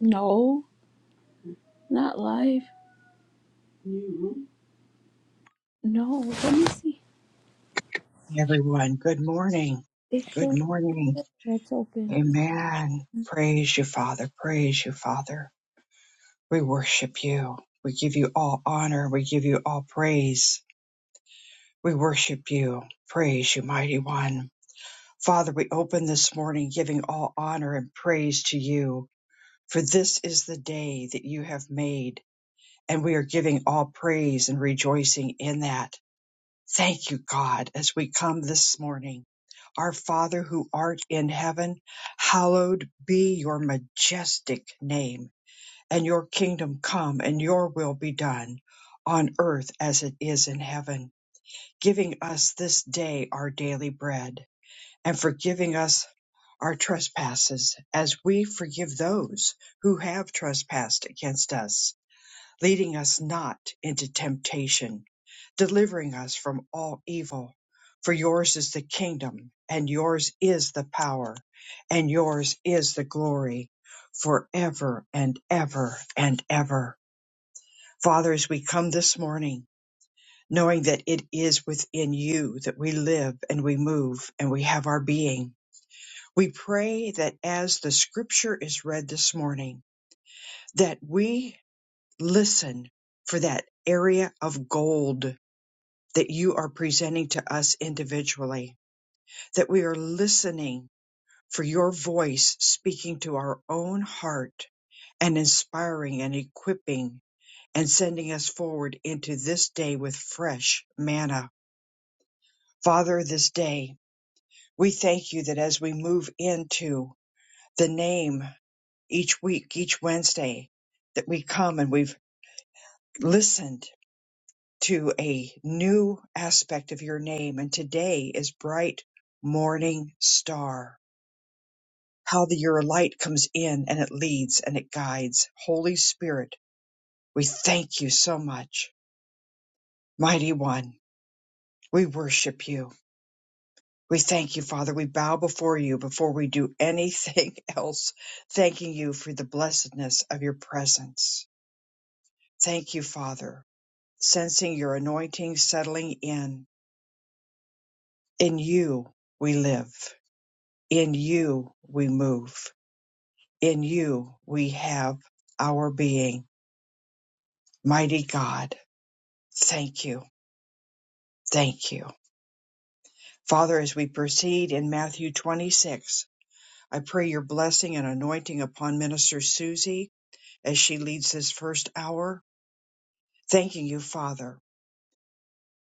No, not live. No, let me see. Hey, everyone. Good morning. It Good shows morning. that's open. Amen. Praise you, Father. Praise you, Father. We worship you. We give you all honor. We give you all praise. We worship you. Praise you, mighty one. Father, we open this morning giving all honor and praise to you, for this is the day that you have made, and we are giving all praise and rejoicing in that. Thank you, God, as we come this morning. Our Father who art in heaven, hallowed be your majestic name, and your kingdom come, and your will be done on earth as it is in heaven, giving us this day our daily bread, and forgiving us our trespasses as we forgive those who have trespassed against us leading us not into temptation, delivering us from all evil. For yours is the kingdom, and yours is the power, and yours is the glory, forever and ever and ever. Father, as we come this morning, knowing that it is within you that we live and we move and we have our being, we pray that as the scripture is read this morning, that we listen for that area of gold that you are presenting to us individually, that we are listening for your voice speaking to our own heart and inspiring and equipping and sending us forward into this day with fresh manna. Father, this day, we thank you that as we move into the name each week, each Wednesday, that we come and we've listened to a new aspect of your name. And today is bright morning star. How the, your light comes in and it leads and it guides. Holy Spirit, we thank you so much. Mighty One, we worship you. We thank you, Father. We bow before you before we do anything else, thanking you for the blessedness of your presence. Thank you, Father, sensing your anointing settling in. In you we live. In you we move. In you we have our being. Mighty God, thank you. Thank you. Father, as we proceed in Matthew 26, I pray your blessing and anointing upon Minister Susie as she leads this first hour. Thanking you, Father.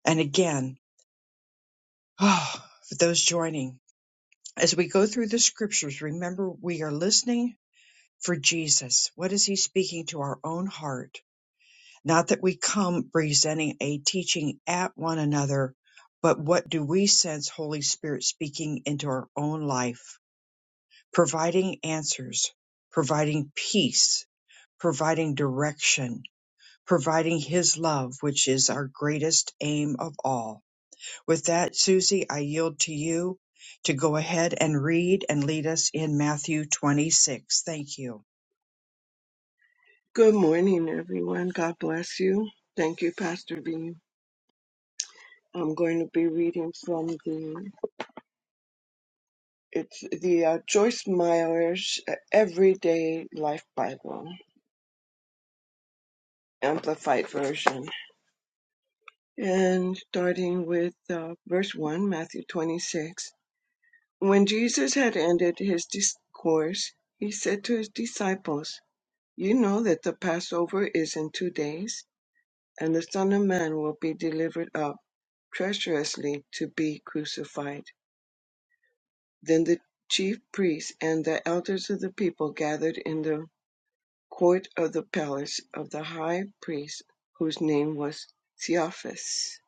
And again, oh, for those joining, as we go through the scriptures, remember we are listening for Jesus. What is he speaking to our own heart? Not that we come presenting a teaching at one another, but what do we sense Holy Spirit speaking into our own life, providing answers, providing peace, providing direction, providing His love, which is our greatest aim of all. With that, Susie, I yield to you to go ahead and read and lead us in Matthew 26. Thank you. Good morning, everyone. God bless you. Thank you, Pastor B. I'm going to be reading from the it's the uh, Joyce Meyer's uh, Everyday Life Bible, Amplified Version, and starting with uh, verse one, Matthew 26. When Jesus had ended his discourse, he said to his disciples, "You know that the Passover is in two days." And the Son of Man will be delivered up treacherously to be crucified. Then the chief priests and the elders of the people gathered in the court of the palace of the high priest, whose name was Caiaphas,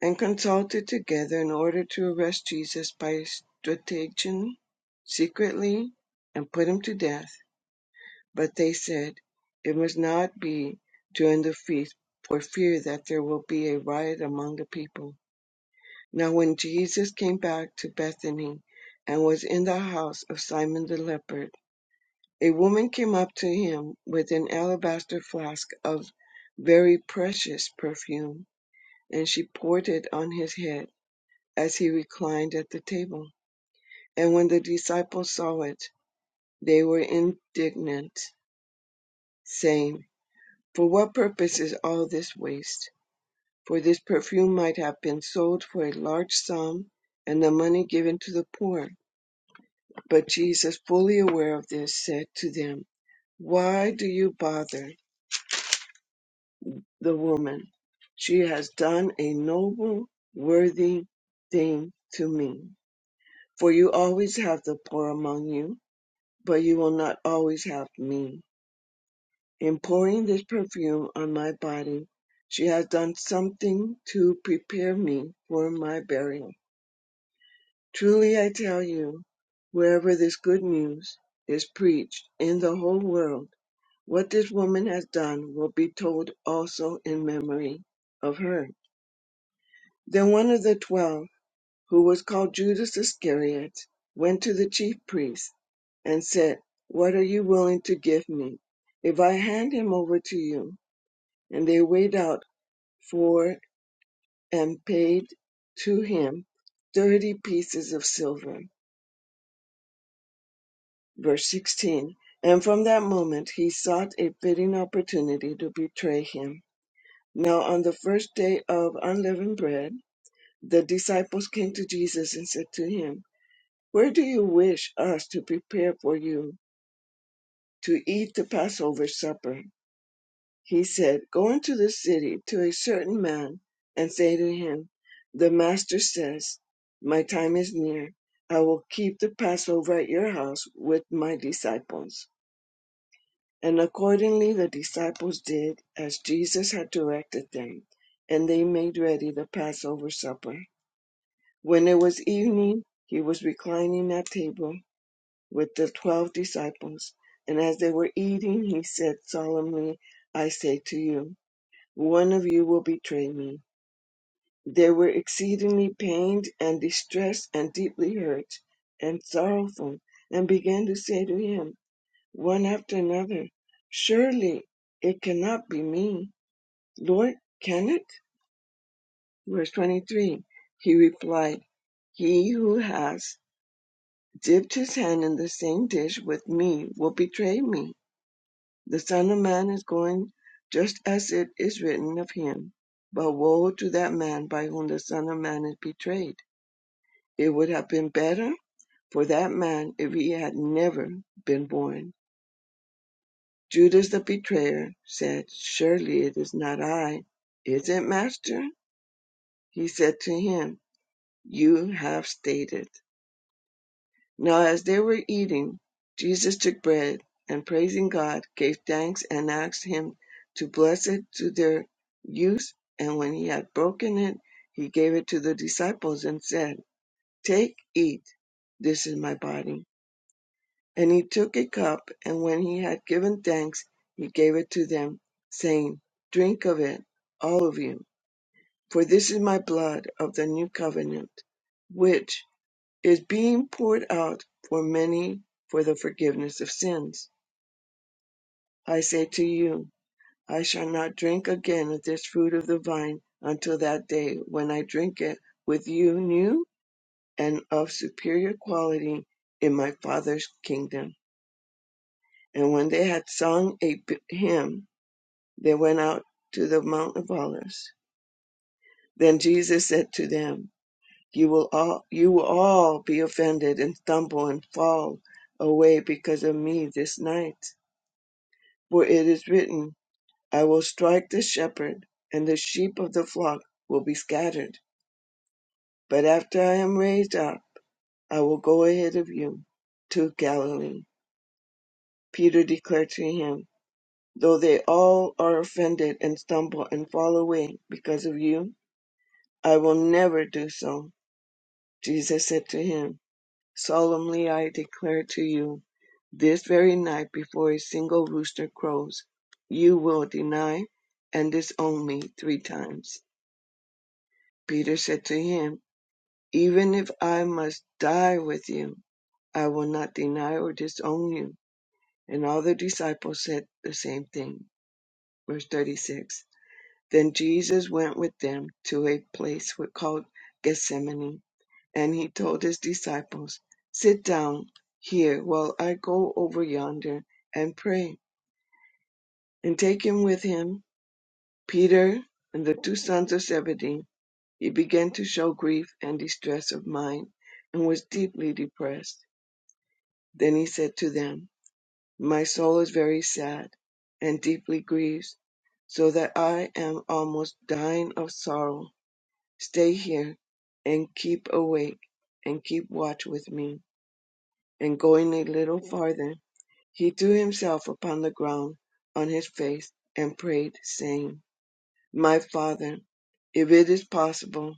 and consulted together in order to arrest Jesus by stratagem secretly and put him to death. But they said, It must not be during the feast, for fear that there will be a riot among the people. Now when Jesus came back to Bethany and was in the house of Simon the leper, a woman came up to him with an alabaster flask of very precious perfume, and she poured it on his head as he reclined at the table. And when the disciples saw it, they were indignant, saying, For what purpose is all this waste? For this perfume might have been sold for a large sum and the money given to the poor But Jesus, fully aware of this, said to them, Why do you bother the woman? She has done a noble, worthy thing to me. For you always have the poor among you, but you will not always have me. In pouring this perfume on my body, she has done something to prepare me for my burial. Truly I tell you, wherever this good news is preached in the whole world, What this woman has done will be told also in memory of her. Then one of the twelve, who was called Judas Iscariot, went to the chief priests and said, What are you willing to give me if I hand him over to you? And they weighed out for and paid to him thirty pieces of silver. Verse 16. And from that moment he sought a fitting opportunity to betray him. Now on the first day of unleavened bread, the disciples came to Jesus and said to him, Where do you wish us to prepare for you to eat the Passover supper? He said, Go into the city to a certain man and say to him, 'The master says, My time is near. I will keep the Passover at your house with my disciples. And accordingly the disciples did as Jesus had directed them, and they made ready the Passover supper. When it was evening, he was reclining at table with the twelve disciples, and as they were eating, he said solemnly, I say to you, one of you will betray me. They were exceedingly pained and distressed and deeply hurt and sorrowful, and began to say to him, one after another, Surely it cannot be me. Lord, can it? Verse 23. He replied, He who has dipped his hand in the same dish with me will betray me. The Son of Man is going just as it is written of him. But woe to that man by whom the Son of Man is betrayed. It would have been better for that man if he had never been born. Judas the betrayer said, Surely it is not I. Is it, Master? He said to him, You have stated. Now as they were eating, Jesus took bread, and praising God, gave thanks and asked him to bless it to their use. And when he had broken it, he gave it to the disciples and said, Take, eat, this is my body. And he took a cup, and when he had given thanks, he gave it to them, saying, Drink of it, all of you, for this is my blood of the new covenant which." is being poured out for many for the forgiveness of sins. I say to you, I shall not drink again of this fruit of the vine until that day when I drink it with you new and of superior quality in my Father's kingdom. And when they had sung a b- hymn, they went out to the Mount of Olives. Then Jesus said to them, You will all, you will all be offended and stumble and fall away because of me this night. For it is written, I will strike the shepherd, and the sheep of the flock will be scattered. But after I am raised up, I will go ahead of you to Galilee. Peter declared to him, Though they all are offended and stumble and fall away because of you, I will never do so. Jesus said to him, Solemnly I declare to you, this very night before a single rooster crows, you will deny and disown me three times. Peter said to him, Even if I must die with you, I will not deny or disown you. And all the disciples said the same thing. Verse 36 Then Jesus went with them to a place called Gethsemane, and he told his disciples, Sit down here while I go over yonder and pray. And taking with him Peter and the two sons of Zebedee, He began to show grief and distress of mind, and was deeply depressed. Then he said to them, My soul is very sad, and deeply grieves, so that I am almost dying of sorrow. Stay here, and keep awake, and keep watch with me. And going a little farther, he threw himself upon the ground on his face, and prayed, saying, My Father, if it is possible,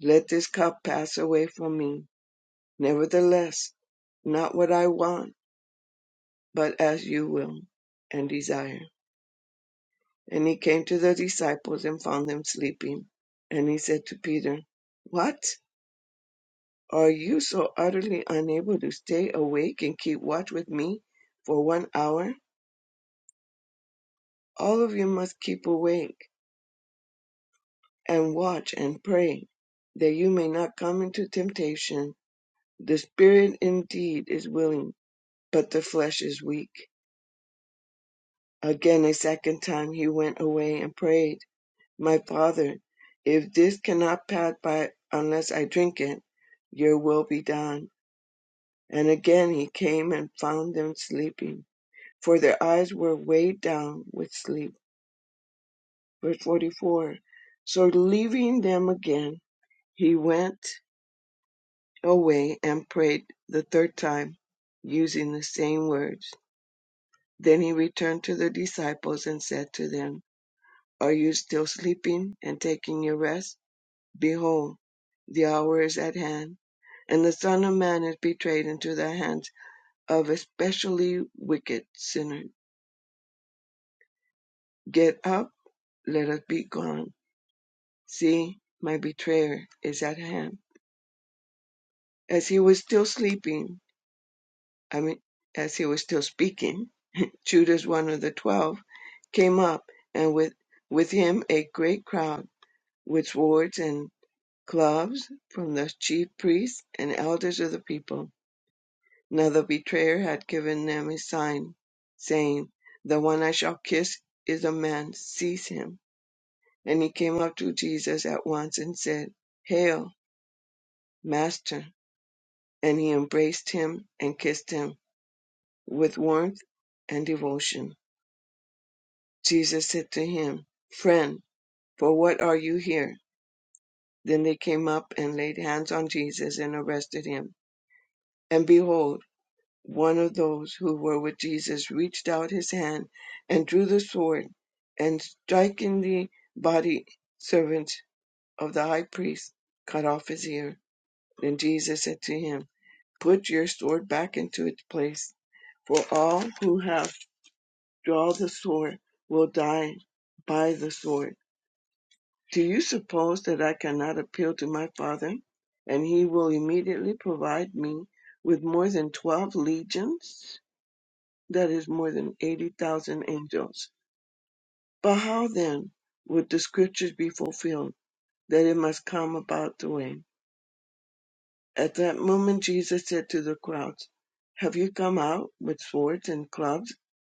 let this cup pass away from me. Nevertheless, not what I want, but as you will and desire. And he came to the disciples and found them sleeping. And he said to Peter, What? Are you so utterly unable to stay awake and keep watch with me for one hour? All of you must keep awake and watch and pray, that you may not come into temptation. The spirit indeed is willing, but the flesh is weak. Again, a second time he went away and prayed My father, if this cannot pass by unless I drink it, your will be done. And again he came and found them sleeping, for their eyes were weighed down with sleep. Verse 44. So leaving them again, he went away and prayed the third time, using the same words. Then he returned to the disciples and said to them, Are you still sleeping and taking your rest? Behold, the hour is at hand, and the Son of Man is betrayed into the hands of especially wicked sinners. Get up, let us be gone. See, my betrayer is at hand. As he was still sleeping, I mean, as he was still speaking, Judas, one of the twelve, came up, and with, with him a great crowd with swords and clubs from the chief priests and elders of the people Now the betrayer had given them a sign, saying, The one I shall kiss is a man, seize him. And he came up to Jesus at once and said, Hail, Master! And he embraced him and kissed him with warmth and devotion. Jesus said to him, Friend, for what are you here? Then they came up and laid hands on Jesus and arrested him. And behold, one of those who were with Jesus reached out his hand and drew the sword, and striking the body servant of the high priest, cut off his ear. Then Jesus said to him, Put your sword back into its place, for all who have drawn the sword will die by the sword. Do you suppose that I cannot appeal to my Father, and he will immediately provide me with more than twelve legions? that is more than 80,000 angels. But how then would the scriptures be fulfilled that it must come about through him? At that moment Jesus said to the crowds, Have you come out with swords and clubs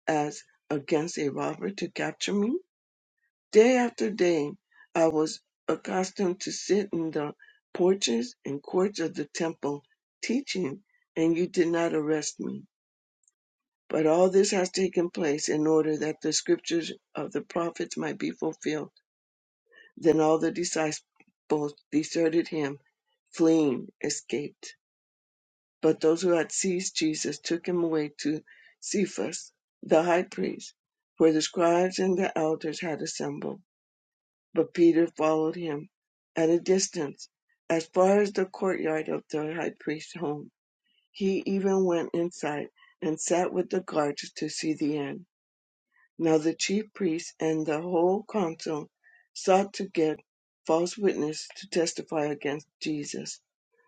as against a robber to capture me? Day after day I was accustomed to sit in the porches and courts of the temple teaching, and you did not arrest me. But all this has taken place in order that the scriptures of the prophets might be fulfilled. Then all the disciples deserted him, fleeing, escaped. But those who had seized Jesus took him away to Cephas, the high priest, where the scribes and the elders had assembled. But Peter followed him at a distance, as far as the courtyard of the high priest's home. He even went inside and sat with the guards to see the end. Now the chief priests and the whole council sought to get false witnesses to testify against Jesus,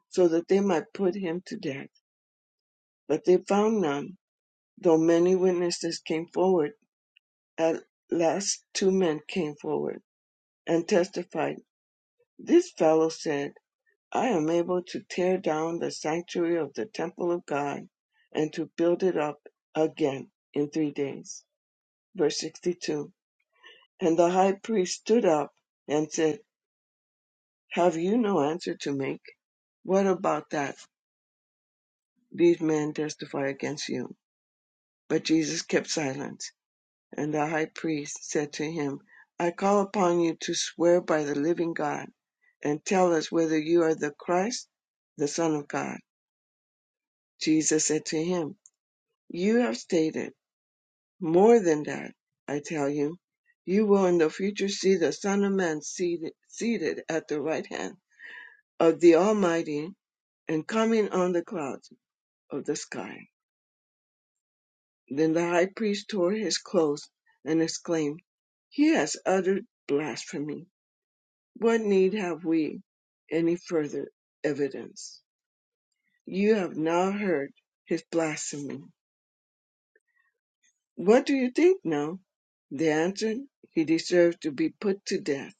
so that they might put him to death. But they found none, though many witnesses came forward. At last two men came forward and testified, This fellow said, I am able to tear down the sanctuary of the temple of God and to build it up again in three days. Verse 62. And the high priest stood up and said, Have you no answer to make? What about that? These men testify against you. But Jesus kept silence. And the high priest said to him, I call upon you to swear by the living God, and tell us whether you are the Christ, the Son of God. Jesus said to him, You have stated more than that, I tell you. You will in the future see the Son of Man seated, seated at the right hand of the Almighty and coming on the clouds of the sky. Then the high priest tore his clothes and exclaimed, He has uttered blasphemy. What need have we any further evidence? You have now heard his blasphemy. What do you think now? They answered, He deserves to be put to death.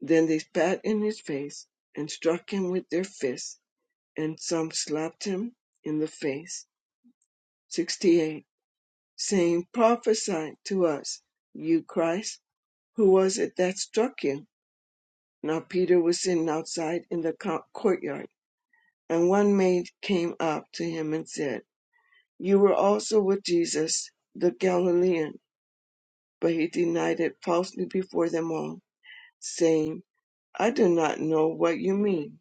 Then they spat in his face and struck him with their fists, and some slapped him in the face. 68. Saying, Prophesy to us, you Christ. Who was it that struck you? Now Peter was sitting outside in the co- courtyard, and one maid came up to him and said, You were also with Jesus the Galilean. But he denied it falsely before them all, saying, I do not know what you mean.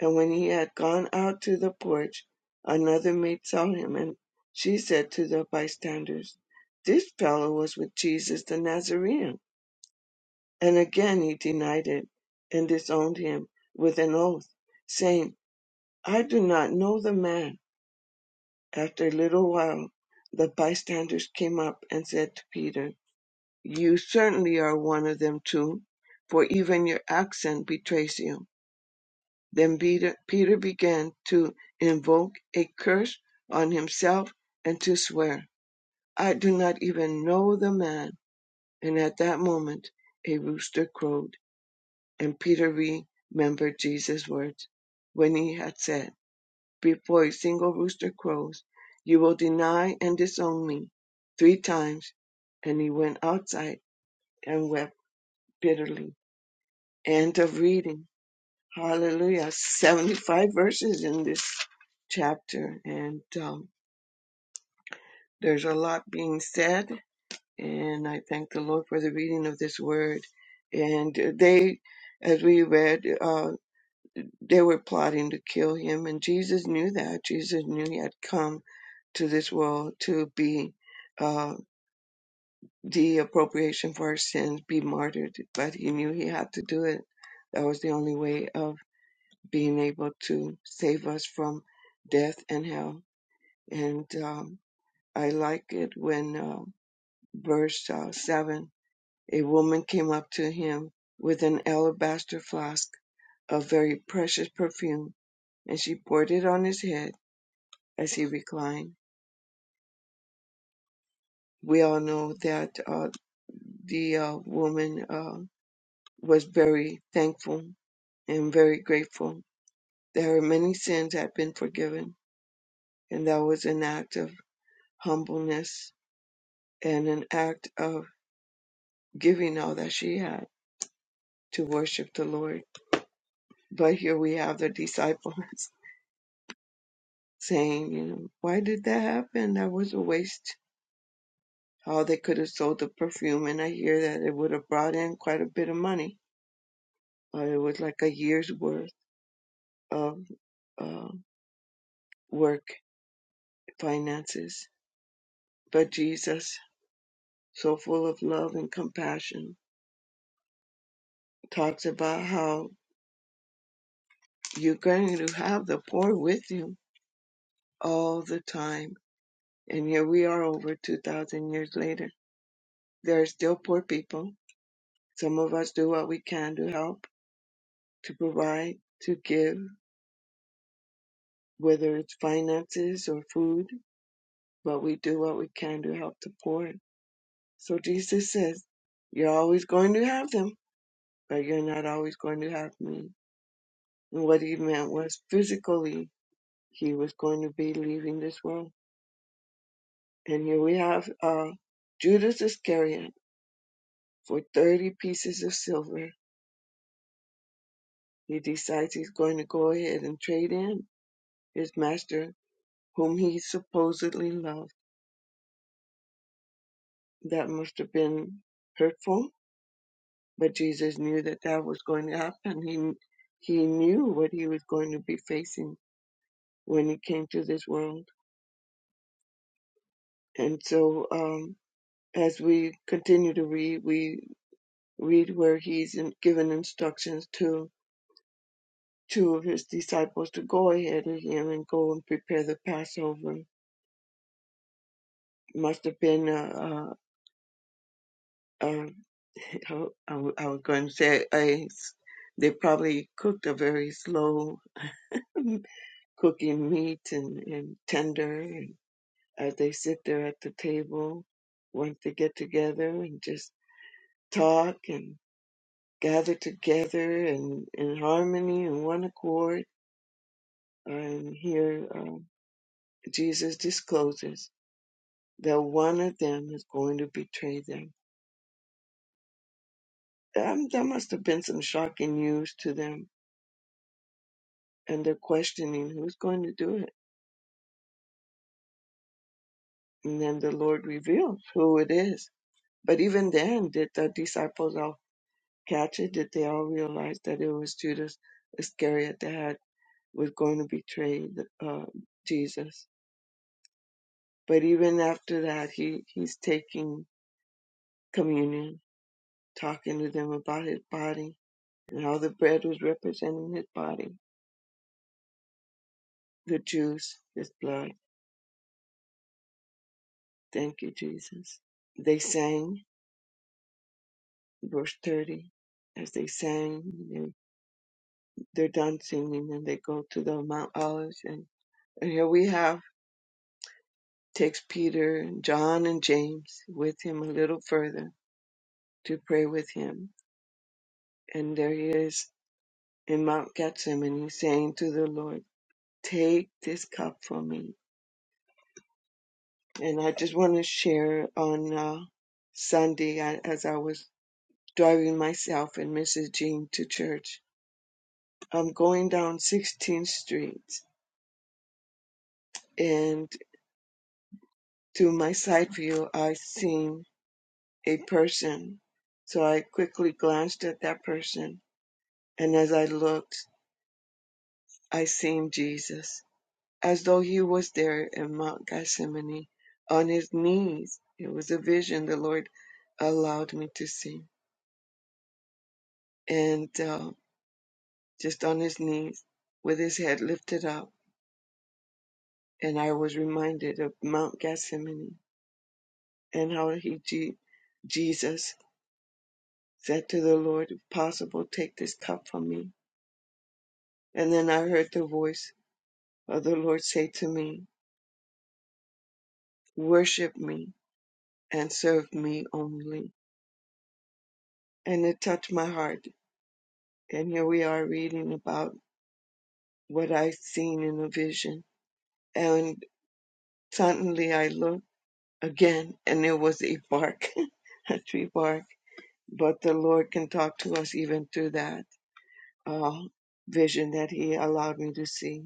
And when he had gone out to the porch, another maid saw him, and she said to the bystanders, This fellow was with Jesus the Nazarene. And again he denied it and disowned him with an oath, saying, I do not know the man. After a little while, the bystanders came up and said to Peter, You certainly are one of them too, for even your accent betrays you. Then Peter, Peter began to invoke a curse on himself and to swear, I do not even know the man. And at that moment, a rooster crowed. And Peter remembered Jesus' words when he had said, Before a single rooster crows, you will deny and disown me three times. And he went outside and wept bitterly. End of reading. Hallelujah. 75 verses in this chapter. And um, there's a lot being said. And I thank the Lord for the reading of this word. And they, as we read, uh, They were plotting to kill him, and Jesus knew that. Jesus knew he had come to this world to be uh, the appropriation for our sins, be martyred, but he knew he had to do it. That was the only way of being able to save us from death and hell. And um, I like it when uh, verse uh, 7 a woman came up to him with an alabaster flask of very precious perfume, and she poured it on his head as he reclined. We all know that uh, the uh, woman uh, was very thankful and very grateful that her many sins had been forgiven, and that was an act of humbleness and an act of giving all that she had to worship the Lord. But here we have the disciples saying, you know, why did that happen? That was a waste. How they could have sold the perfume, and I hear that it would have brought in quite a bit of money. Uh, it was like a year's worth of uh, work, finances. But Jesus, so full of love and compassion, talks about how you're going to have the poor with you all the time. And here we are over 2,000 years later. There are still poor people. Some of us do what we can to help, to provide, to give, whether it's finances or food, but we do what we can to help the poor. So Jesus says, You're always going to have them but you're not always going to have me. And what he meant was physically, he was going to be leaving this world. And here we have uh, Judas Iscariot for 30 pieces of silver. He decides he's going to go ahead and trade in his master, whom he supposedly loved. That must have been hurtful, but Jesus knew that that was going to happen. He, he knew what he was going to be facing when he came to this world. And so, um, as we continue to read, we read where he's in- given instructions to two of his disciples to go ahead of him and go and prepare the Passover. Must have been a, a, a how- I w- I was going to say a, s- they probably cooked a very slow cooking meat and, and tender and as they sit there at the table once they get together and just talk and. gathered together and in harmony and one accord. And here um, Jesus discloses that one of them is going to betray them. Um, that must have been some shocking news to them. And they're questioning who's going to do it. And then the Lord reveals who it is. But even then, did the disciples all catch it? Did they all realize that it was Judas Iscariot that had, was going to betray the, uh, Jesus? But even after that, he, he's taking communion, talking to them about his body and how the bread was representing his body, the juice, his blood. Thank you, Jesus. They sang, verse 30. As they sang, they- they're done singing and they go to the Mount Olives. And, and here we have, takes Peter and John and James with him a little further to pray with him. And there he is in Mount Gethsemane saying to the Lord, Take this cup from me. And I just want to share on uh, Sunday I, as I was driving myself and Mrs. Jean to church. I'm going down 16th Street, and to my side view, I seen a person. So I quickly glanced at that person, and as I looked, I seen Jesus, as though he was there in Mount Gethsemane on his knees. It was a vision the Lord allowed me to see. and uh, just on his knees with his head lifted up. And I was reminded of Mount Gethsemane and how he, Je- Jesus said to the Lord, if possible, take this cup from me. And then I heard the voice of the Lord say to me, worship me and serve me only. And it touched my heart. And here we are reading about what I've seen in a vision. And suddenly I looked again, and it was a bark, a tree bark. But the Lord can talk to us even through that uh, vision that He allowed me to see.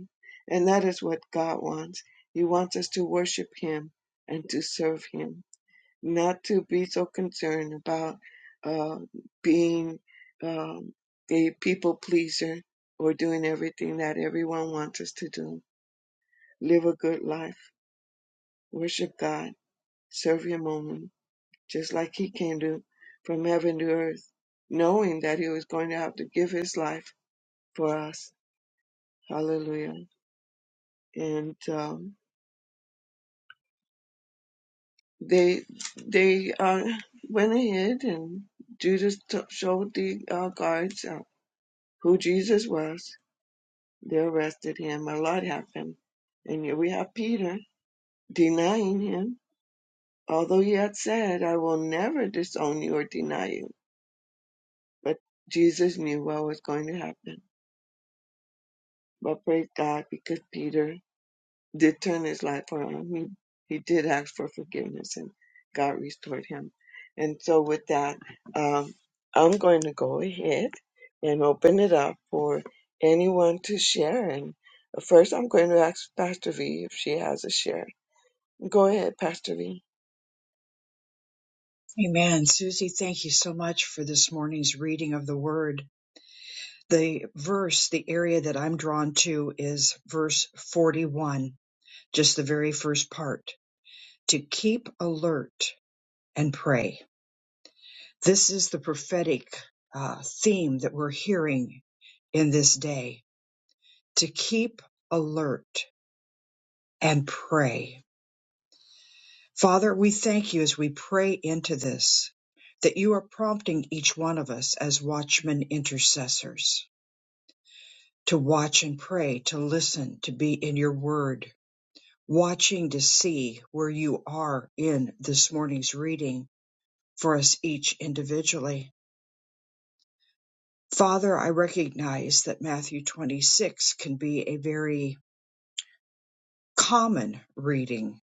And that is what God wants. He wants us to worship Him and to serve Him, not to be so concerned about uh, being um, a people pleaser or doing everything that everyone wants us to do. Live a good life, worship God, serve Him only just like he came to from heaven to earth, knowing that he was going to have to give his life for us. Hallelujah. And um, they they uh, went ahead and Judas t- showed the uh, guards uh, who Jesus was. They arrested him. A lot happened. And here we have Peter denying him, although he had said, I will never disown you or deny you. But Jesus knew what was going to happen. But praise God because Peter did turn his life around. He he did ask for forgiveness, and God restored him. And so, with that, um, I'm going to go ahead and open it up for anyone to share. And first, I'm going to ask Pastor V if she has a share. Go ahead, Pastor V. Amen. Susie, thank you so much for this morning's reading of the Word. the verse, the area that I'm drawn to is verse 41, just the very first part to keep alert and pray. This is the prophetic uh, theme that we're hearing in this day to keep alert and pray. Father, we thank you as we pray into this that you are prompting each one of us as watchmen intercessors to watch and pray, to listen, to be in your word watching to see where you are in this morning's reading for us each individually. Father, I recognize that Matthew 26 can be a very common reading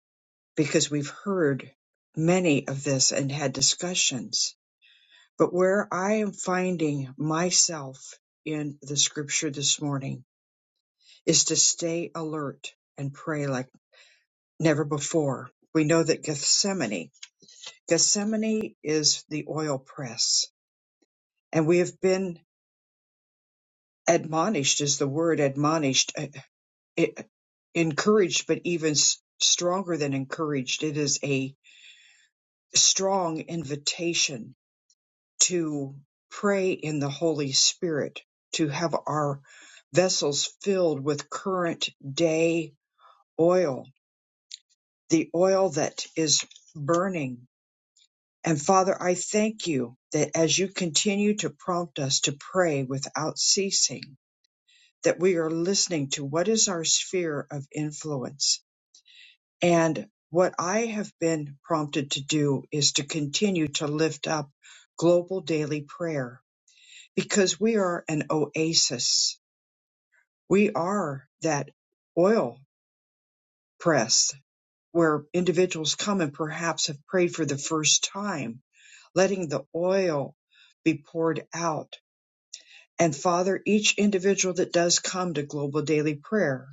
because we've heard many of this and had discussions. But where I am finding myself in the scripture this morning is to stay alert and pray like never before. We know that Gethsemane Gethsemane is the oil press, and we have been admonished, is the word admonished, eh, eh, encouraged, but even s- stronger than encouraged. It is a strong invitation to pray in the Holy Spirit, to have our vessels filled with current day oil, the oil that is burning And Father, I thank you that as you continue to prompt us to pray without ceasing, that we are listening to what is our sphere of influence. And what I have been prompted to do is to continue to lift up global daily prayer because we are an oasis. We are that oil press where individuals come and perhaps have prayed for the first time, letting the oil be poured out and Father, each individual that does come to global daily prayer,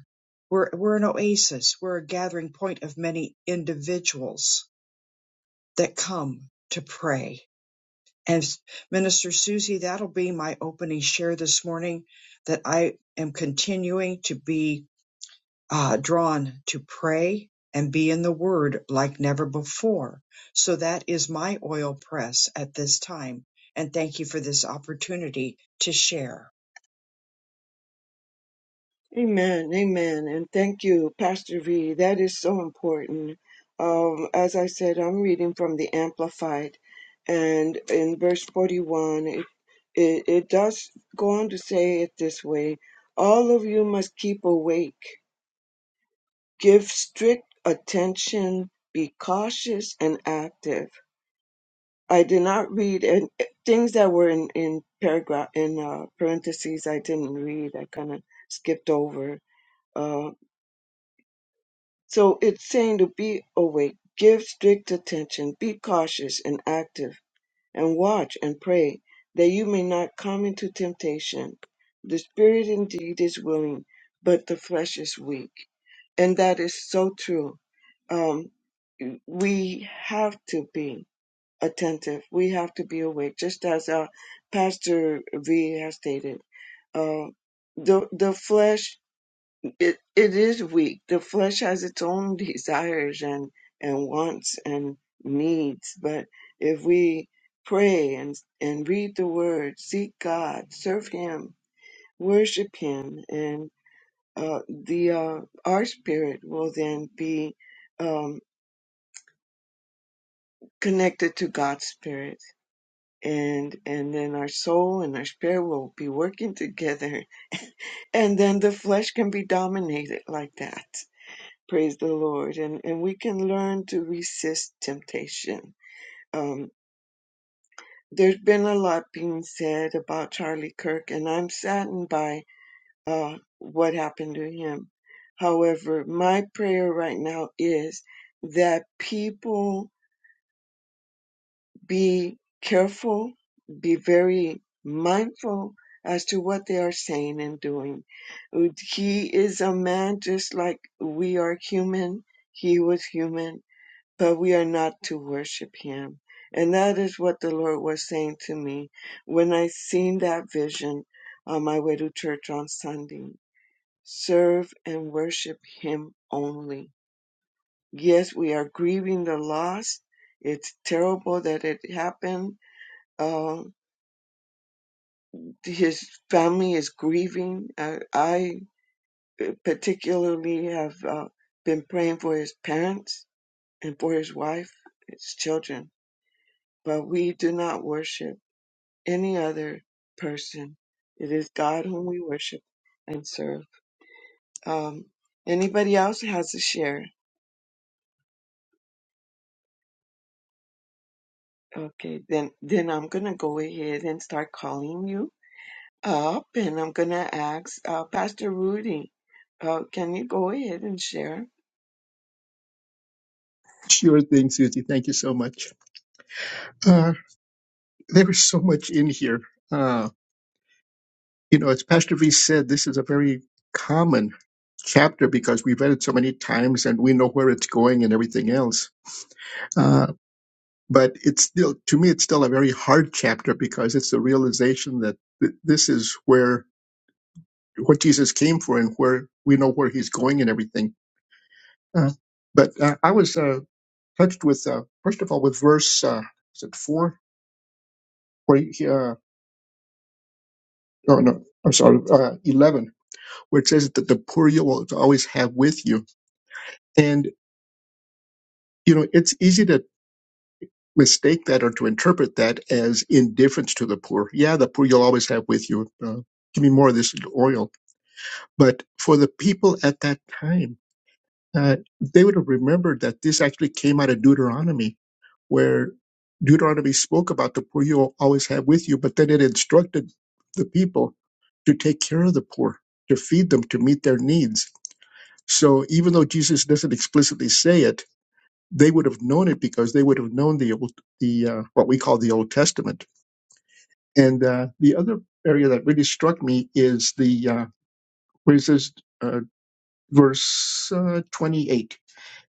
we're, we're an oasis. We're a gathering point of many individuals that come to pray. And Minister Susie, that'll be my opening share this morning that I am continuing to be uh, drawn to pray and be in the word like never before. So that is my oil press at this time. And thank you for this opportunity to share. Amen, amen, and thank you, Pastor V. That is so important. Um, as I said, I'm reading from the Amplified, and in verse 41, it, it, it does go on to say it this way All of you must keep awake, give strict attention, be cautious and active. I did not read and things that were in, in paragraph in uh, parentheses. I didn't read. I kind of skipped over uh, So it's saying to be awake, give strict attention, be cautious and active, and watch and pray that you may not come into temptation. The spirit indeed is willing, but the flesh is weak. And that is so true. Um, we have to be attentive. We have to be awake, just as uh, Pastor V has stated. Uh, the the flesh it, it is weak. The flesh has its own desires and, and wants and needs. But if we pray and, and read the word, seek God, serve Him, worship Him, and uh, the uh, our spirit will then be um, connected to God's spirit. And, and then our soul and our spirit will be working together. And then the flesh can be dominated like that. Praise the Lord. And, and we can learn to resist temptation. Um, there's been a lot being said about Charlie Kirk, and I'm saddened by uh, what happened to him. However, my prayer right now is that people be careful, be very mindful as to what they are saying and doing. He is a man just like we are human. He was human but we are not to worship him. And that is what the Lord was saying to me when I seen that vision on my way to church on Sunday. Serve and worship him only. Yes, we are grieving the loss. It's terrible that it happened. Uh, his family is grieving. Uh, I uh, particularly have uh, been praying for his parents and for his wife, his children. But we do not worship. any other person. It is God whom we worship and serve. Um, anybody else has a share? Okay, then then I'm gonna go ahead and start calling you up, and I'm gonna ask uh, Pastor Rudy. Uh, can you go ahead and share? Sure thing, Susie. Thank you so much. Uh, there is so much in here. Uh, you know, as Pastor V said, this is a very common chapter because we've read it so many times and we know where it's going and everything else. Uh, but it's still, to me, it's still a very hard chapter because it's the realization that th- this is where what Jesus came for and where we know where he's going and everything. Uh, but uh, I was uh, touched with, uh, first of all, with verse, uh, is it four? Where he, uh, no, no, I'm sorry, uh, 11, where it says that the poor you will always have with you. And, you know, it's easy to mistake that or to interpret that as indifference to the poor. Yeah, the poor you'll always have with you. Uh, give me more of this oil. But for the people at that time, uh, they would have remembered that this actually came out of Deuteronomy, where Deuteronomy spoke about the poor you'll always have with you, but then it instructed the people to take care of the poor, to feed them, to meet their needs So even though Jesus doesn't explicitly say it, they would have known it because they would have known the old, the uh, what we call the Old Testament. And uh, the other area that really struck me is the uh, where it says uh, verse uh, 28.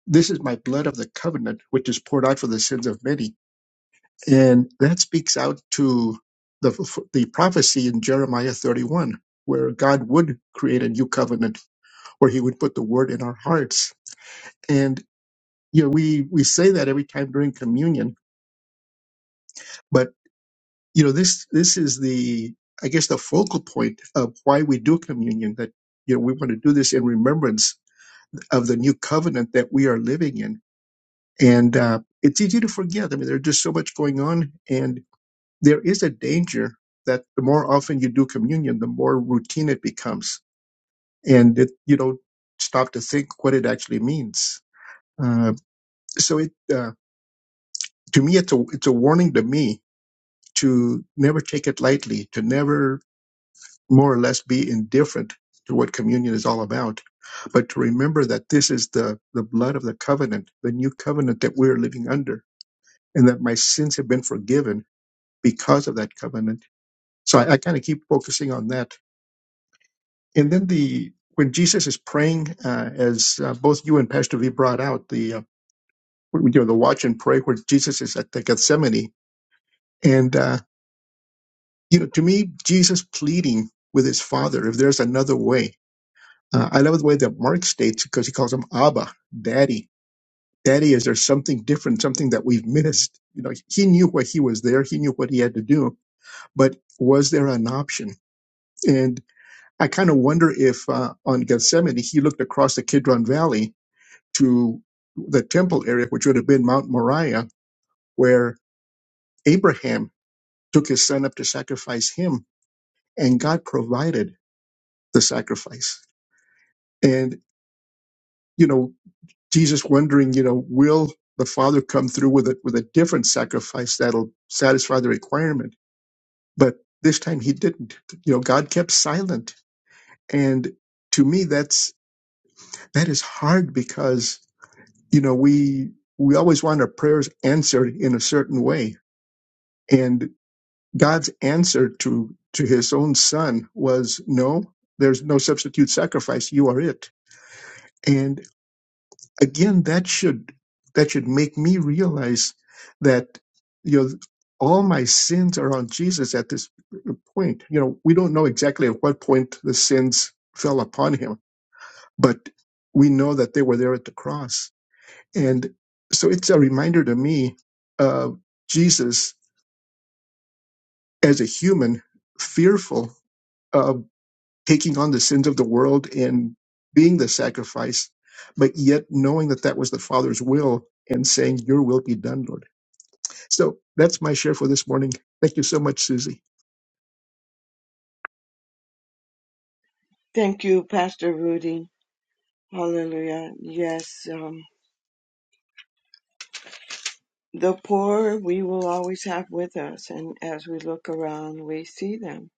This is my blood of the covenant, which is poured out for the sins of many, and that speaks out to the the prophecy in Jeremiah 31, where God would create a new covenant, where He would put the word in our hearts. and. you know we we say that every time during communion but you know this this is the i guess the focal point of why we do communion that you know we want to do this in remembrance of the new covenant that we are living in and uh, it's easy to forget i mean there's just so much going on and there is a danger that the more often you do communion the more routine it becomes and it you don't stop to think what it actually means uh, so it uh, to me it's a it's a warning to me to never take it lightly, to never more or less be indifferent to what communion is all about, but to remember that this is the, the blood of the covenant, the new covenant that we're living under, and that my sins have been forgiven because of that covenant. So I, I kind of keep focusing on that. And then the when Jesus is praying, uh, as uh, both you and Pastor V brought out the uh, you know the watch and pray, where Jesus is at the Gethsemane, and uh, you know, to me, Jesus pleading with his father, if there's another way. Uh, I love the way that Mark states because he calls him Abba, Daddy. Daddy, is there something different, something that we've missed? You know, he knew what he was there, he knew what he had to do, but was there an option? And I kind of wonder if uh, on Gethsemane, he looked across the Kidron Valley to the temple area, which would have been Mount Moriah, where Abraham took his son up to sacrifice him, and God provided the sacrifice and you know jesus wondering you know will the father come through with a with a different sacrifice that'll satisfy the requirement but this time he didn't you know god kept silent and to me that's that is hard because you know we we always want our prayers answered in a certain way and god's answer to to his own son was no there's no substitute sacrifice you are it and again that should that should make me realize that you know all my sins are on jesus at this point you know we don't know exactly at what point the sins fell upon him but we know that they were there at the cross and so it's a reminder to me of jesus as a human fearful of. taking on the sins of the world and being the sacrifice, but yet knowing that that was the Father's will and saying, Your will be done, Lord. So that's my share for this morning. Thank you so much, Susie. Thank you, Pastor Rudy. Hallelujah. Yes, um, the poor we will always have with us, and as we look around, we see them.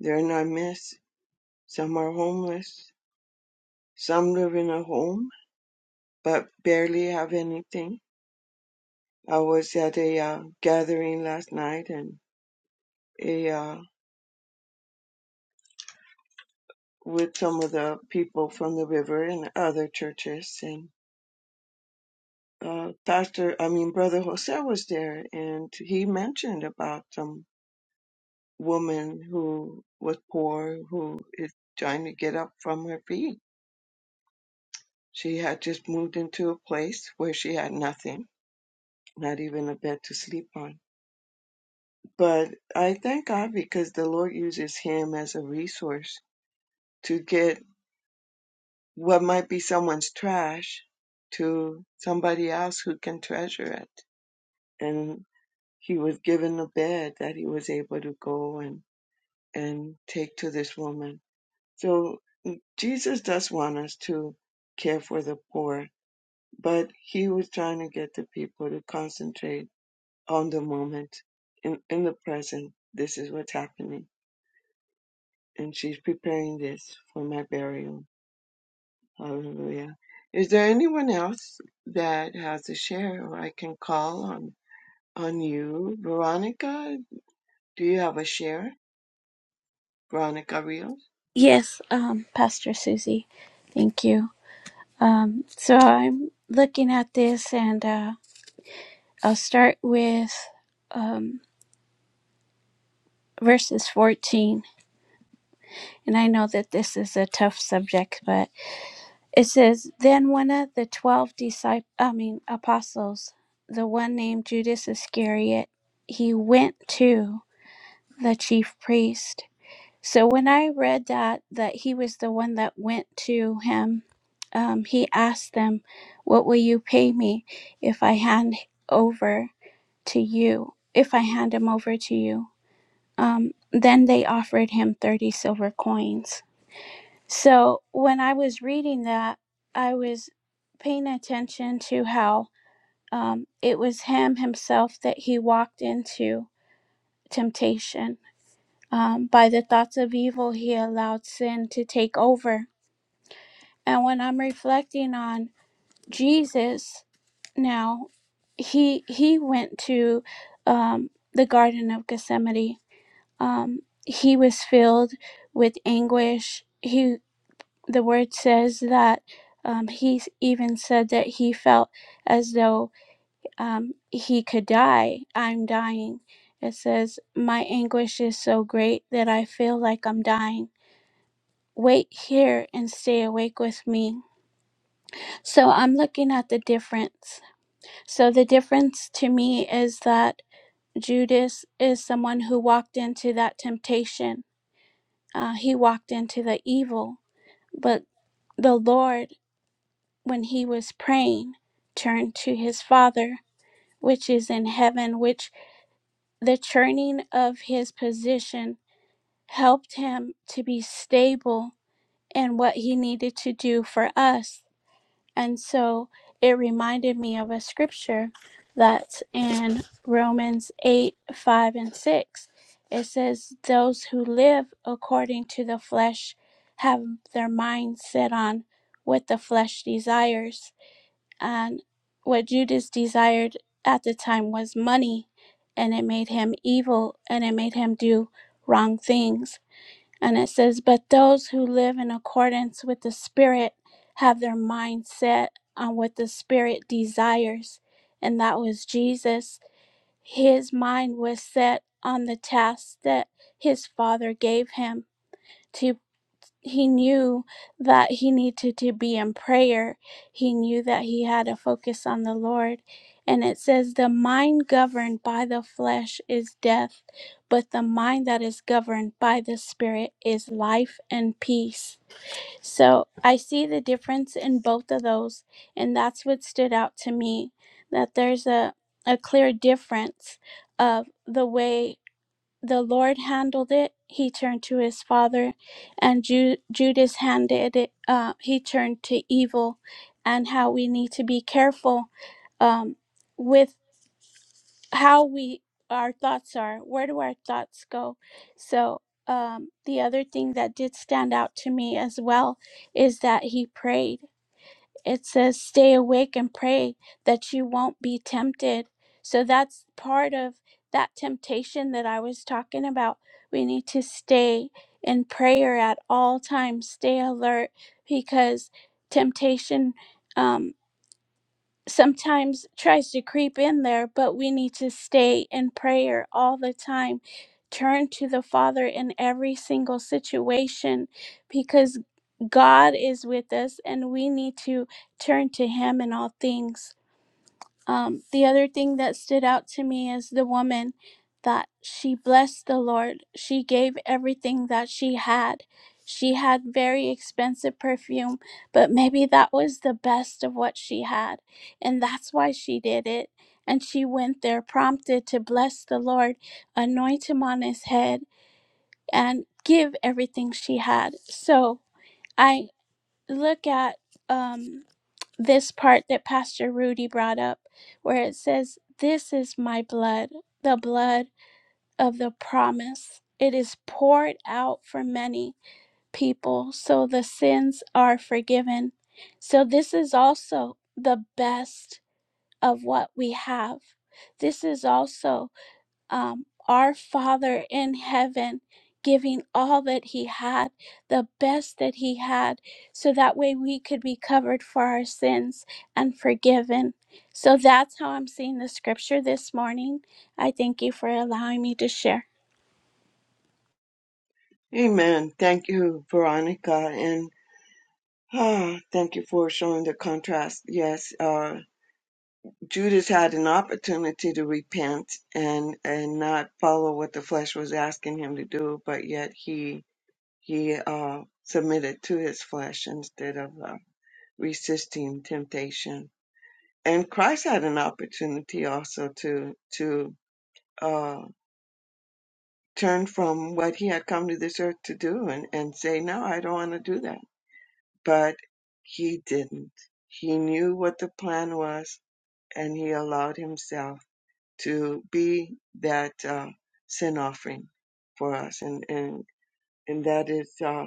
They're in our midst. Some are homeless. Some live in a home but barely have anything. I was at a uh, gathering last night and a uh, with some of the people from the river and other churches and uh, pastor I mean brother Jose was there and he mentioned about some woman who was poor who is trying to get up from her feet. She had just moved into a place where she had nothing, not even a bed to sleep on But I thank God because the Lord uses him as a resource to get what might be someone's trash to somebody else who can treasure it. And he was given a bed that he was able to go and, and take to this woman. So mm, Jesus does want us to care for the poor, but he was trying to get the people to concentrate on the moment in, in the present. This is what's happening and she's preparing this for my burial. Hallelujah. Is there anyone else that has a share or I can call on on you? Veronica, do you have a share? Veronica Rios? Yes, um, Pastor Susie. Thank you. Um, so I'm looking at this and uh, I'll start with um, verses 14. And I know that this is a tough subject, but it says, Then one of the 12 disciples, I mean, apostles, the one named Judas Iscariot, he went to the chief priest So when I read that that he was the one that went to him, um, he asked them, "What will you pay me if I hand over to you? If I hand him over to you?" Um, then they offered him thirty silver coins. So when I was reading that, I was paying attention to how um, it was him himself that he walked into temptation um, by the thoughts of evil, he allowed sin to take over. And when I'm reflecting on Jesus now, he he went to um, the Garden of Gethsemane. Um, he was filled with anguish. He the word says that um, he even said that he felt as though um, he could die. I'm dying. It says, My anguish is so great that I feel like I'm dying. wait here and stay awake with me. So I'm looking at the difference. So the difference to me is that Judas is someone who walked into that temptation, uh, he walked into the evil, but the Lord, when he was praying, turned to his Father, which is in heaven, which the turning of his position helped him to be stable in what he needed to do for us And so it reminded me of a scripture that's in Romans 8 5 and 6. It says, Those who live according to the flesh have their minds set on what the flesh desires. And what Judas desired at the time was money, and it made him evil and it made him do wrong things and it says, But those who live in accordance with the Spirit have their mind set on what the Spirit desires. And that was Jesus. His mind was set on the task that his Father gave him to he knew that he needed to be in prayer. He knew that he had to focus on the Lord. And it says, The mind governed by the flesh is death, but the mind that is governed by the Spirit is life and peace. So I see the difference in both of those. And that's what stood out to me that there's a, a clear difference of the way the Lord handled it, he turned to his father, and Ju- Judas handed it, uh, he turned to evil, and how we need to be careful um, with how we our thoughts are. Where do our thoughts go? So, um, the other thing that did stand out to me as well is that he prayed it says stay awake and pray that you won't be tempted so that's part of that temptation that i was talking about we need to stay in prayer at all times stay alert because temptation um sometimes tries to creep in there, but we need to stay in prayer all the time. Turn to the Father in every single situation because God is with us and we need to turn to Him in all things. Um, the other thing that stood out to me is the woman that she blessed the Lord. She gave everything that she had. She had very expensive perfume, but maybe that was the best of what she had. And that's why she did it. And she went there prompted to bless the Lord, anoint him on his head, and give everything she had. So I look at. Um, this part that Pastor Rudy brought up, where it says, This is my blood, the blood of the promise. It is poured out for many people, so the sins are forgiven. So, this is also the best of what we have. This is also um, our Father in heaven giving all that he had, the best that he had, so that way we could be covered for our sins and forgiven. So that's how I'm seeing the scripture this morning. I thank you for allowing me to share. Amen. Thank you, Veronica. And ah, thank you for showing the contrast. Yes, uh, Judas had an opportunity to repent and, and not follow what the flesh was asking him to do, but yet he He uh, submitted to his flesh instead of uh, resisting temptation. And Christ had an opportunity also to to uh, turn from what he had come to this earth to do and, and say, No, I don't want to do that. But he didn't. He knew what the plan was and he allowed himself to be that uh, sin offering for us. And, and, and that is. Uh,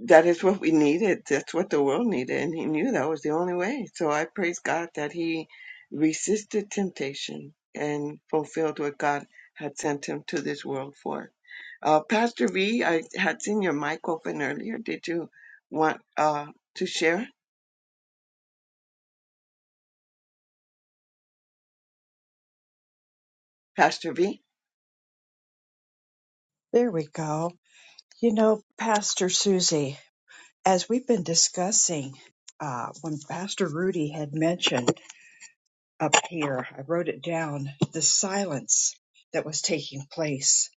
that is what we needed. That's what the world needed. And he knew that was the only way. So I praise God that he resisted temptation and fulfilled what God had sent him to this world for. Uh, Pastor V, I had seen your mic open earlier. Did you want uh, to share, Pastor V? There we go. You know, Pastor Susie, as we've been discussing, uh, when Pastor Rudy had mentioned up here, I wrote it down, the silence that was taking place.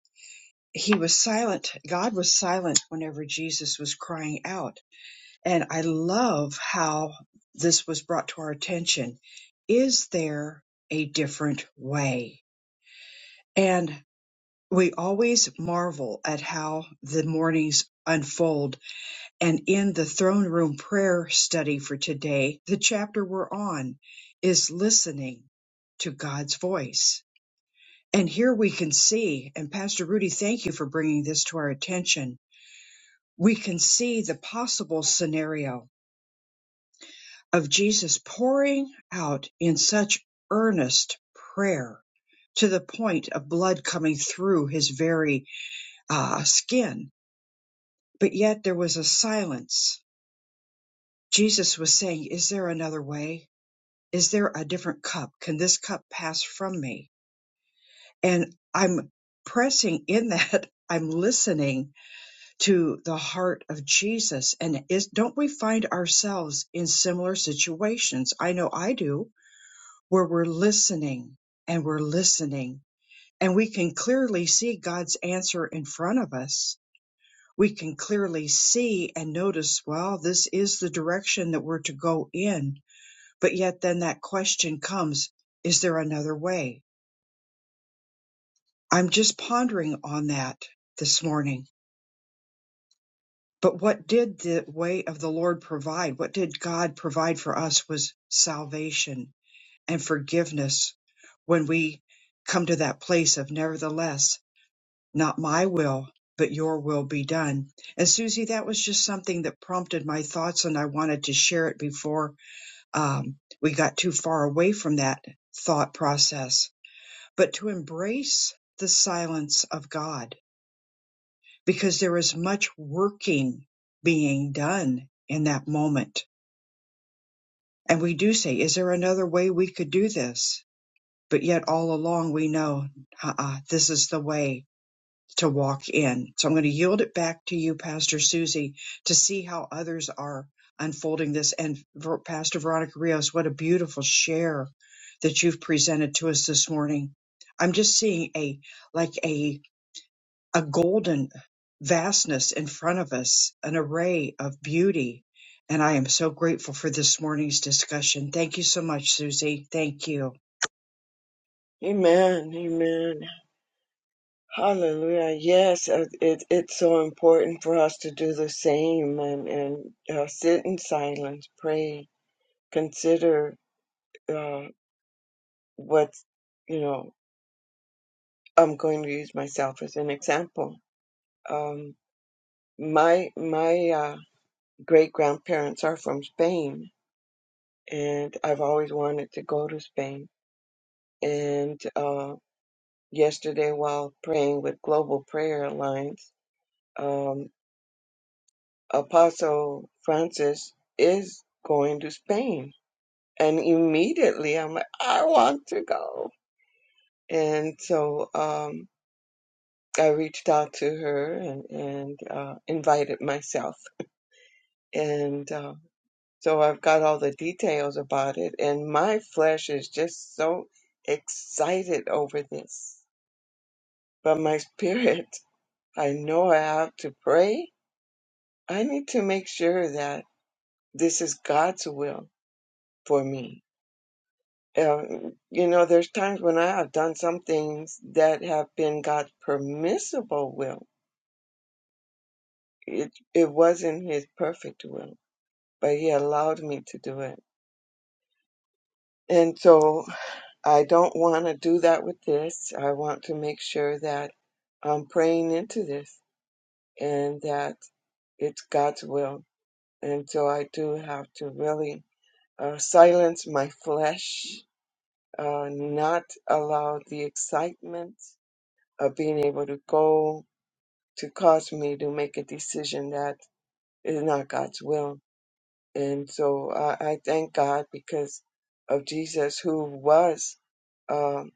He was silent. God was silent whenever Jesus was crying out. And I love how this was brought to our attention. Is there a different way? And we always marvel at how the mornings unfold And in the throne room prayer study for today, the chapter we're on is listening to God's voice. And here we can see, and Pastor Rudy, thank you for bringing this to our attention. We can see the possible scenario of Jesus pouring out in such earnest prayer to the point of blood coming through his very uh, skin. But yet there was a silence. Jesus was saying, Is there another way? is there a different cup? Can this cup pass from me? And I'm pressing in that. I'm listening to the heart of Jesus. And is, don't we find ourselves in similar situations? I know I do, where we're listening and we're listening and we can clearly see God's answer in front of us. We can clearly see and notice, well, this is the direction that we're to go in. But yet then that question comes, is there another way? I'm just pondering on that this morning. But what did the way of the Lord provide? What did God provide for us was salvation and forgiveness when we come to that place of nevertheless, not my will, but your will be done. And Susie, that was just something that prompted my thoughts and I wanted to share it before um, we got too far away from that thought process, but to embrace the silence of God because there is much working being done in that moment. And we do say, is there another way we could do this? But yet all along we know, uh-uh, this is the way to walk in. So I'm going to yield it back to you, Pastor Susie, to see how others are unfolding this. And Ver- Pastor Veronica Rios, what a beautiful share that you've presented to us this morning. I'm just seeing a, like a a golden vastness in front of us, an array of beauty. And I am so grateful for this morning's discussion. Thank you so much, Susie. Thank you. Amen. Amen. Hallelujah. Yes, uh, it, it's so important for us to do the same and, and uh, sit in silence, pray, consider uh, what, you know, I'm going to use myself as an example. Um, my my uh, great grandparents are from Spain, and I've always wanted to go to Spain. And uh, yesterday, while praying with Global Prayer Alliance, um, Apostle Francis is going to Spain. And immediately I'm like, I want to go. And so um, I reached out to her and, and uh, invited myself. And uh, so I've got all the details about it. And my flesh is just so excited over this. But my spirit, I know I have to pray. I need to make sure that this is God's will for me Um, you know, there's times when I have done some things that have been God's permissible will. It it wasn't His perfect will, but He allowed me to do it. And so I don't want to do that with this. I want to make sure that I'm praying into this and that it's God's will. And so I do have to really uh, silence my flesh, uh, not allow the excitement of being able to go to cause me to make a decision that is not God's will. And so I, I thank God because of Jesus, who was um,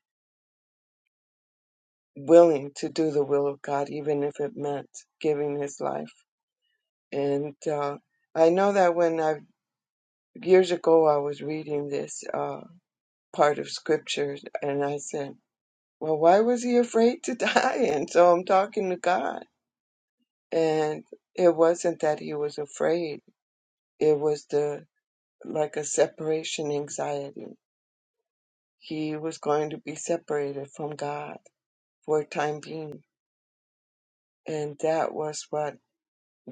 willing to do the will of God, even if it meant giving his life. And uh, I know that when I years ago I was reading this uh, part of scripture, and I said, "Well, why was he afraid to die?" And so I'm talking to God, and it wasn't that he was afraid; it was the like a separation anxiety. He was going to be separated from God for a time being, and that was what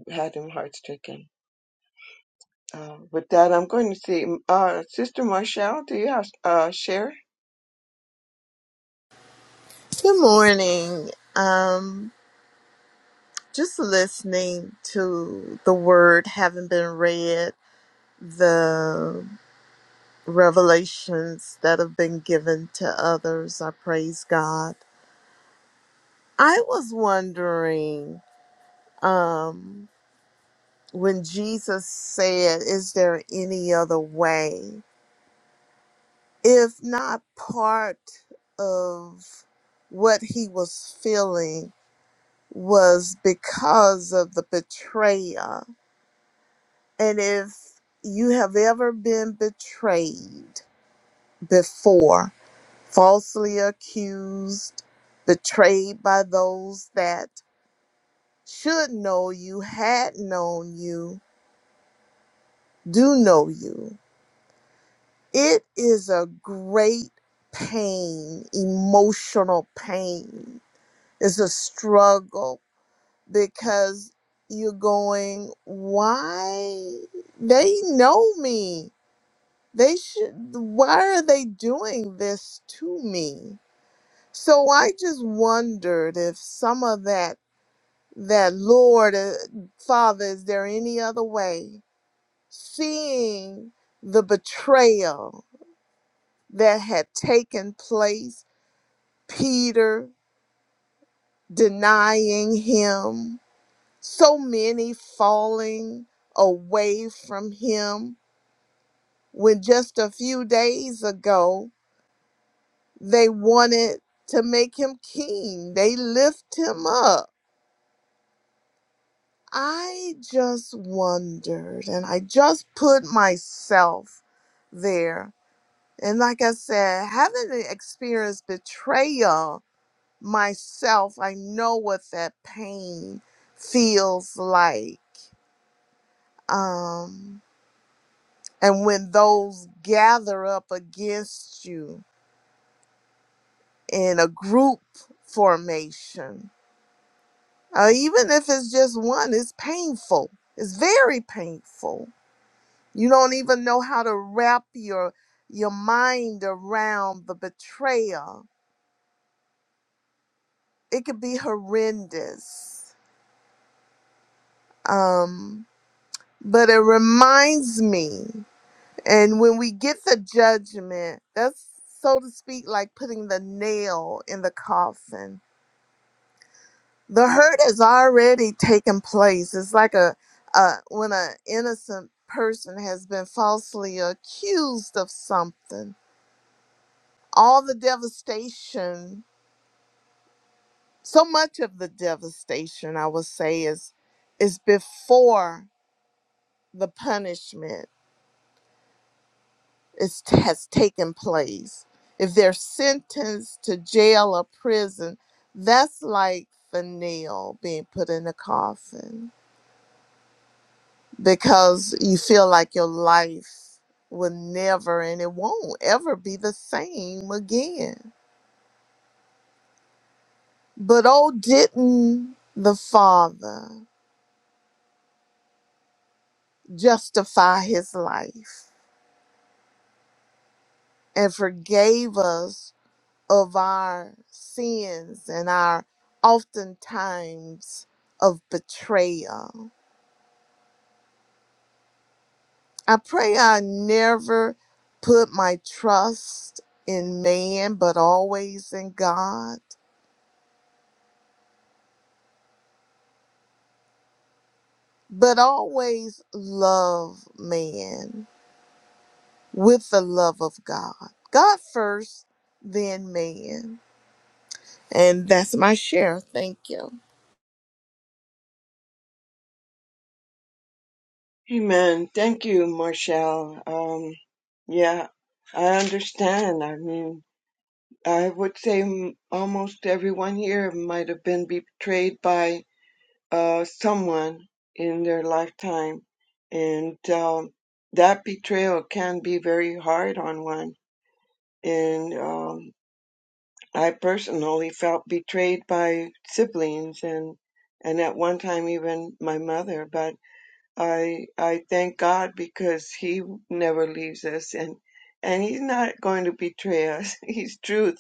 had him heart stricken. Uh, with that, I'm going to see uh, Sister Marshall. Do you have uh, share? Good morning. Um, just listening to the word having been read, the revelations that have been given to others. I praise God. I was wondering um, when Jesus said, Is there any other way? If not part of what he was feeling was because of the betrayer And if you have ever been betrayed before, falsely accused, betrayed by those that should know you, had known you, do know you, it is a great pain, emotional pain. It's a struggle because you're going, why? They know me They should, why are they doing this to me? So I just wondered if some of that, that Lord, uh, Father, is there any other way? Seeing the betrayal that had taken place, Peter denying him, so many falling away from him when just a few days ago They wanted to make him king, they lift him up. I just wondered, and I just put myself there. And like I said, having experienced betrayal myself, I know what that pain feels like. Um, and when those gather up against you in a group formation, Uh, even if it's just one, it's painful. It's very painful. You don't even know how to wrap your your mind around the betrayal. It could be horrendous. Um, but it reminds me, and when we get the judgment, that's so to speak, like putting the nail in the coffin the hurt has already taken place it's like a uh, when an innocent person has been falsely accused of something all the devastation so much of the devastation i would say is is before the punishment is has taken place if they're sentenced to jail or prison that's like the nail being put in the coffin because you feel like your life will never and it won't ever be the same again. But oh, didn't the Father justify his life and forgave us of our sins and our oftentimes of betrayal? I pray I never put my trust in man, but always in God but always love man with the love of God. God first, then man. And that's my share. Thank you. Amen. Thank you, Marshall. Um, yeah, I understand. I mean, I would say m- almost everyone here might have been betrayed by uh, someone in their lifetime, and um, that betrayal can be very hard on one. And um, I personally felt betrayed by siblings, and and at one time even my mother. But I I thank God because He never leaves us, and and He's not going to betray us. He's truth,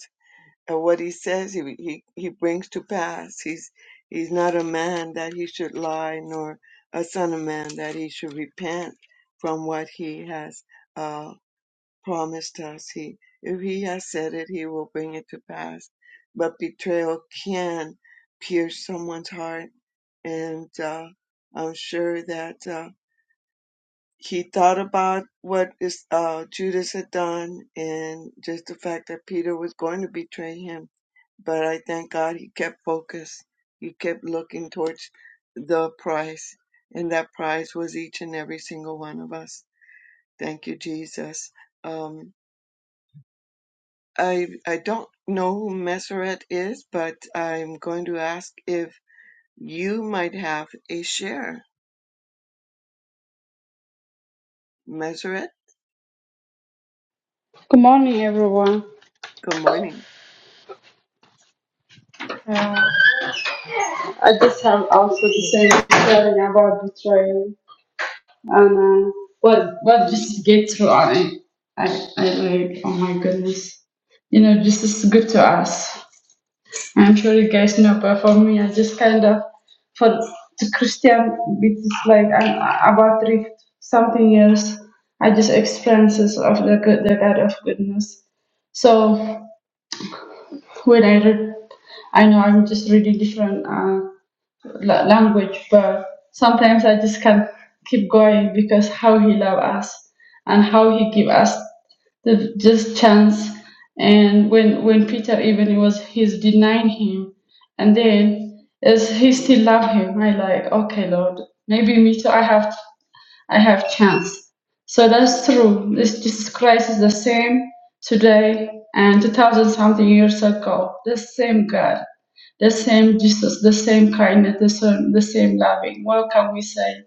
and what he says he, he, he brings to pass. He's, he's not a man that he should lie, nor a son of man that he should repent from what he has uh, promised us. He, if he has said it, he will bring it to pass. But betrayal can pierce someone's heart, and uh, I'm sure that uh, he thought about what is, uh, Judas had done, and just the fact that Peter was going to betray him but I thank God he kept focused. He kept looking towards the prize, and that prize was each and every single one of us. Thank you, Jesus. Um, I I don't know who Messeret is, but I'm going to ask if you might have a share. Messeret, Good morning, everyone. good morning. Uh, I just have also the same feeling about betrayal and uh, what what just get to I, I I like oh my goodness, you know this is good to us. I'm sure you guys know, but for me, I just kind of for the Christian, it's like I'm about three something years. I just experiences of the good, the God of goodness. So when I read, I know I'm just really different. Uh, la- language, but sometimes I just can't keep going because how he love us and how he give us the just chance. And when when Peter even he was he's denying him, and then as he still love him, I like okay Lord, maybe me too. I have I have chance. So that's true. This Jesus Christ is the same today and 2000 something years ago. The same God, the same Jesus, the same kindness, the same, the same loving. What can we say?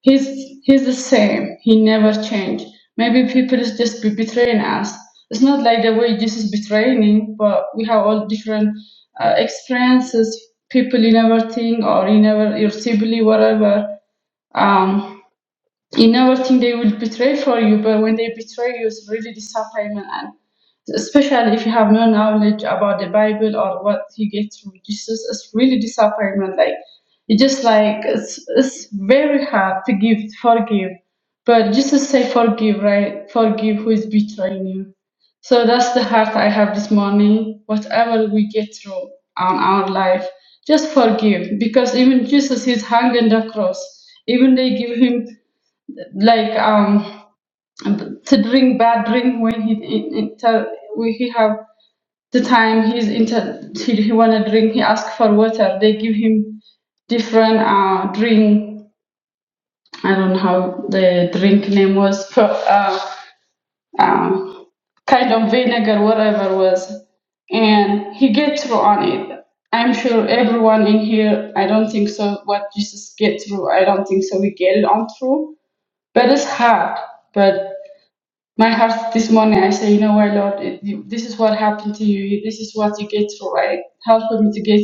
He's, he's the same. He never changed. Maybe people is just be betraying us. It's not like the way Jesus betraying him, but we have all different uh, experiences, people you never think or you never, your sibling, whatever. Um, you never think they will betray for you, but when they betray you, it's really disappointment. And especially if you have no knowledge about the Bible or what you get through Jesus, it's really disappointment. Like it just like it's it's very hard to give forgive, but Jesus say forgive, right? Forgive who is betraying you. So that's the heart I have this morning. Whatever we get through on our life, just forgive because even Jesus is hanging the cross. Even they give him like um to drink bad drink when he in, inter, when he have the time he's inter he, he wanna drink he ask for water they give him different uh drink I don't know how the drink name was but, uh, uh, kind of vinegar whatever was and he get through on it I'm sure everyone in here I don't think so what Jesus get through I don't think so we get it on through but it's hard but my heart this morning. I say, you know what, Lord, it- you- this is what happened to you. This is what you get through. Right? Help me to get,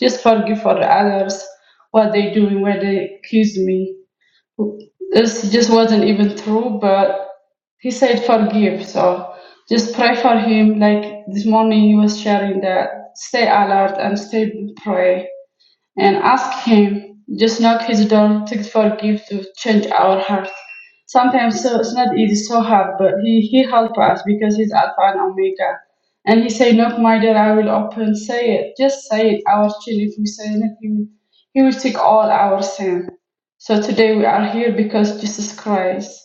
just forgive for the others what they doing, Where they accuse me. This just wasn't even true, but he said forgive. So just pray for him. Like this morning, he was sharing that. Stay alert and stay pray and ask Him, just knock His door, to forgive, to change our hearts. Sometimes so it's not easy, so hard, but He He help us because He's Alpha and Omega. And He say, knock my door, I will open. Say it, just say it. Our sin, if we say it, He will, he will take all our sin. So today we are here because Jesus Christ.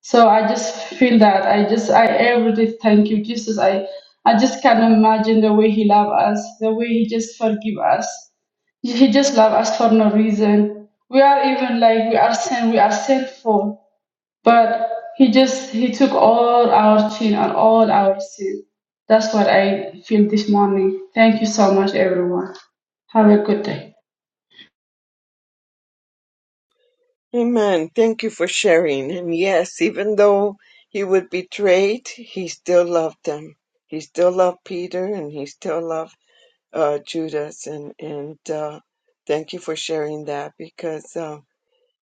So I just feel that I just I every thank you Jesus. I I just can't imagine the way He love us, the way He just forgive us. He just love us for no reason. We are even like we are sin, we are sinful. But he just he took all our sin and all our sin. That's what I feel this morning. Thank you so much, everyone. Have a good day. Amen. Thank you for sharing. And yes, even though he was betrayed, he still loved them. He still loved Peter, and he still loved uh, Judas, and and uh, thank you for sharing that because uh,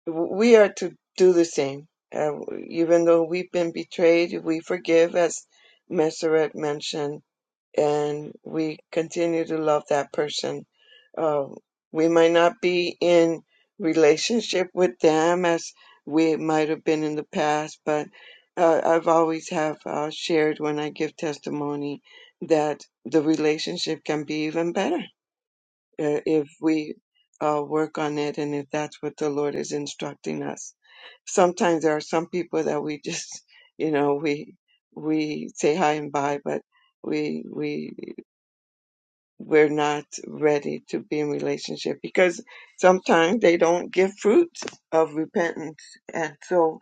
w- we are to do the same. Uh, even though we've been betrayed, we forgive, as Messeret mentioned, and we continue to love that person. Uh, we might not be in relationship with them as we might have been in the past, but uh, I've always have uh, shared when I give testimony that the relationship can be even better uh, if we uh, work on it and if that's what the Lord is instructing us. Sometimes there are some people that we just, you know, we we say hi and bye, but we we we're not ready to be in relationship because sometimes they don't give fruit of repentance, and so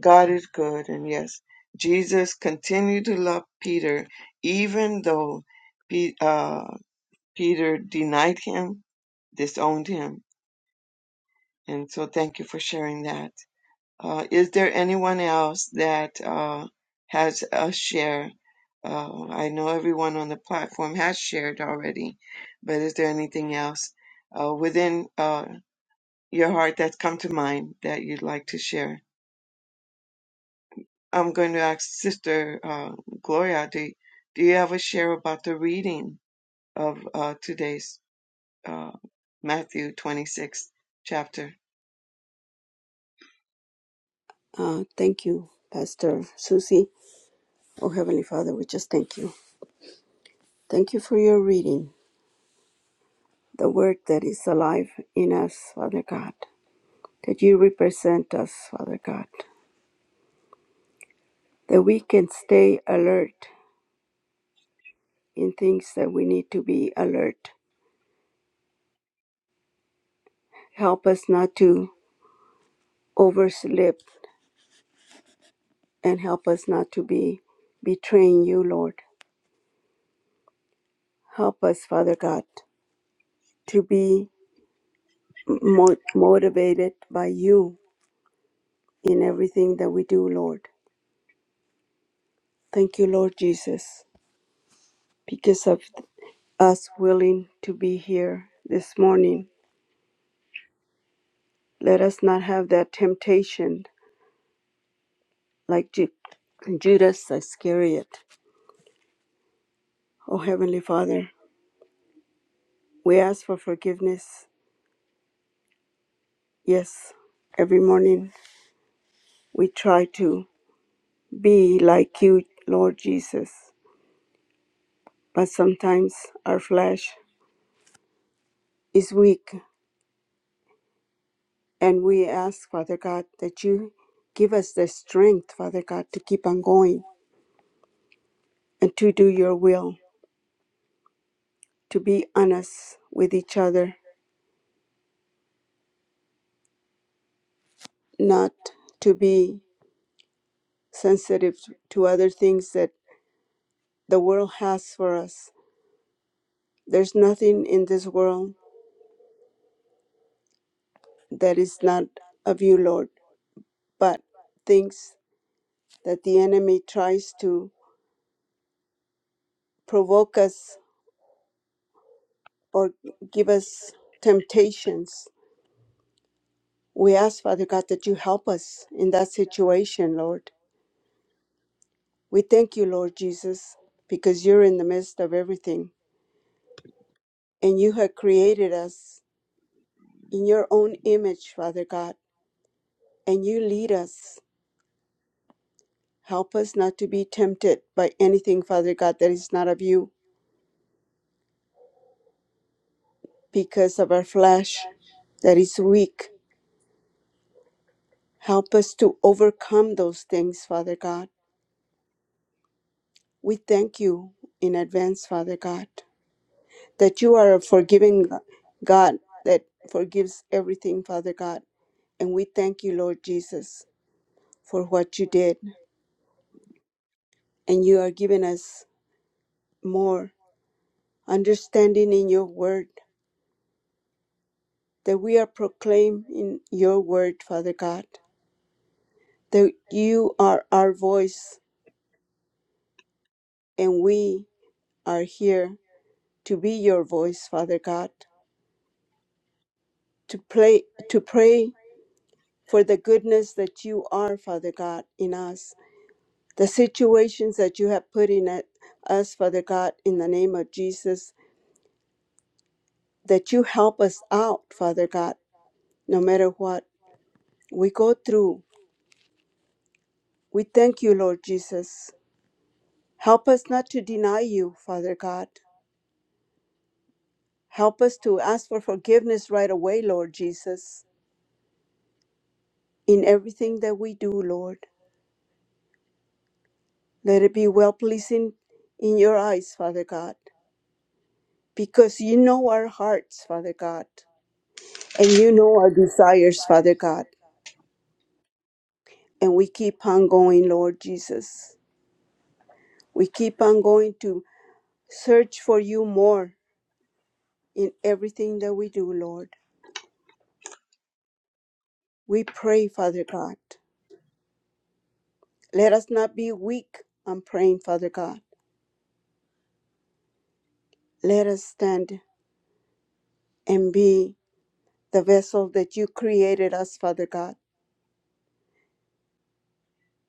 God is good, and yes, Jesus continued to love Peter even though Pe- uh, Peter denied him, disowned him And so thank you for sharing that. Uh, is there anyone else that uh, has a share? Uh, I know everyone on the platform has shared already, but is there anything else uh, within uh, your heart that's come to mind that you'd like to share? I'm going to ask Sister uh, Gloria, do, do you have a share about the reading of uh, today's uh, Matthew 26 chapter? Uh, thank you, Pastor Susie. Oh, Heavenly Father, we just thank you. Thank you for your reading, the word that is alive in us, Father God, that you represent us, Father God. that we can stay alert in things that we need to be alert. Help us not to overslip and help us not to be betraying you, Lord. Help us, Father God, to be mo- motivated by you in everything that we do, Lord. Thank you, Lord Jesus, because of us willing to be here this morning. Let us not have that temptation like Ju- Judas Iscariot Oh, Heavenly Father, we ask for forgiveness. Yes, every morning we try to be like you, Lord Jesus, but sometimes our flesh is weak. And we ask, Father God, that you give us the strength, Father God, to keep on going and to do your will, to be honest with each other, not to be sensitive to other things that the world has for us. There's nothing in this world that is not of you, Lord, but things that the enemy tries to provoke us or give us temptations. We ask, Father God, that you help us in that situation, Lord. We thank you, Lord Jesus, because you're in the midst of everything and you have created us in your own image, Father God, and you lead us. Help us not to be tempted by anything, Father God, that is not of you because of our flesh that is weak Help us to overcome those things, Father God. We thank you in advance, Father God, that you are a forgiving God that forgives everything, Father God. And we thank you, Lord Jesus, for what you did. And you are giving us more understanding in your word, that we are proclaiming your word, Father God, that you are our voice and we are here to be your voice, Father God, to play, to pray for the goodness that you are, Father God, in us, the situations that you have put in it, us, Father God, in the name of Jesus, that you help us out, Father God, no matter what we go through. We thank you, Lord Jesus. Help us not to deny you, Father God. Help us to ask for forgiveness right away, Lord Jesus, in everything that we do, Lord. Let it be well pleasing in your eyes, Father God, because you know our hearts, Father God. And you know our desires, Father God. And we keep on going, Lord Jesus. We keep on going to search for you more in everything that we do, Lord. We pray, Father God. Let us not be weak on praying, Father God. Let us stand and be the vessel that you created us, Father God.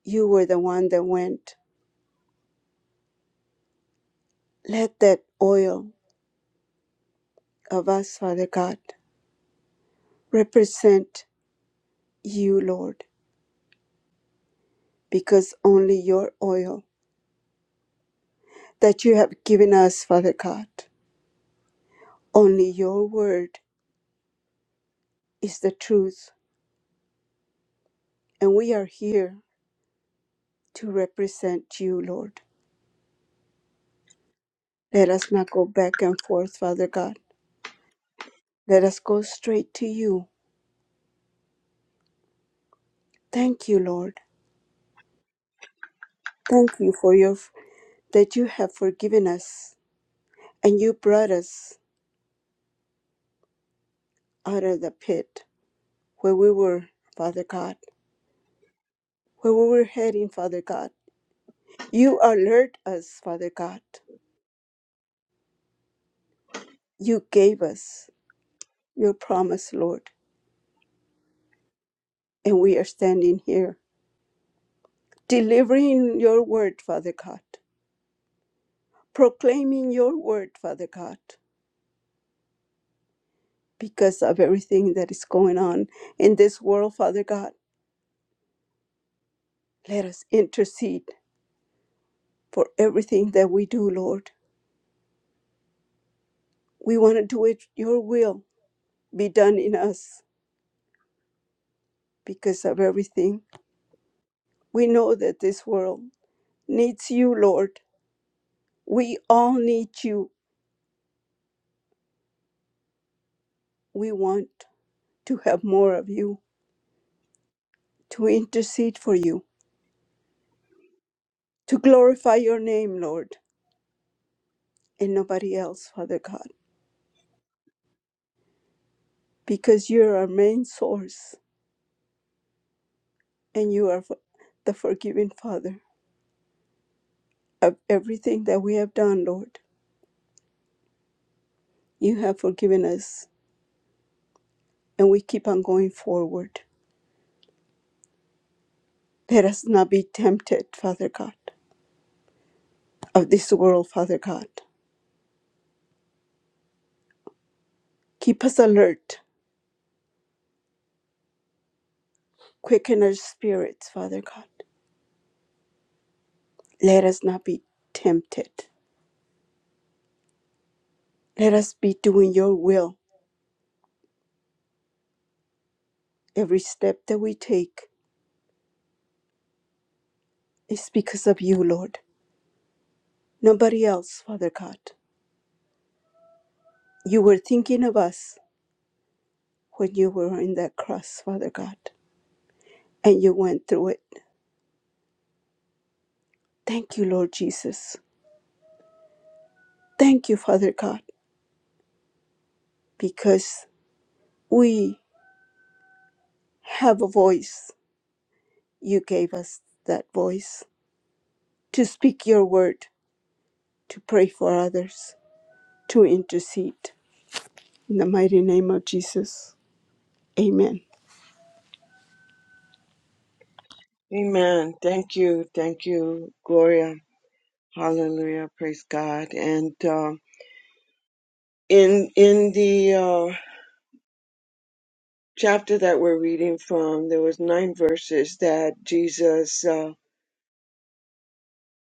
You were the one that went. Let that oil of us, Father God, represent you, Lord, because only your oil that you have given us, Father God. Only your word is the truth, and we are here to represent you, Lord. Let us not go back and forth, Father God. Let us go straight to you. Thank you, Lord. Thank you for your that you have forgiven us and you brought us out of the pit where we were, Father God, where we were heading, Father God. You alert us, Father God. You gave us your promise, Lord And we are standing here, delivering your word, Father God, proclaiming your word, Father God, because of everything that is going on in this world, Father God. Let us intercede for everything that we do, Lord. We want to do it, your will be done in us because of everything. We know that this world needs you, Lord. We all need you. We want to have more of you, to intercede for you to glorify your name, Lord, and nobody else, Father God, because you're our main source and you are the forgiving Father of everything that we have done, Lord. You have forgiven us and we keep on going forward. Let us not be tempted, Father God, of this world, Father God. Keep us alert, quicken our spirits, Father God. Let us not be tempted. Let us be doing your will. Every step that we take is because of you, Lord Nobody else, Father God. You were thinking of us when you were on that cross, Father God, and you went through it. Thank you, Lord Jesus. Thank you, Father God, because we have a voice. You gave us that voice to speak your word, to pray for others, to intercede. In the mighty name of Jesus, amen. Amen. Thank you. Thank you, Gloria. Hallelujah. Praise God. And um, in in the uh, chapter that we're reading from, there was nine verses that Jesus uh,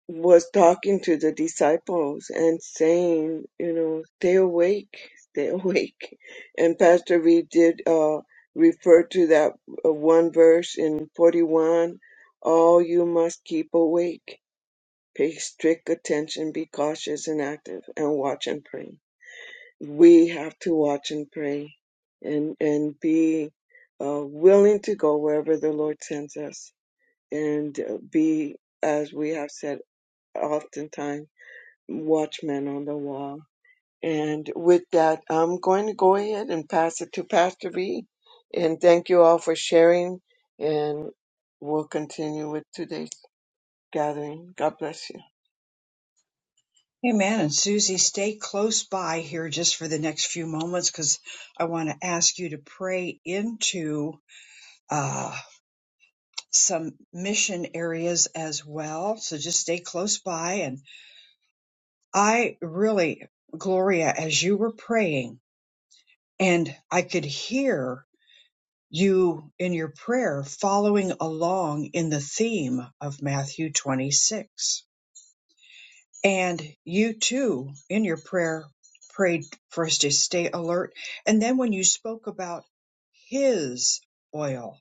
was talking to the disciples and saying, you know, stay awake, stay awake. And Pastor Reed did uh, refer to that uh, one verse in 41, all you must keep awake. Pay strict attention, be cautious and active, and watch and pray we have to watch and pray and and be uh, willing to go wherever the Lord sends us and uh, be as we have said oftentimes watchmen on the wall and with that I'm going to go ahead and pass it to Pastor B and thank you all for sharing and we'll continue with today's gathering God bless you Amen. And Susie, stay close by here just for the next few moments because I want to ask you to pray into uh, some mission areas as well. So just stay close by. And I really, Gloria, as you were praying, and I could hear you in your prayer following along in the theme of Matthew 26. And you too, in your prayer, prayed for us to stay alert. And then when you spoke about His oil,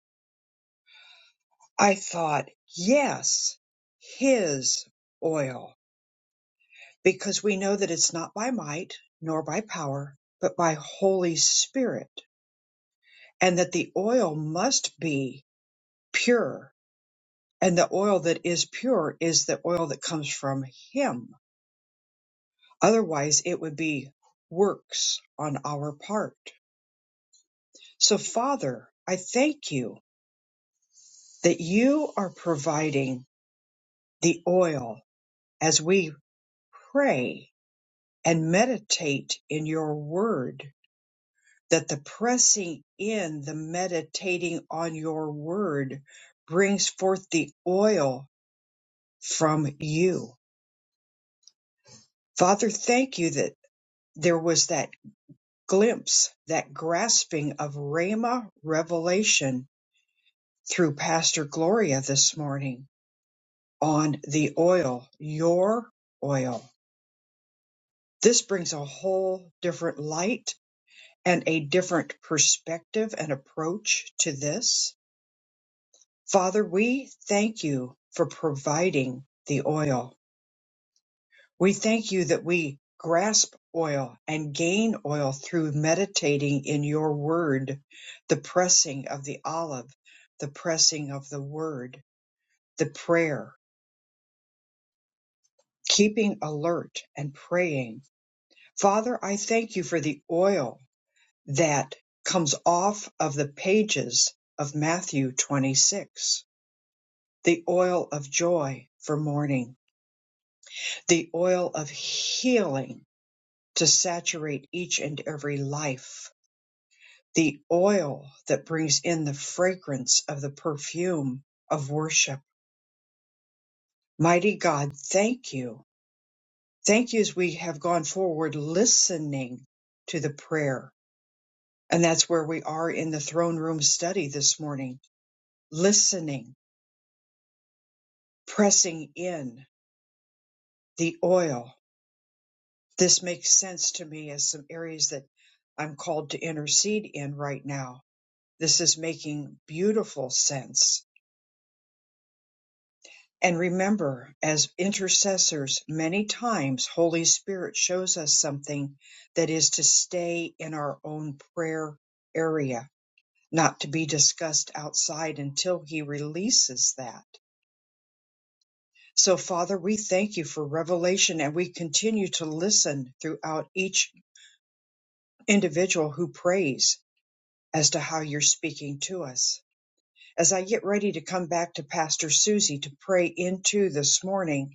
I thought, yes, His oil, because we know that it's not by might nor by power, but by Holy Spirit, and that the oil must be pure and the oil that is pure is the oil that comes from him otherwise it would be works on our part so father i thank you that you are providing the oil as we pray and meditate in your word that the pressing in the meditating on your word brings forth the oil from you father thank you that there was that glimpse that grasping of Rhema revelation through Pastor Gloria this morning on the oil, your oil. This brings a whole different light and a different perspective and approach to this. Father, we thank you for providing the oil. We thank you that we grasp oil and gain oil through meditating in your word, the pressing of the olive, the pressing of the word, the prayer, keeping alert and praying. Father, I thank you for the oil that comes off of the pages of Matthew 26, the oil of joy for mourning, the oil of healing to saturate each and every life the oil that brings in the fragrance of the perfume of worship. Mighty God, thank you. Thank you as we have gone forward listening to the prayer. And that's where we are in the throne room study this morning, listening, pressing in the oil. This makes sense to me as some areas that I'm called to intercede in right now. This is making beautiful sense And remember, as intercessors, many times Holy Spirit shows us something that is to stay in our own prayer area, not to be discussed outside until He releases that. So, Father, we thank you for revelation and we continue to listen throughout each individual who prays as to how you're speaking to us. As I get ready to come back to Pastor Susie to pray into this morning,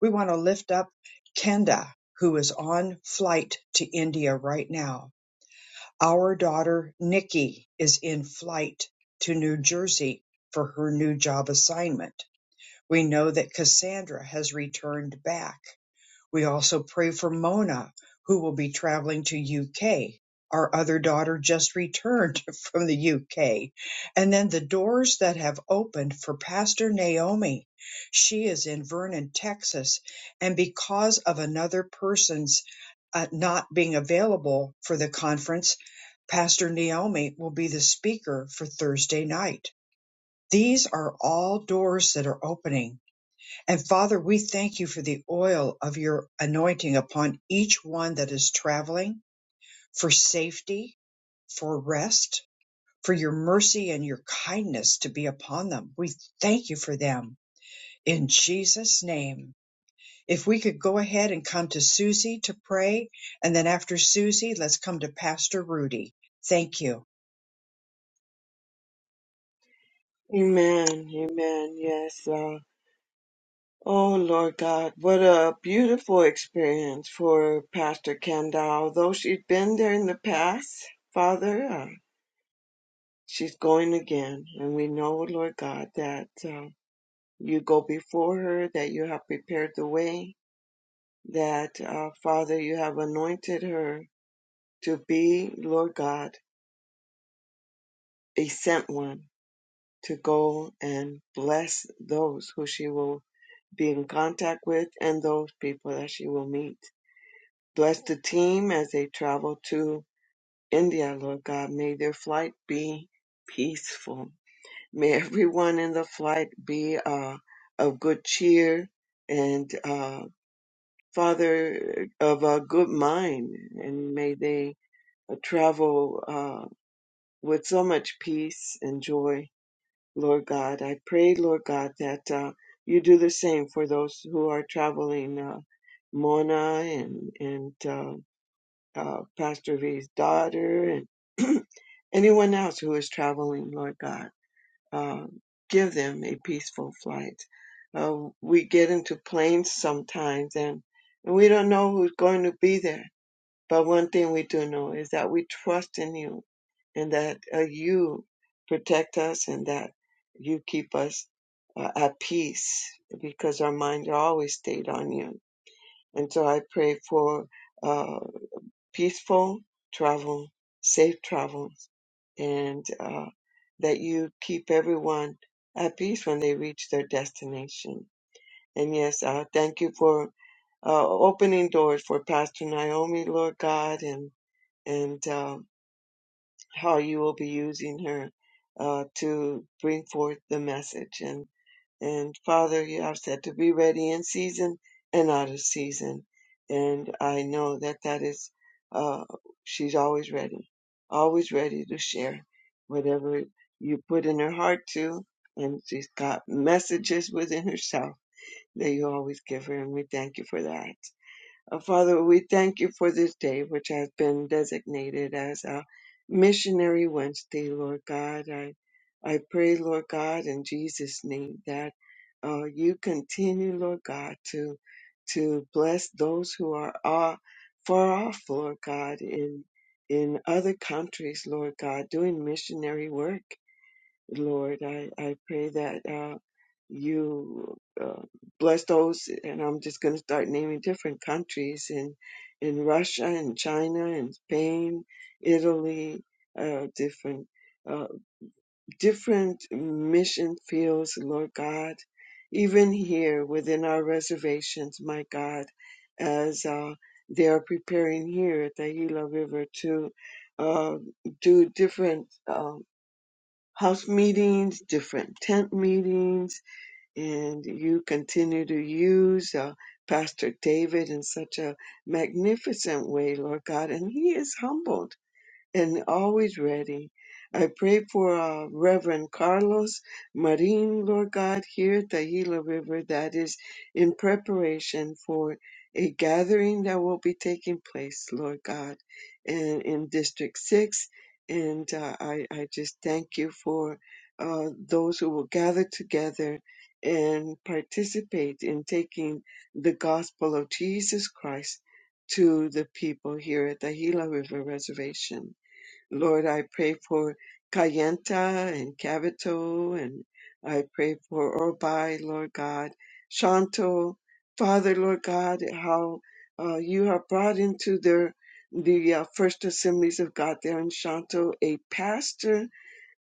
We want to lift up Kenda, who is on flight to India right now. Our daughter Nikki is in flight to New Jersey for her new job assignment. We know that Cassandra has returned back. We also pray for Mona, who will be traveling to UK. Our other daughter just returned from the UK. And then the doors that have opened for Pastor Naomi. She is in Vernon, Texas. And because of another person's uh, not being available for the conference, Pastor Naomi will be the speaker for Thursday night. These are all doors that are opening and Father, we thank you for the oil of your anointing upon each one that is traveling for safety, for rest, for your mercy and your kindness to be upon them. We thank you for them in Jesus' name. If we could go ahead and come to Susie to pray, and then after Susie, let's come to Pastor Rudy. Thank you. amen amen yes Oh, Lord God, what a beautiful experience for Pastor Kenda. Although she's been there in the past, Father, uh, she's going again. And we know, Lord God, that uh, you go before her, that you have prepared the way, that, uh, Father, you have anointed her to be, Lord God, a sent one to go and bless those who she will be in contact with and those people that she will meet. Bless the team as they travel to India, Lord God. May their flight be peaceful. May everyone in the flight be uh, of good cheer and, uh, Father, of a good mind. And may they uh, travel uh, with so much peace and joy, Lord God. I pray, Lord God, that uh, you do the same for those who are traveling. Uh, Mona and and uh, uh, Pastor V's daughter, and anyone else who is traveling, Lord God. Uh, give them a peaceful flight. Uh, we get into planes sometimes and, and we don't know who's going to be there. But one thing we do know is that we trust in you and that uh, you protect us and that you keep us uh, at peace because our minds are always stayed on you. And so I pray for uh, peaceful travel, safe travels, and uh, that you keep everyone at peace when they reach their destination. And yes, uh, thank you for uh, opening doors for Pastor Naomi, Lord God, and and uh, how you will be using her uh, to bring forth the message. And and Father, you have said to be ready in season and out of season. And I know that that is, uh, she's always ready, always ready to share whatever you put in her heart to. And she's got messages within herself that you always give her. And we thank you for that. Uh, Father, we thank you for this day, which has been designated as a missionary Wednesday, Lord God. I, I pray, Lord God, in Jesus' name, that uh, you continue, Lord God, to to bless those who are uh, far off, Lord God, in in other countries, Lord God, doing missionary work. Lord, I, I pray that uh, you uh, bless those, and I'm just going to start naming different countries in in Russia and China and Spain, Italy, uh, different uh, different mission fields, Lord God, even here within our reservations, my God, as uh, they are preparing here at the Gila River to uh, do different. Um, house meetings, different tent meetings, and you continue to use uh, Pastor David in such a magnificent way, Lord God. And he is humble and always ready. I pray for uh, Reverend Carlos Marin, Lord God, here at the Gila River that is in preparation for a gathering that will be taking place, Lord God, in, in District 6. And uh, I, I just thank you for uh, those who will gather together and participate in taking the gospel of Jesus Christ to the people here at the Gila River Reservation. Lord, I pray for Kayenta and Cavito, and I pray for Orbai, Lord God, Shanto, Father, Lord God, how uh, you have brought into their the uh, first assemblies of God there in Shanto a pastor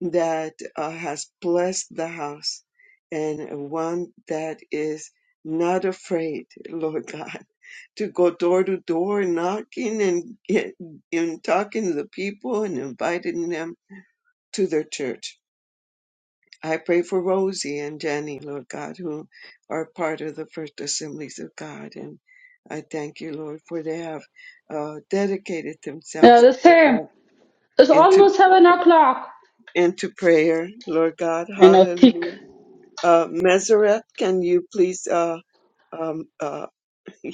that uh, has blessed the house and one that is not afraid, Lord God to go door to door knocking and get, and talking to the people and inviting them to their church. I pray for Rosie and Jenny, Lord God, who are part of the First Assemblies of God. And I thank you, Lord, for they have uh, dedicated Yeah, themselves the same. uh, It's into almost seven o'clock. into prayer, Lord God. I know, thick. Hallelujah. Uh, Meseret, can you please uh, um, uh,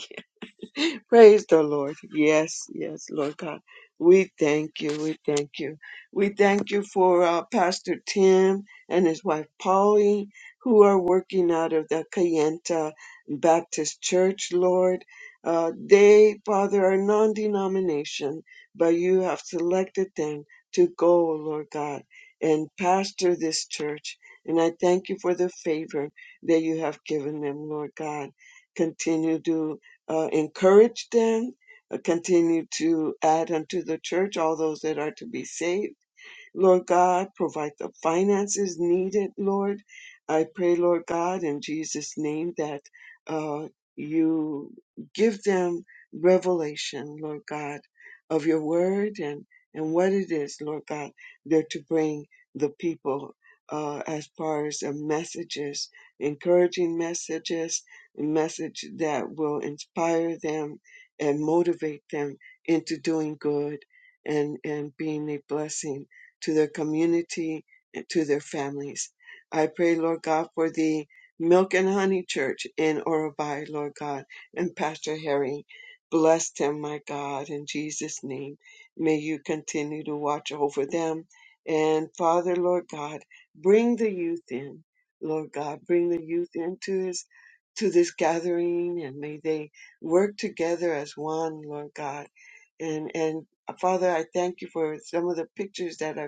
Praise the Lord. Yes, yes, Lord God. We thank you. We thank you. We thank you for uh, Pastor Tim and his wife Polly, who are working out of the Cayenta Baptist Church, Lord. Uh, they, Father, are non denomination, but you have selected them to go, Lord God, and pastor this church. And I thank you for the favor that you have given them, Lord God. Continue to uh, encourage them, uh, continue to add unto the church all those that are to be saved Lord God, provide the finances needed, Lord. I pray, Lord God, in Jesus' name that uh, you give them revelation, Lord God, of your word and, and what it is, Lord God, they're to bring the people uh, as far as the messages, encouraging messages, message that will inspire them and motivate them into doing good and, and being a blessing to their community, and to their families. I pray, Lord God, for the Milk and Honey Church in Orobai, Lord God, and Pastor Harry. Bless them, my God, in Jesus' name. May you continue to watch over them. And Father, Lord God, bring the youth in. Lord God, bring the youth into this to this gathering and may they work together as one, Lord God. And and uh, Father, I thank you for some of the pictures that I've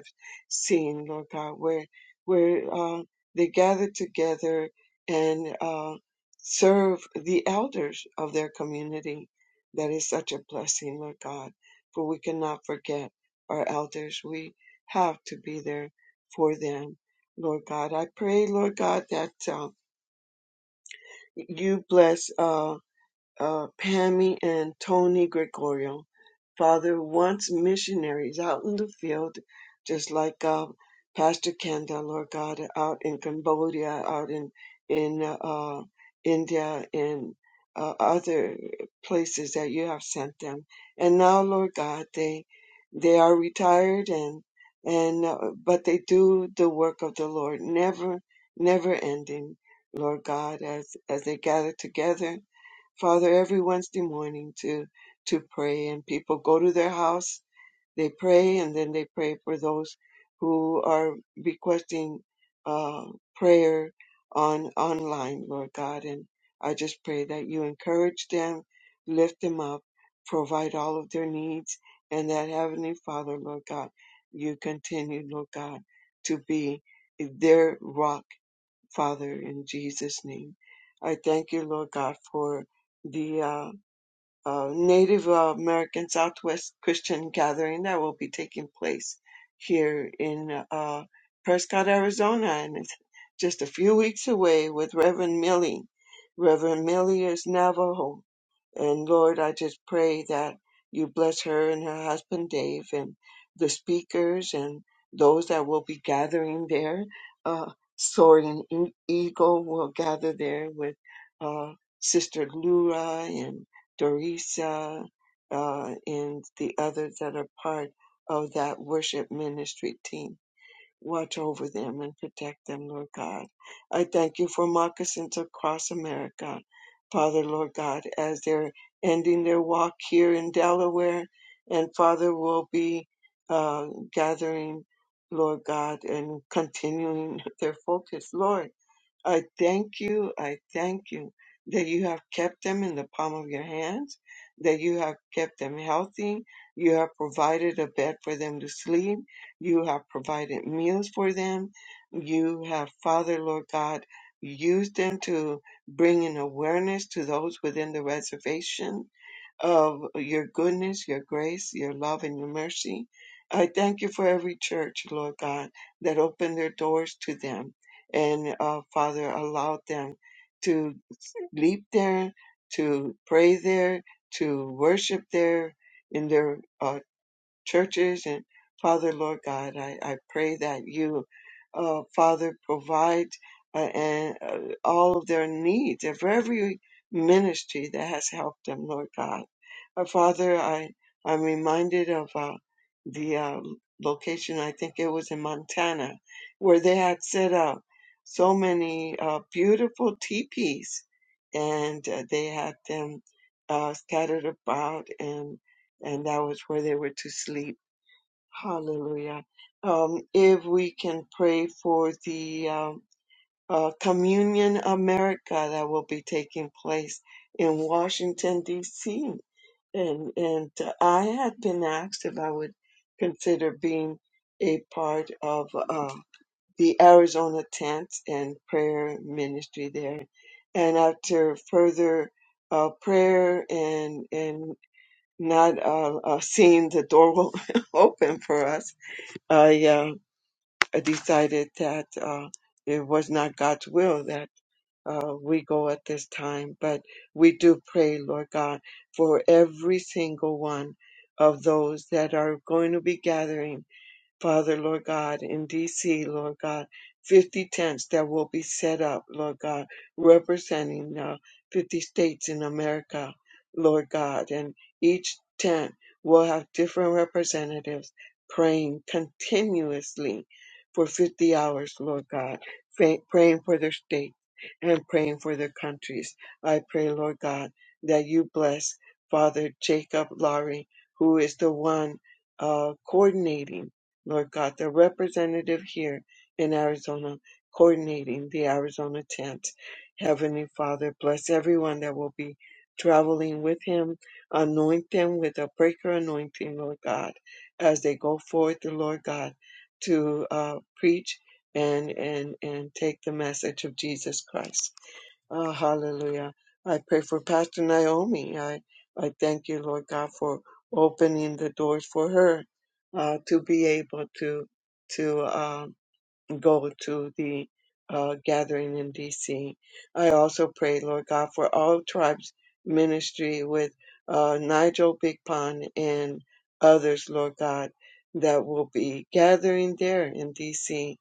scene, Lord God, where where uh, they gather together and uh, serve the elders of their community. That is such a blessing, Lord God, for we cannot forget our elders. We have to be there for them, Lord God. I pray, Lord God, that uh, you bless uh, uh, Pammy and Tony Gregorio. Father wants missionaries out in the field, just like uh, Pastor Kenda, Lord God, out in Cambodia, out in in uh, uh, India, in uh, other places that you have sent them. And now, Lord God, they they are retired and and uh, but they do the work of the Lord, never never ending. Lord God, as as they gather together Father, every Wednesday morning to to pray, and people go to their house, they pray, and then they pray for those who are requesting uh, prayer on online, Lord God. And I just pray that you encourage them, lift them up, provide all of their needs, and that Heavenly Father, Lord God, you continue, Lord God, to be their rock Father, in Jesus' name. I thank you, Lord God, for the uh, uh, Native uh, American Southwest Christian gathering that will be taking place here in uh, Prescott, Arizona. And it's just a few weeks away with Reverend Millie. Reverend Millie is Navajo. And Lord, I just pray that you bless her and her husband Dave and the speakers and those that will be gathering there. Uh, Sword and E- Eagle will gather there with uh, Sister Lura and Dorisa uh, and the others that are part of that worship ministry team. Watch over them and protect them, Lord God. I thank you for moccasins across America, Father, Lord God, as they're ending their walk here in Delaware. And Father will be uh, gathering, Lord God, and continuing their focus, Lord. I thank you, I thank you that you have kept them in the palm of your hands, that you have kept them healthy. You have provided a bed for them to sleep. You have provided meals for them. You have, Father, Lord God, used them to bring an awareness to those within the reservation of your goodness, your grace, your love, and your mercy. I thank you for every church, Lord God, that opened their doors to them and, uh, Father, allowed them to leap there, to pray there, to worship there in their uh, churches and Father, Lord God, I, I pray that you, uh, Father, provide uh, and uh, all of their needs of every ministry that has helped them, Lord God. Uh, Father, I, I'm reminded of uh, the uh, location, I think it was in Montana, where they had set up so many uh, beautiful teepees and uh, they had them uh, scattered about. and and that was where they were to sleep. Hallelujah. Um, if we can pray for the um, uh, Communion America that will be taking place in Washington, D.C. And, and uh, I had been asked if I would consider being a part of uh, the Arizona tent and prayer ministry there. And after further uh, prayer and, and not uh, uh, seeing the door will open for us, I uh, decided that uh, it was not God's will that uh, we go at this time. But we do pray, Lord God, for every single one of those that are going to be gathering Father, Lord God, in DC, Lord God, 50 tents that will be set up, Lord God, representing uh, 50 states in America, Lord God. And each tent will have different representatives praying continuously for 50 hours, Lord God, fa- praying for their state and praying for their countries. I pray, Lord God, that you bless Father Jacob Lowry, who is the one uh, coordinating. Lord God, the representative here in Arizona coordinating the Arizona tent. Heavenly Father, bless everyone that will be traveling with him. Anoint them with a breaker anointing, Lord God, as they go forth, the Lord God, to uh, preach and, and, and take the message of Jesus Christ. Oh, hallelujah. I pray for Pastor Naomi. I, I thank you, Lord God, for opening the doors for her uh, to be able to to uh, go to the uh, gathering in D.C. I also pray, Lord God, for all tribes ministry with uh, Nigel Big Pond and others, Lord God, that will be gathering there in D.C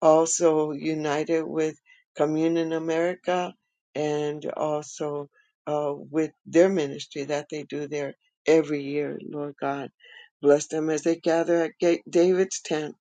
also united with Communion America and also uh, with their ministry that they do there every year. Lord God, bless them as they gather at Ga- David's tent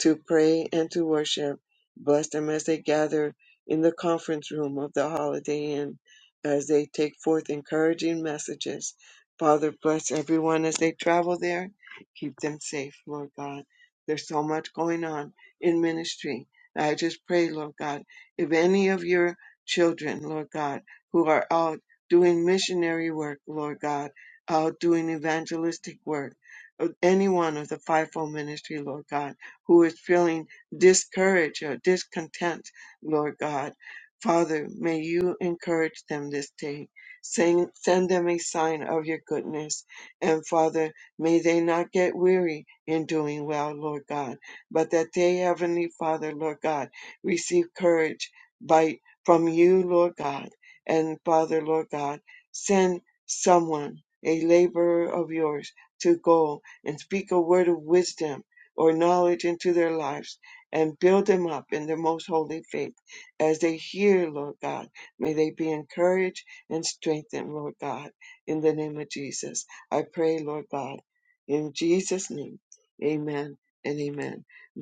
to pray and to worship. Bless them as they gather in the conference room of the Holiday Inn as they take forth encouraging messages. Father, bless everyone as they travel there. Keep them safe, Lord God. There's so much going on in ministry and I just pray, Lord God, if any of your children, Lord God, who are out doing missionary work, Lord God, out doing evangelistic work, of any one of the fivefold ministry, Lord God, who is feeling discouraged or discontent, Lord God, Father, may you encourage them this day. Send, send them a sign of your goodness. And Father, may they not get weary in doing well, Lord God but that they, Heavenly Father, Lord God, receive courage by from you, Lord God. And Father, Lord God, send someone, a laborer of yours, to go and speak a word of wisdom or knowledge into their lives and build them up in their most holy faith. As they hear, Lord God, may they be encouraged and strengthened, Lord God, in the name of Jesus. I pray, Lord God, in Jesus' name. Amen and amen.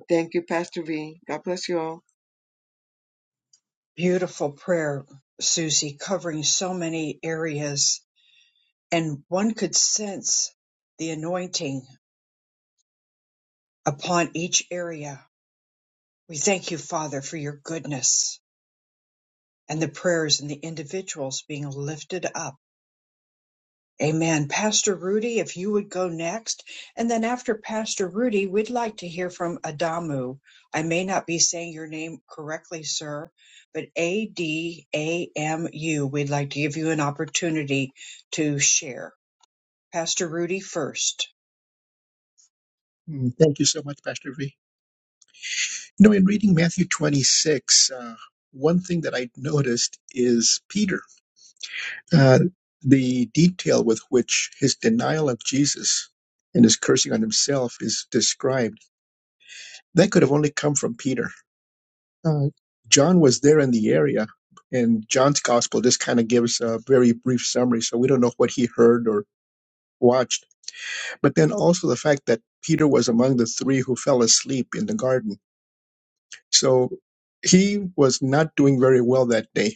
Thank you, Pastor V. God bless you all. Beautiful prayer, Susie, covering so many areas. And one could sense the anointing upon each area. We thank you, Father, for your goodness and the prayers and the individuals being lifted up. Amen. Pastor Rudy, if you would go next. And then after Pastor Rudy, we'd like to hear from Adamu. I may not be saying your name correctly, sir, but A D A M U. We'd like to give you an opportunity to share. Pastor Rudy first. Mm, Thank you so much, Pastor V. You know, in reading Matthew 26, uh, one thing that I noticed is Peter, uh, the detail with which his denial of Jesus and his cursing on himself is described. That could have only come from Peter Uh, John was there in the area, and John's gospel just kind of gives a very brief summary, so we don't know what he heard or watched. But then also the fact that Peter was among the three who fell asleep in the garden. So he was not doing very well that day.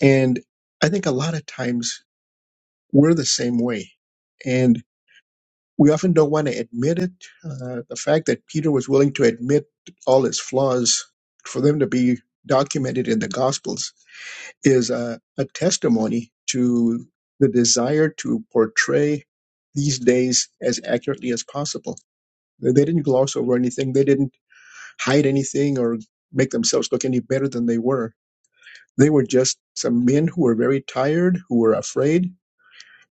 And I think a lot of times we're the same way. And we often don't want to admit it. Uh, the fact that Peter was willing to admit all his flaws for them to be documented in the Gospels is a, a testimony to the desire to portray these days as accurately as possible. They they didn't gloss over anything, they didn't hide anything or make themselves look any better than they were. They were just some men who were very tired, who were afraid.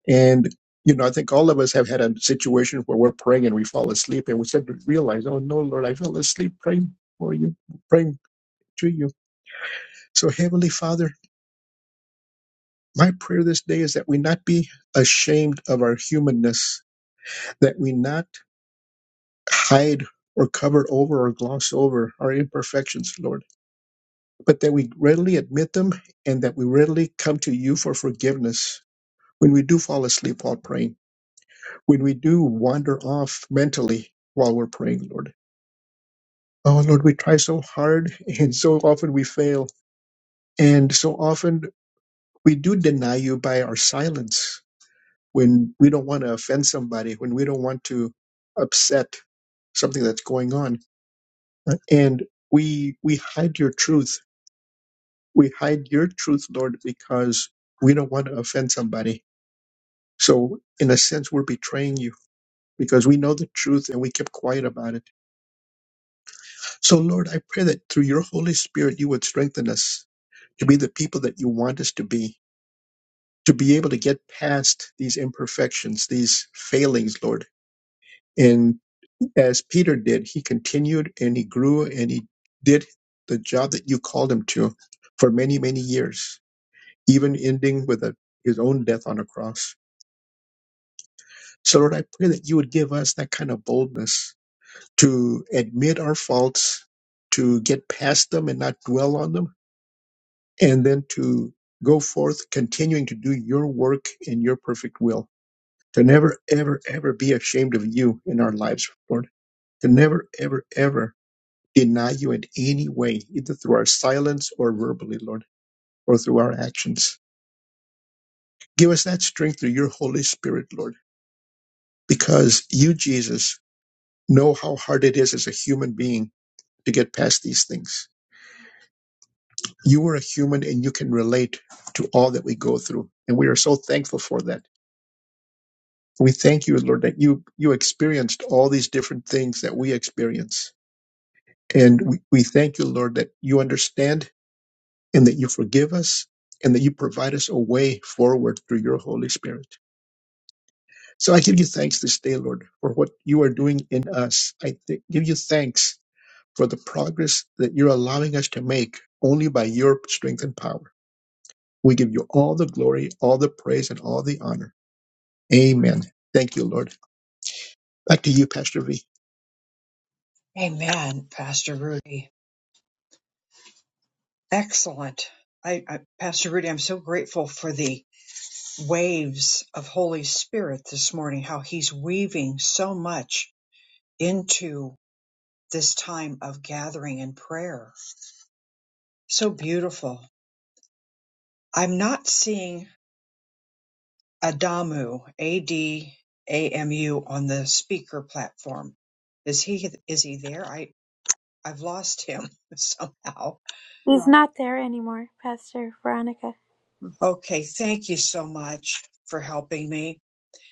And, you know, I think all of us have had a situation where we're praying and we fall asleep and we suddenly realize, oh no, Lord, I fell asleep praying for you, praying to you. So, Heavenly Father, My prayer this day is that we not be ashamed of our humanness, that we not hide or cover over or gloss over our imperfections, Lord, but that we readily admit them and that we readily come to you for forgiveness when we do fall asleep while praying, when we do wander off mentally while we're praying, Lord. Oh, Lord, we try so hard and so often we fail, and so often we do deny you by our silence when we don't want to offend somebody, when we don't want to upset something that's going on. And we we hide your truth. We hide your truth, Lord, because we don't want to offend somebody. So in a sense we're betraying you because we know the truth and we kept quiet about it. So Lord, I pray that through your Holy Spirit you would strengthen us to be the people that you want us to be, to be able to get past these imperfections, these failings, Lord and. As Peter did, he continued and he grew and he did the job that you called him to for many, many years, even ending with a, his own death on a cross. So, Lord, I pray that you would give us that kind of boldness to admit our faults, to get past them and not dwell on them, and then to go forth continuing to do your work in your perfect will. To never, ever, ever be ashamed of you in our lives, Lord. To never, ever, ever deny you in any way, either through our silence or verbally, Lord, or through our actions. Give us that strength through your Holy Spirit, Lord, because you, Jesus, know how hard it is as a human being to get past these things. You are a human and you can relate to all that we go through. And we are so thankful for that. We thank you, Lord, that you, you experienced all these different things that we experience. And we, we thank you, Lord, that you understand and that you forgive us and that you provide us a way forward through your Holy Spirit. So I give you thanks this day, Lord, for what you are doing in us. I th- give you thanks for the progress that you're allowing us to make only by your strength and power. We give you all the glory, all the praise, and all the honor. Amen. Thank you, Lord. Back to you, Pastor V. Amen, Pastor Rudy. Excellent. I, I, Pastor Rudy, I'm so grateful for the. waves of Holy Spirit this morning, how He's weaving so much into this time of gathering and prayer. So beautiful. I'm not seeing Adamu, A D A M U, on the speaker platform. Is he is he there? I I've lost him somehow. He's not there anymore, Pastor Veronica. Okay, thank you so much for helping me.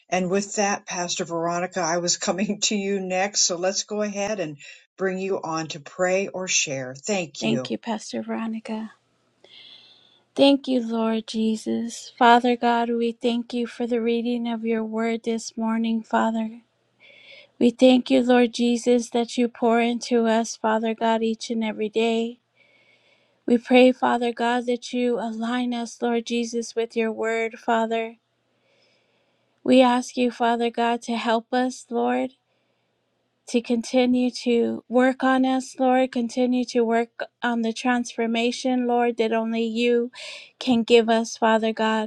And with that, Pastor Veronica, I was coming to you next. So let's go ahead and bring you on to pray or share. Thank Thank you. you, Pastor Veronica. Thank you, Lord Jesus. Father God, we thank you for the reading of your word this morning, Father. We thank you, Lord Jesus, that you pour into us, Father God, each and every day. We pray, Father God, that you align us, Lord Jesus, with your word, Father. We ask you, Father God, to help us, Lord, to continue to work on us, Lord, continue to work on the transformation, Lord, that only you can give us, Father God.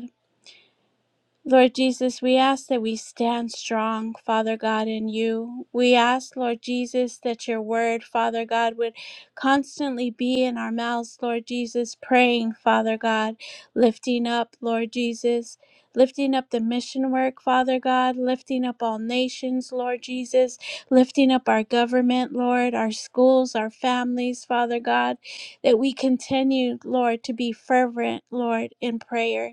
Lord Jesus, we ask that we stand strong, Father God, in you. We ask, Lord Jesus, that your word, Father God, would constantly be in our mouths, Lord Jesus, praying, Father God, lifting up, Lord Jesus, lifting up the mission work, Father God, lifting up all nations, Lord Jesus, lifting up our government, Lord, our schools, our families, Father God, that we continue, Lord, to be fervent, Lord, in prayer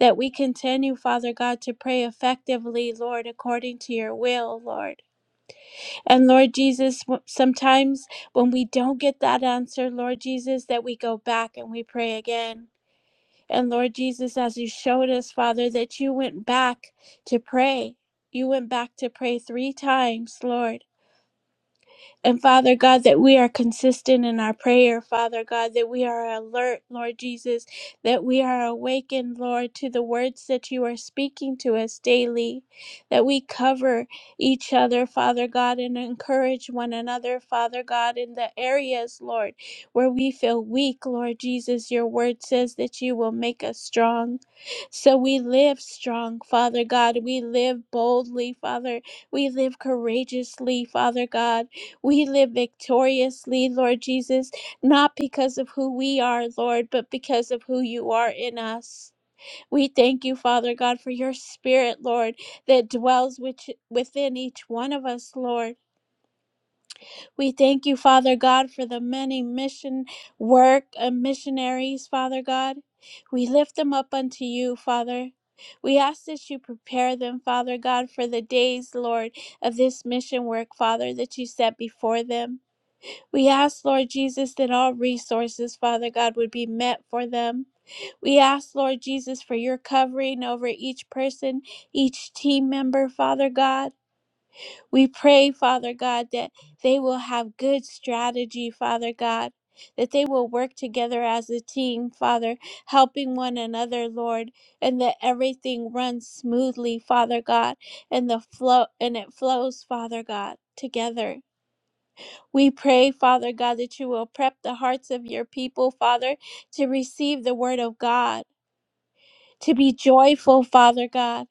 that we continue, Father God, to pray effectively, Lord, according to your will, Lord. And Lord Jesus, w- sometimes when we don't get that answer, Lord Jesus, that we go back and we pray again. And Lord Jesus, as you showed us, Father, that you went back to pray. You went back to pray three times, Lord. And Father God, that we are consistent in our prayer, Father God, that we are alert, Lord Jesus, that we are awakened, Lord, to the words that you are speaking to us daily, that we cover each other, Father God, and encourage one another, Father God, in the areas, Lord, where we feel weak, Lord Jesus. Your word says that you will make us strong. So we live strong, Father God. We live boldly, Father. We live courageously, Father God. We live victoriously, Lord Jesus, not because of who we are, Lord, but because of who you are in us. We thank you, Father God, for your spirit, Lord, that dwells which, within each one of us, Lord. We thank you, Father God, for the many mission work and missionaries, Father God. We lift them up unto you, Father. We ask that you prepare them, Father God, for the days, Lord, of this mission work, Father, that you set before them. We ask, Lord Jesus, that all resources, Father God, would be met for them. We ask, Lord Jesus, for your covering over each person, each team member, Father God. We pray, Father God, that they will have good strategy, Father God. That they will work together as a team, Father, helping one another, Lord, and that everything runs smoothly, Father God, and the flow and it flows, Father God, together. We pray, Father God, that you will prep the hearts of your people, Father, to receive the word of God, to be joyful, Father God,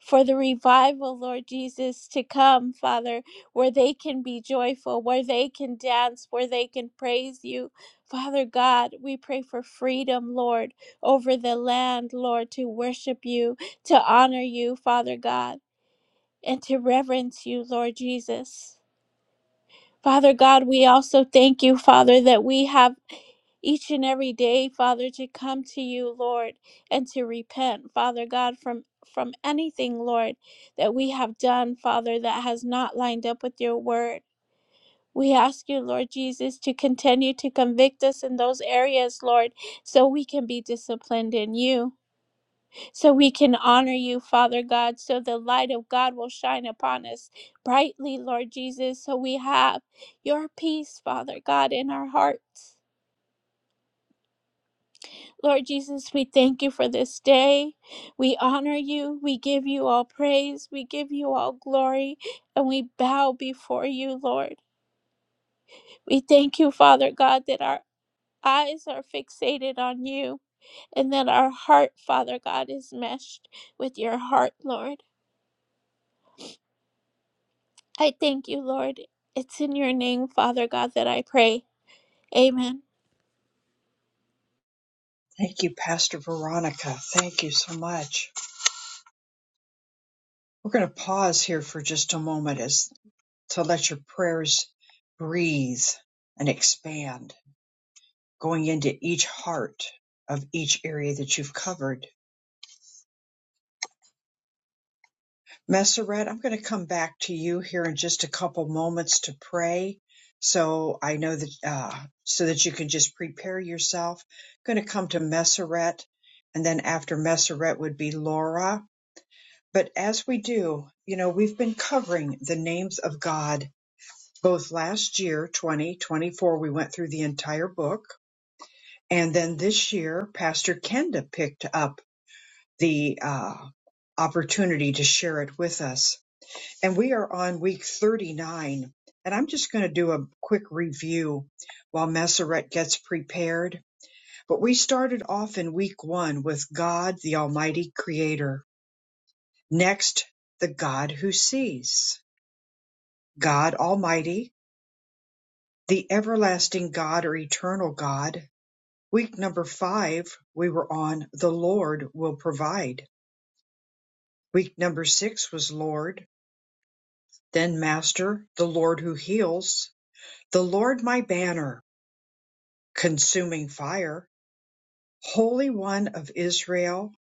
for the revival, Lord Jesus, to come, Father, where they can be joyful, where they can dance, where they can praise you. Father God, we pray for freedom, Lord, over the land, Lord, to worship you, to honor you, Father God, and to reverence you, Lord Jesus. Father God, we also thank you, Father, that we have. each and every day, Father, to come to you, Lord, and to repent, Father God, from from anything, Lord, that we have done, Father, that has not lined up with your word. We ask you, Lord Jesus, to continue to convict us in those areas, Lord, so we can be disciplined in you, so we can honor you, Father God, so the light of God will shine upon us brightly, Lord Jesus, so we have your peace, Father God, in our hearts. Lord Jesus, we thank you for this day. We honor you. We give you all praise. We give you all glory. And we bow before you, Lord. We thank you, Father God, that our eyes are fixated on you and that our heart, Father God, is meshed with your heart, Lord. I thank you, Lord. It's in your name, Father God, that I pray. Amen. Thank you, Pastor Veronica. Thank you so much. We're going to pause here for just a moment as to let your prayers breathe and expand, going into each heart of each area that you've covered. Messeret, I'm going to come back to you here in just a couple moments to pray. So I know that, uh, so that you can just prepare yourself. going to come to Messeret, and then after Messeret would be Laura. But as we do, you know, we've been covering the names of God both last year, 2024, we went through the entire book. And then this year, Pastor Kenda picked up the uh, opportunity to share it with us and we are on week 39. And I'm just going to do a quick review while Messeret gets prepared. But we started off in week one with God, the Almighty Creator. Next, the God who sees. God Almighty, the everlasting God or eternal God. Week number five, we were on the Lord will provide. Week number six was Lord, then Master, the Lord who heals, the Lord my banner. consuming fire, Holy One of Israel,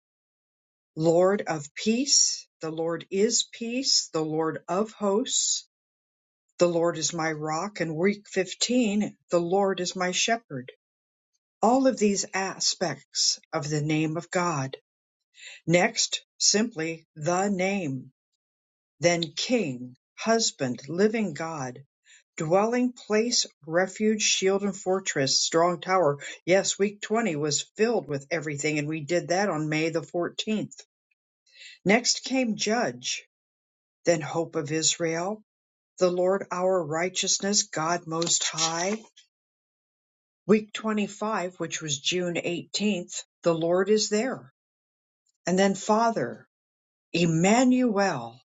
Lord of peace. The Lord is peace, the Lord of hosts. The Lord is my rock. And week 15, the Lord is my shepherd. All of these aspects of the name of God. Next, simply the name. Then King, Husband, Living God, Dwelling place, refuge, shield and fortress, strong tower. Yes, week 20 was filled with everything, and we did that on May the 14th. Next came Judge, then Hope of Israel, the Lord our righteousness, God Most High. Week 25, which was June 18th, the Lord is there. And then Father, Emmanuel,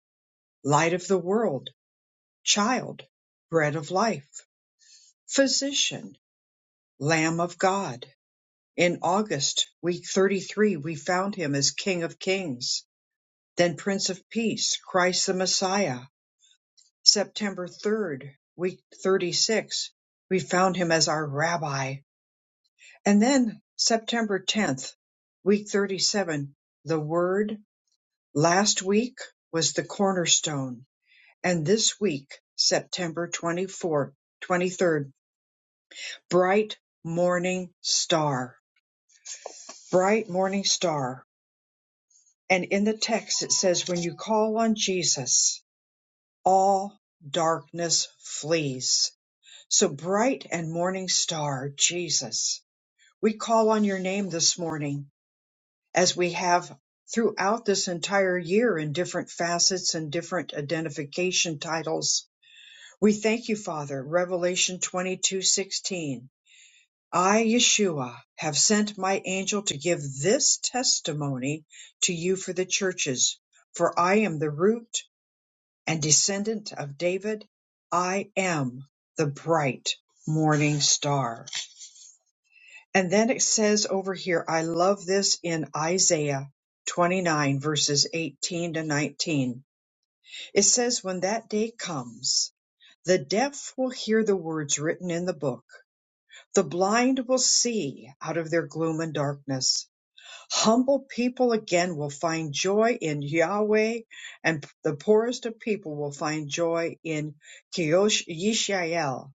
Light of the World, Child, Bread of Life, Physician, Lamb of God. In August, week 33, we found him as King of Kings, then Prince of Peace, Christ the Messiah. September 3rd, week 36, we found him as our Rabbi. And then September 10th, week 37, the Word. Last week was the cornerstone. And this week, September 24th, 23rd, bright morning star. Bright morning star And in the text, it says, when you call on Jesus, all darkness flees. So bright and morning star, Jesus, we call on your name this morning as we have throughout this entire year in different facets and different identification titles. We thank you, Father. Revelation 22:16. I, Yeshua, have sent my angel to give this testimony to you for the churches, for I am the root and descendant of David, I am the bright morning star. And then it says over here, I love this in Isaiah 29 verses 18 to 19. It says, when that day comes, the deaf will hear the words written in the book. The blind will see out of their gloom and darkness Humble people again will find joy in Yahweh, and the poorest of people will find joy in Kiosh Yishael.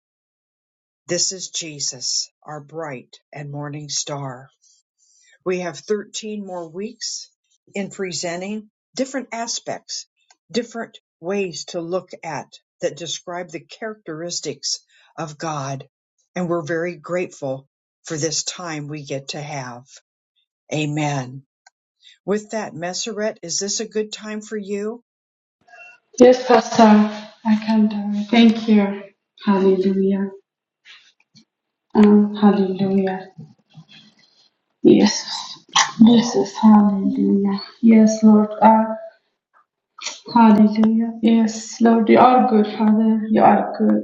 This is Jesus, our bright and morning star. We have 13 more weeks in presenting different aspects, different ways to look at that describe the characteristics of God. And we're very grateful for this time we get to have. Amen. With that, Messeret, is this a good time for you? Yes, Pastor. I can do it. Thank you. Hallelujah. Um, hallelujah. Yes. Jesus. Hallelujah. Yes, Lord. Uh, Hallelujah. Yes, Lord, you are good, Father. You are good.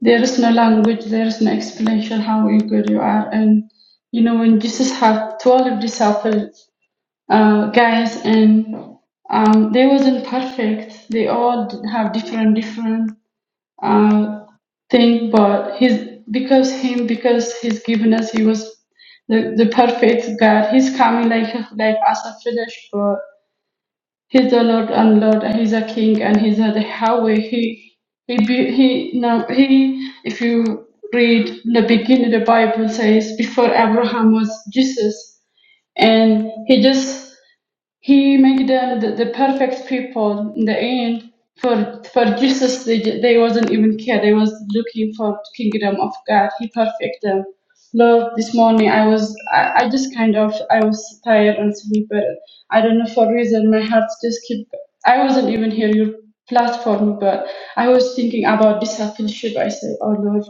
There is no language, there is no explanation how you good you are. And you know, when Jesus had twelve disciples, uh, guys, and um, they wasn't perfect. They all d- have different, different uh, thing. But he's because him, because he's given us, he was the, the perfect God. He's coming like like as a flesh, He's the Lord and Lord. He's a King and He's a Yahweh. He he be- he now he. If you read the beginning, the Bible says before Abraham was Jesus, and he just he made them the, the perfect people in the end. For for Jesus, they they wasn't even care. They was looking for kingdom of God. He perfect them. Lord, this morning I was I, I just kind of I was tired and sleepy. but I don't know for reason my heart just keep. I wasn't even here your platform, but I was thinking about discipleship. I said, Oh Lord.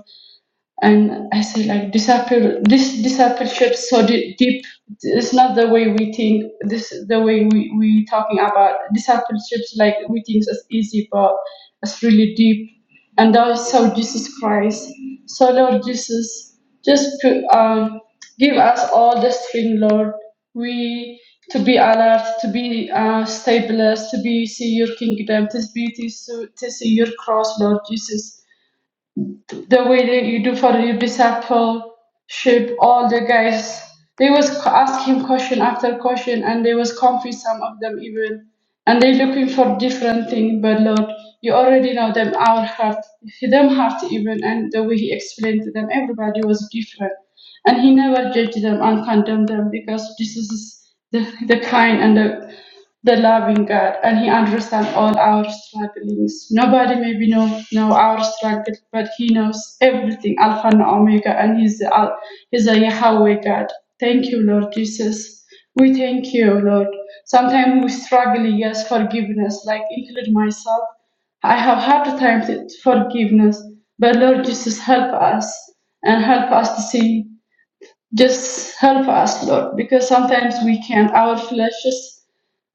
And I say like disciple, this discipleship so d- deep. It's not the way we think. This the way we we talking about discipleships. Like we think it's easy, but it's really deep. And that is so Jesus Christ. So Lord Jesus, just put, um, give us all the strength, Lord. We to be alert, to be uh, stabilized, to be see your kingdom, to be to, to see your cross, Lord Jesus the way that you do for your discipleship, all the guys, they was asking question after question, and they was confused, some of them even, and they looking for different thing. But Lord, you already know them, our heart, them heart even, and the way He explained to them, everybody was different, and He never judged them and condemned them because this is the, the kind and the the loving God, and He understands all our strugglings. Nobody maybe know know our struggle, but He knows everything, Alpha and Omega, and He's the Al- He's a Yahweh God. Thank you, Lord Jesus. We thank you, Lord. Sometimes we struggle, yes, forgiveness, like include myself. I have hard times with forgiveness, but Lord Jesus, help us and help us to see. Just help us, Lord, because sometimes we can't. Our flesh is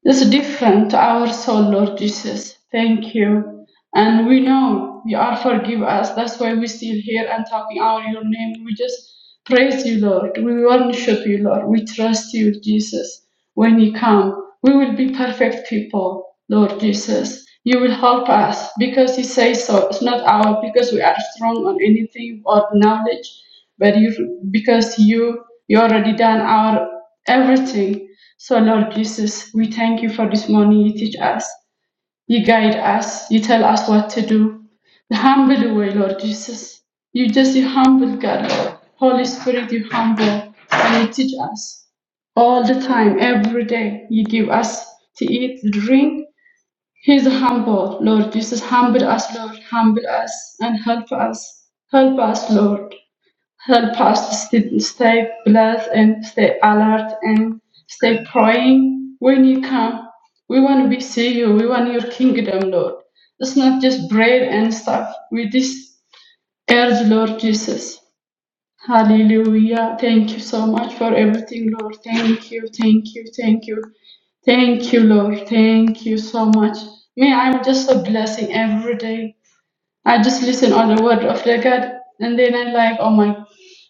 that's different to our soul, Lord Jesus. Thank you. And we know you are forgive us. That's why we're still here and talking out your name. We just praise you, Lord. We worship you, Lord. We trust you, Jesus. When you come, we will be perfect people, Lord Jesus. You will help us because you say so. It's not our because we are strong on anything or knowledge, but you because you you already done our everything. So, Lord Jesus, we thank you for this morning. You teach us, you guide us, you tell us what to do. The humble way, Lord Jesus. You just, you humble God, Lord. Holy Spirit, you humble and you teach us all the time, every day. You give us to eat, drink. He's humble, Lord Jesus. Humble us, Lord. Humble us and help us. Help us, Lord help us to stay blessed and stay alert and stay praying when you come. We want to be see you. We want your kingdom, Lord. It's not just bread and stuff. We just urge, Lord Jesus. Hallelujah. Thank you so much for everything, Lord. Thank you, thank you, thank you. Thank you, Lord. Thank you so much. May I'm just a blessing every day. I just listen on the word of the God, and then I like, oh my,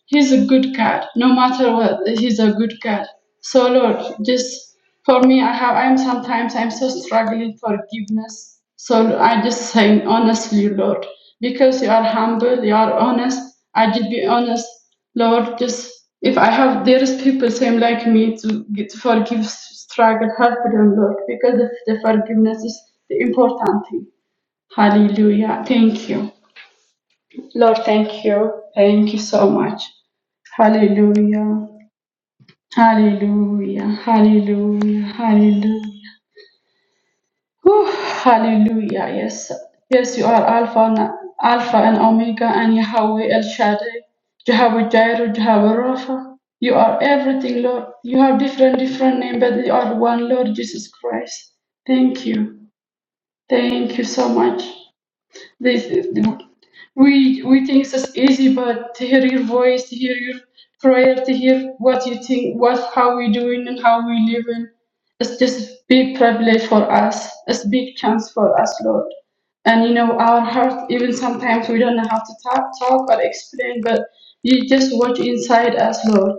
He's a good God. No matter what, He's a good God. So Lord, just for me, I have, I'm sometimes I'm so struggling forgiveness. So I just saying honestly, Lord, because you are humble, you are honest. I just be honest, Lord. Just if I have, there is people same like me to get to forgive, struggle, help them, Lord, because the, the forgiveness is the important thing. Hallelujah. Thank you. Lord, thank you. Thank you so much. Hallelujah. Hallelujah. Hallelujah. Hallelujah. Whew, hallelujah. Yes. Yes, you are Alpha and Alpha and Omega and Yahweh El Shaddai. Jehovah Jireh, Jehovah Rapha. You are everything, Lord. You have different different name, but you are one Lord Jesus Christ. Thank you. Thank you so much. They, they, we we think it's easy, but to hear your voice, to hear your prayer, to hear what you think, what how we doing and how we living, it's just big privilege for us. It's big chance for us, Lord. And you know our heart, even sometimes we don't know how to talk, talk or explain, but you just watch inside us, Lord.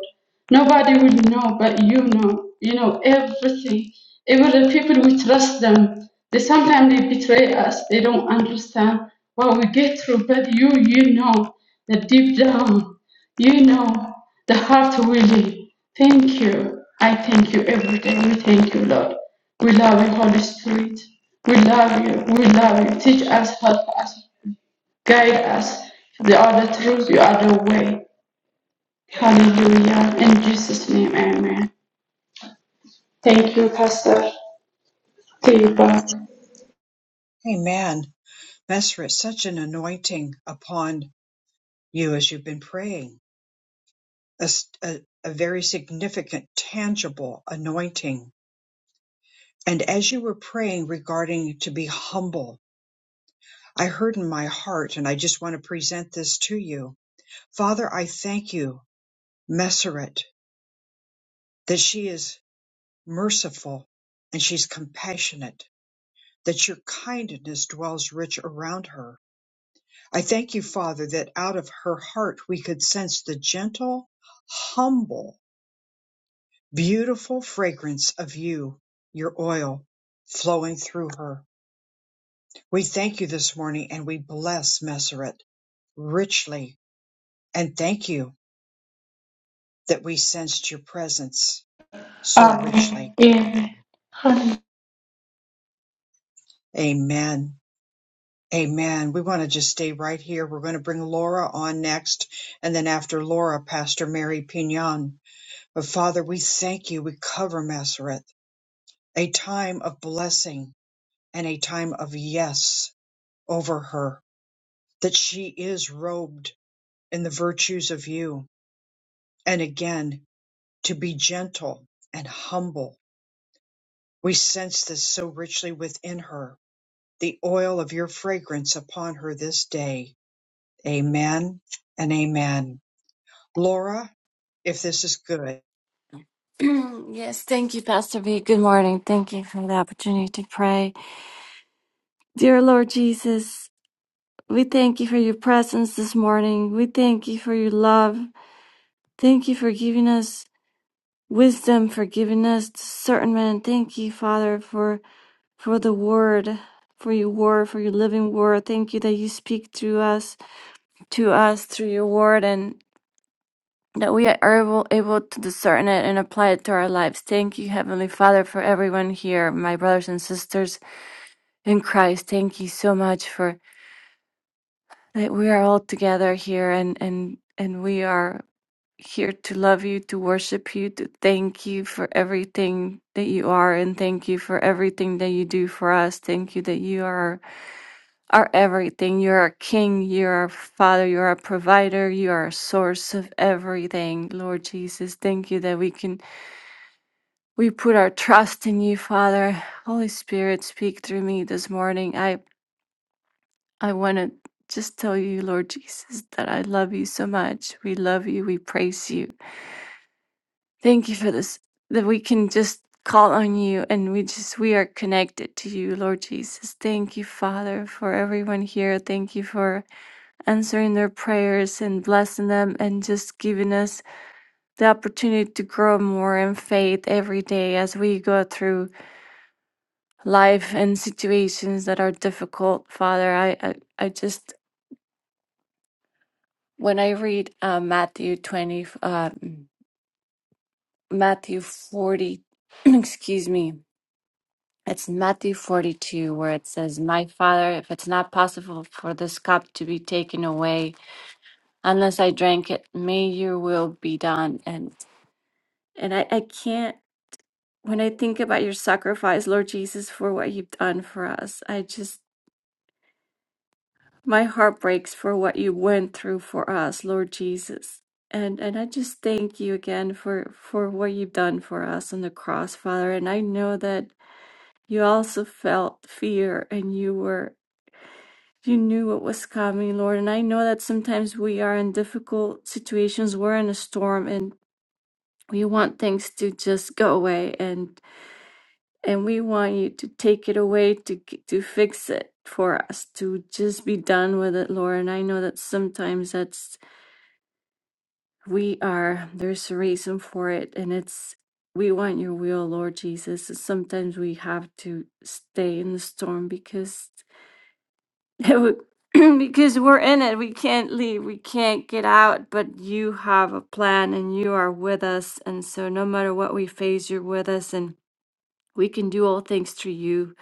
Nobody will know, but you know. You know everything. Even the people we trust them, they sometimes they betray us. They don't understand what we get through. But you, you know, that deep down, you know, the heart really. Thank you. I thank you every day. We thank you, Lord. We love you, Holy Spirit. We love you. We love you. Teach us, help us, guide us. You are the truth. You are the way. Hallelujah. In Jesus' name, amen. Thank you, Pastor Teabag. Amen. Messeret, such an anointing upon you as you've been praying, a a, a very significant, tangible anointing. And as you were praying regarding to be humble, I heard in my heart, and I just want to present this to you. Father, I thank you, Messeret, that she is merciful and she's compassionate, that your kindness dwells rich around her I thank you, Father, that out of her heart we could sense the gentle, humble, beautiful fragrance of you, your oil flowing through her. We thank you this morning and we bless Messeret richly and thank you that we sensed your presence so richly. Amen. in Amen. Amen. We want to just stay right here. We're going to bring Laura on next. And then after Laura, Pastor Mary Pignon. But Father, we thank you. We cover Messeret. a time of blessing and a time of yes over her, that she is robed in the virtues of you. And again, to be gentle and humble. We sense this so richly within her, the oil of your fragrance upon her this day. Amen and amen. Laura, if this is good, yes, thank you, Pastor V. Good morning. Thank you for the opportunity to pray. Dear Lord Jesus, we thank you for your presence this morning. We thank you for your love. Thank you for giving us wisdom, for giving us discernment. Thank you, Father, for for the word, for your word, for your living word. Thank you that you speak through us, to us through your word. and. that we are able, able to discern it and apply it to our lives. Thank you, Heavenly Father, for everyone here, my brothers and sisters in Christ. Thank you so much for that we are all together here and, and, and we are here to love you, to worship you, to thank you for everything that you are, and thank you for everything that you do for us. Thank you that you are our everything. You're our King, you're our Father, you're our provider, you are a source of everything, Lord Jesus. Thank you that we can We put our trust in you, Father. Holy Spirit, speak through me this morning. I, I want to just tell you, Lord Jesus, that I love you so much. We love you. We praise you. Thank you for this, that we can just call on you and we just, we are connected to you, Lord Jesus. Thank you, Father, for everyone here. Thank you for answering their prayers and blessing them and just giving us the opportunity to grow more in faith every day as we go through life and situations that are difficult, Father. I, I, I just, when I read uh, Matthew 20, uh, Matthew 40, excuse me, it's Matthew 42 where it says, My Father, if it's not possible for this cup to be taken away unless I drank it, may your will be done. And, and I, I can't, when I think about your sacrifice, Lord Jesus, for what you've done for us, I just, my heart breaks for what you went through for us, Lord Jesus. And and I just thank you again for for what you've done for us on the cross, Father. And I know that you also felt fear and you were you knew what was coming, Lord. And I know that sometimes we are in difficult situations, we're in a storm and we want things to just go away and and we want you to take it away to g- to fix it for us to just be done with it lord and i know that sometimes that's We are. There's a reason for it, and it's we want your will, Lord Jesus. Sometimes we have to stay in the storm because because we're in it. We can't leave. We can't get out. But you have a plan, and you are with us. And so, no matter what we face, you're with us, and we can do all things through you,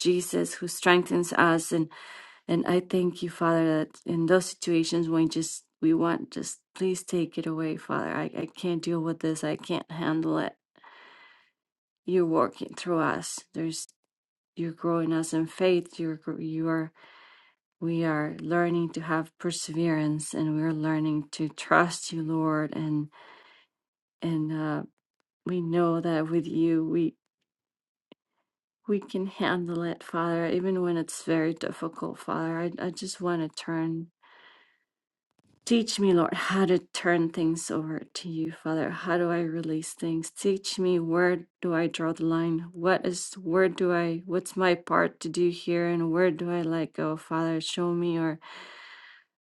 Jesus, who strengthens us. And I thank you, Father, that in those situations when just we want, just please take it away, Father. I, I can't deal with this. I can't handle it. You're working through us. There's you're growing us in faith. You're gr- you are we are learning to have perseverance, and we're learning to trust you, Lord. And and uh, we know that with you, we we can handle it, Father, even when it's very difficult, Father. I I just want to turn Teach me, Lord, how to turn things over to you, Father. How do I release things? Teach me where do I draw the line? What is where do I what's my part to do here and where do I let go, Father? Show me or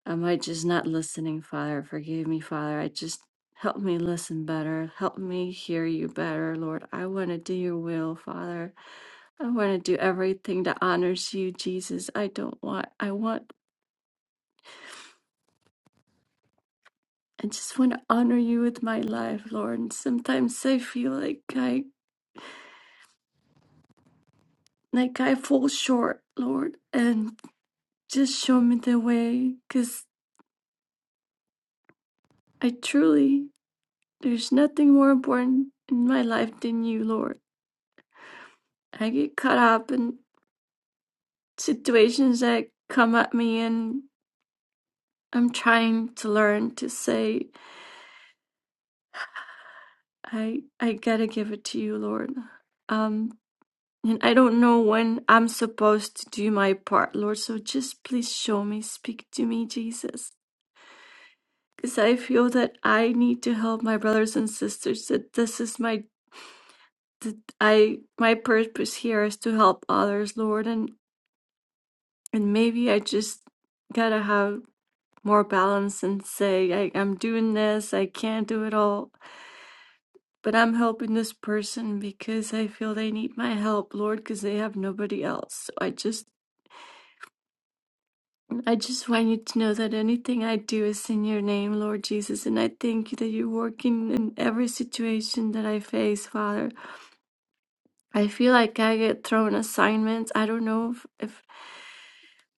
am I just not listening, Father? Forgive me, Father. I just help me listen better. Help me hear you better, Lord. I want to do your will, Father. I want to do everything that honors you, Jesus. I don't want I want I just want to honor you with my life, Lord. And sometimes I feel like I like I fall short, Lord, and just show me the way cuz I truly there's nothing more important in my life than you, Lord. I get caught up in situations that come at me and I'm trying to learn to say I I got to give it to you, Lord. Um. And I don't know when I'm supposed to do my part, Lord. So just please show me, speak to me, Jesus. Because I feel that I need to help my brothers and sisters, that this is my that I my purpose here is to help others, Lord, and and maybe I just gotta have more balance and say I, I'm doing this, I can't do it all, but I'm helping this person because I feel they need my help, Lord, because they have nobody else. So I just I just want you to know that anything I do is in your name, Lord Jesus, and I thank you that you're working in every situation that I face, Father. I feel like I get thrown assignments. I don't know if, if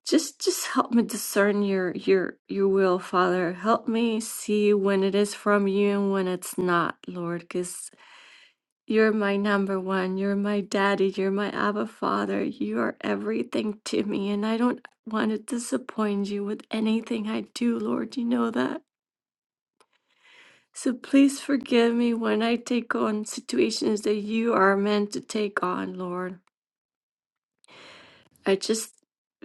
just just help me discern your your your will, Father. Help me see when it is from you and when it's not, Lord, because. You're my number one. You're my daddy. You're my Abba Father. You are everything to me. And I don't want to disappoint you with anything I do, Lord. You know that. So please forgive me when I take on situations that you are meant to take on, Lord. I just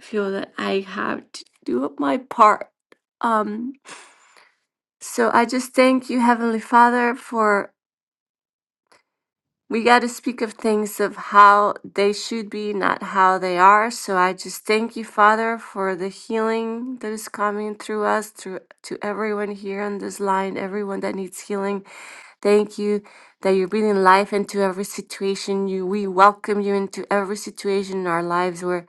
feel that I have to do my part. Um, so I just thank you, Heavenly Father, for we got to speak of things of how they should be, not how they are. So I just thank you, Father, for the healing that is coming through us, through to everyone here on this line, everyone that needs healing. Thank you that you're breathing life into every situation. You, we welcome you into every situation in our lives where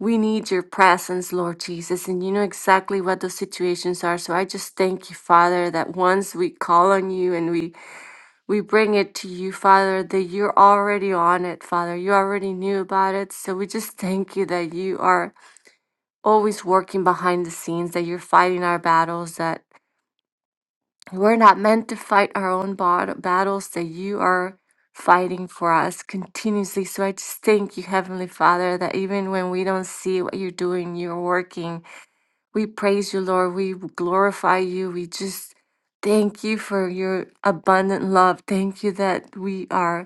we need your presence, Lord Jesus, and you know exactly what those situations are. So I just thank you, Father, that once we call on you and we we bring it to you, Father, that you're already on it, Father. You already knew about it. So we just thank you that you are always working behind the scenes, that you're fighting our battles, that we're not meant to fight our own bat- battles, that you are fighting for us continuously. So I just thank you, Heavenly Father, that even when we don't see what you're doing, you're working. We praise you, Lord. We glorify you. We just thank you for your abundant love. Thank you that we are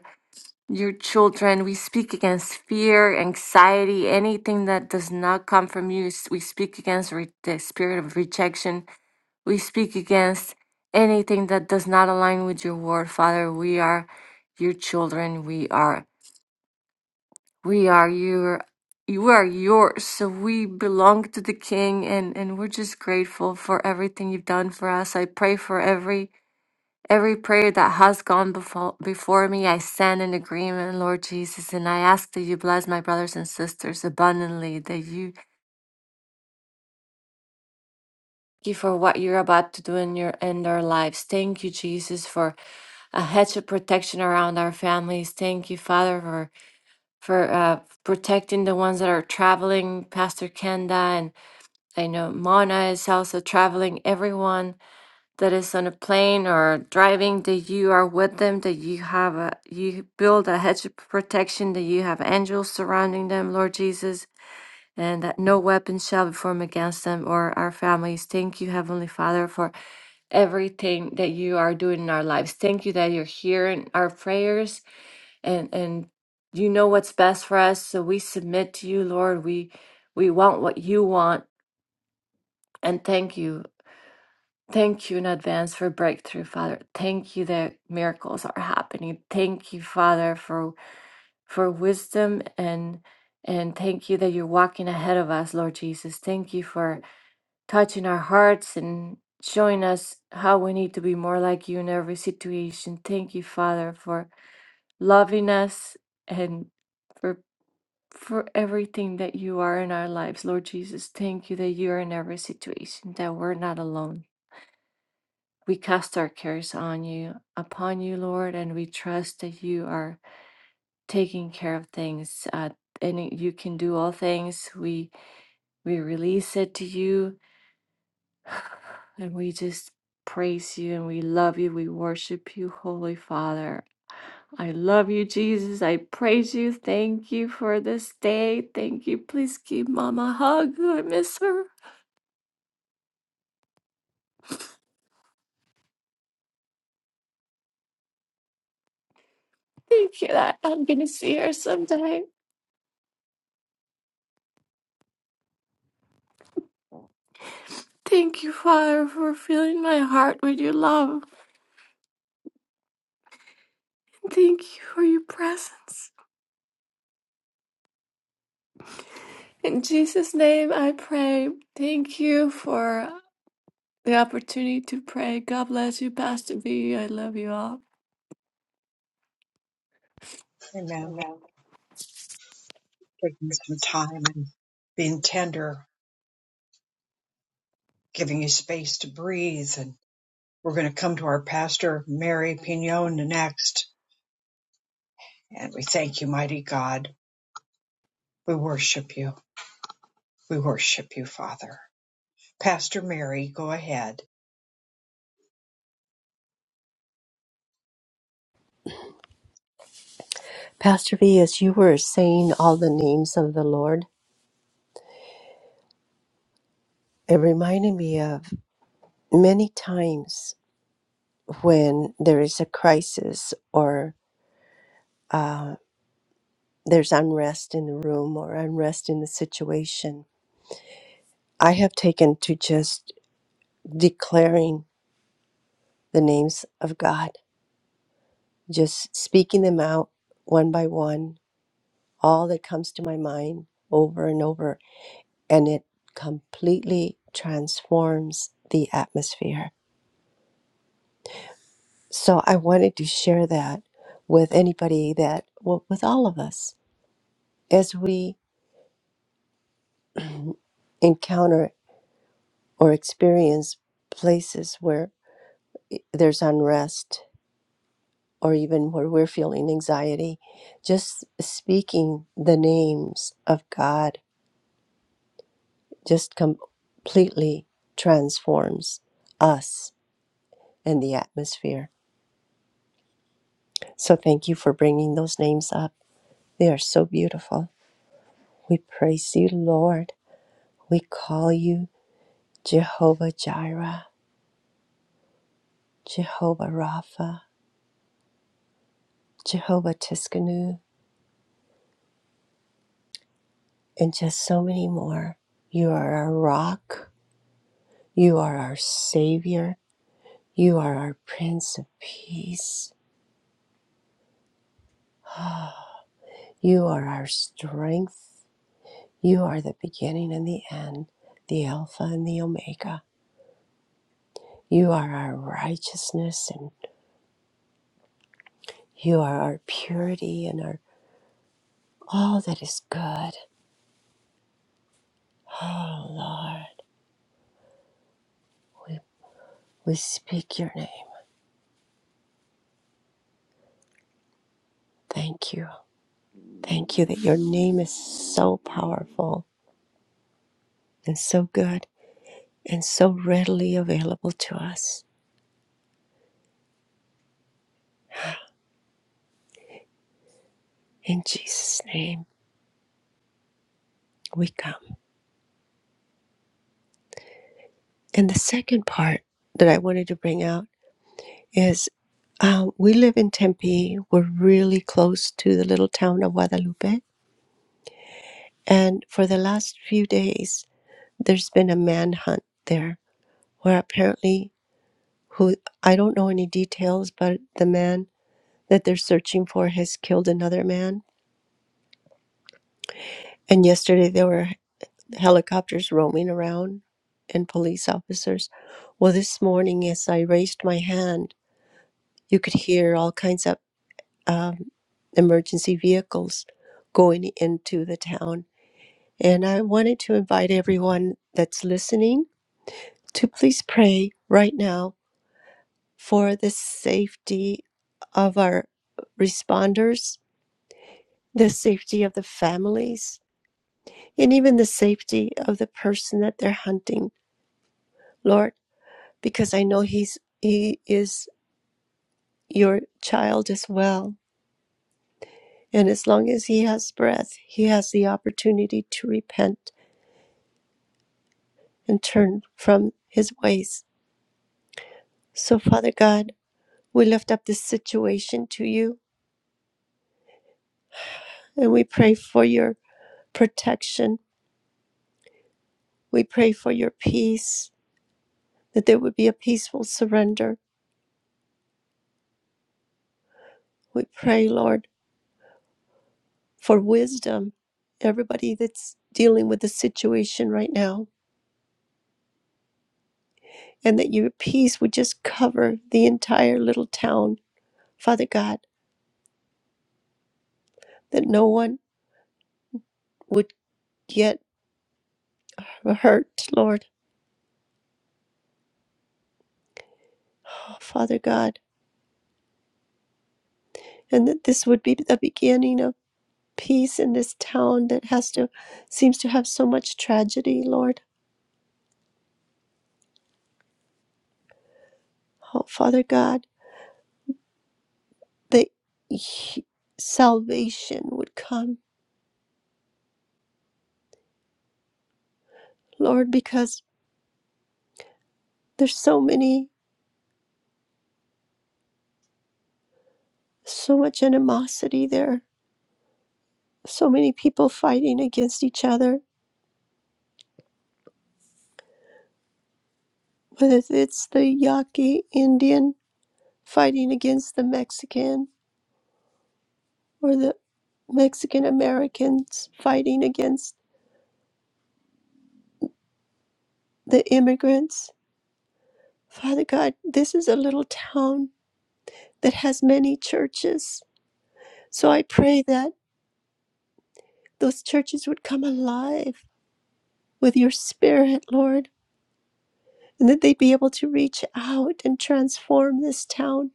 your children. We speak against fear, anxiety, anything that does not come from you. S- We speak against re- the spirit of rejection. We speak against anything that does not align with your word, Father. We are your children. We are we are your you are yours. So we belong to the King and, and we're just grateful for everything you've done for us. I pray for every Every prayer that has gone before, before me, I stand in agreement, Lord Jesus, and I ask that you bless my brothers and sisters abundantly, that you thank you for what you're about to do in your in their lives. Thank you, Jesus, for a hedge of protection around our families. Thank you, Father, for for uh, protecting the ones that are traveling, Pastor Kenda, and I know Mona is also traveling, everyone that is on a plane or driving that you are with them that you have a you build a hedge of protection that you have angels surrounding them lord jesus and that no weapon shall be formed against them or our families thank you heavenly father for everything that you are doing in our lives thank you that you're hearing our prayers and and you know what's best for us so we submit to you lord we we want what you want and thank you Thank you in advance for breakthrough, Father. Thank you that miracles are happening. Thank you, Father, for for wisdom and and thank you that you're walking ahead of us, Lord Jesus. Thank you for touching our hearts and showing us how we need to be more like you in every situation. Thank you, Father, for loving us and for for everything that you are in our lives, Lord Jesus. Thank you that you're in every situation, that we're not alone. We cast our cares on you, upon you, Lord, and we trust that you are taking care of things. Uh, and you can do all things. We we release it to you, and we just praise you and we love you. We worship you, Holy Father. I love you, Jesus. I praise you. Thank you for this day. Thank you. Please give Mama a hug. I miss her. Thank you that I'm gonna see her someday. Thank you, Father, for filling my heart with your love. Thank you for your presence. In Jesus' name I pray. Thank you for the opportunity to pray. God bless you, Pastor B. I love you all. amen. We're Taking some time and being tender, giving you space to breathe and. We're going to come to our pastor, Mary Pignon, next. And we thank you, mighty God. We worship you. We worship you, Father. Pastor Mary, go ahead. Pastor V, as you were saying all the names of the Lord, it reminded me of many times when there is a crisis or uh, there's unrest in the room or unrest in the situation. I have taken to just declaring the names of God, just speaking them out one by one, all that comes to my mind over and over, and it completely transforms the atmosphere So I wanted to share that with anybody that, well, with all of us, as we encounter or experience places where there's unrest or even where we're feeling anxiety, just speaking the names of God just completely transforms us and the atmosphere. So thank you for bringing those names up. They are so beautiful. We praise you, Lord. We call you Jehovah Jireh, Jehovah Rapha, Jehovah Tiskanu, and just so many more. You are our rock. You are our Savior. You are our Prince of Peace. You are our strength. You are the beginning and the end, the Alpha and the Omega. You are our righteousness and you are our purity and our all that is good. Oh Lord, we, we speak your name. Thank you. Thank you that your name is so powerful and so good and so readily available to us. In Jesus' name, we come. And the second part that I wanted to bring out is um, we live in Tempe. We're really close to the little town of Guadalupe. And for the last few days, there's been a manhunt there where apparently, who I don't know any details, but the man that they're searching for has killed another man. And yesterday they were helicopters roaming around and police officers. Well, this morning, as I raised my hand, you could hear all kinds of um, emergency vehicles going into the town. And I wanted to invite everyone that's listening to please pray right now for the safety of our responders, the safety of the families, and even the safety of the person that they're hunting. Lord, because I know he's he is your child as well. And as long as he has breath, he has the opportunity to repent and turn from his ways. So Father God, we lift up this situation to you and we pray for your protection. We pray for your peace, that there would be a peaceful surrender. We pray, Lord, for wisdom. Everybody that's dealing with the situation right now, and that your peace would just cover the entire little town, Father God, that no one would get hurt, Lord, oh, Father God, and that this would be the beginning of peace in this town that has to seems to have so much tragedy, Lord, oh, Father God, that y- salvation would come, Lord, because there's so many, so much animosity there, so many people fighting against each other whether it's the Yaqui Indian fighting against the Mexican or the Mexican Americans fighting against the immigrants. Father God, this is a little town that has many churches. So I pray that those churches would come alive with your spirit, Lord, and that they'd be able to reach out and transform this town,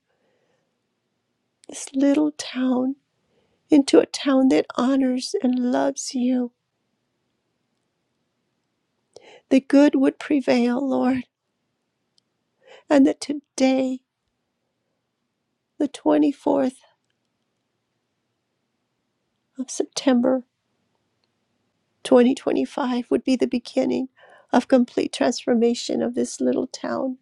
this little town, into a town that honors and loves you. The good would prevail, Lord and that today, the 24th of September 2025, would be the beginning of complete transformation of this little town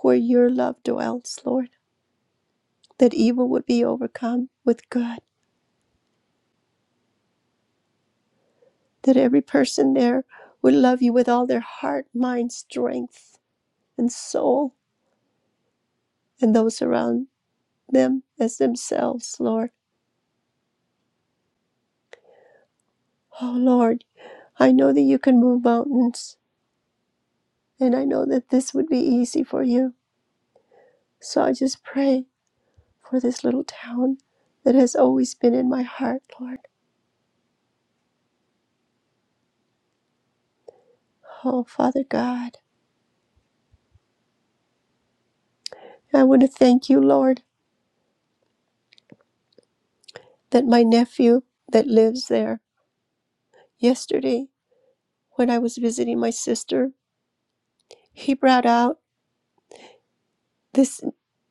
where your love dwells, Lord. That evil would be overcome with good, that every person there would love you with all their heart, mind, strength, and soul, and those around them as themselves, Lord. Oh, Lord, I know that you can move mountains, and I know that this would be easy for you. So I just pray for this little town that has always been in my heart, Lord. Oh, Father God, I want to thank you, Lord, that my nephew that lives there, yesterday when I was visiting my sister, he brought out this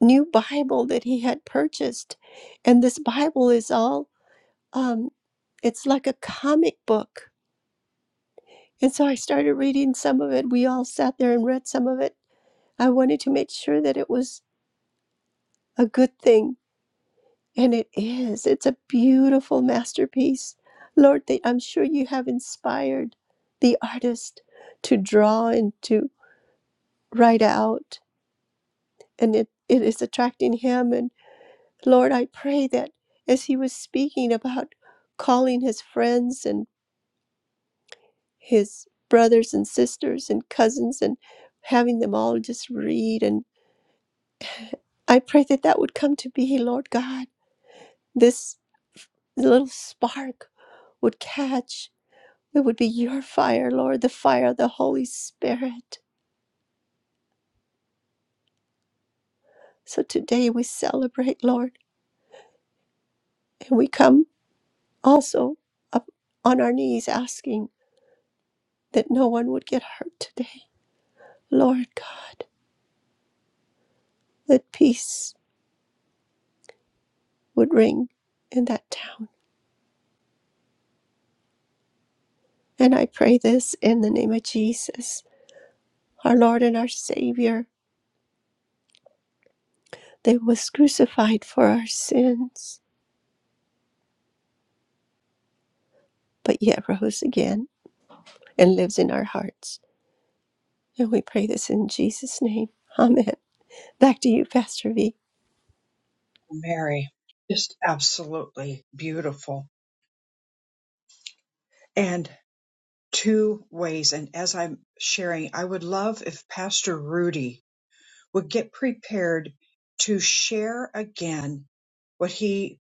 new Bible that he had purchased. And this Bible is all, um, it's like a comic book. And so I started reading some of it. We all sat there and read some of it. I wanted to make sure that it was a good thing And it is. It's a beautiful masterpiece. Lord, that I'm sure you have inspired the artist to draw and to write out. And it, it is attracting him. And Lord, I pray that as he was speaking about calling his friends and his brothers and sisters and cousins and having them all just read, and I pray that that would come to be, Lord God. This little spark would catch It would be your fire, Lord, the fire of the Holy Spirit. So today we celebrate, Lord, and we come also up on our knees asking that no one would get hurt today. Lord God, that peace would ring in that town. And I pray this in the name of Jesus, our Lord and our Savior, that was crucified for our sins, but yet rose again and lives in our hearts. And we pray this in Jesus' name. Amen. Back to you, Pastor V. Mary, just absolutely beautiful. And two ways. And as I'm sharing, I would love if Pastor Rudy would get prepared to share again what he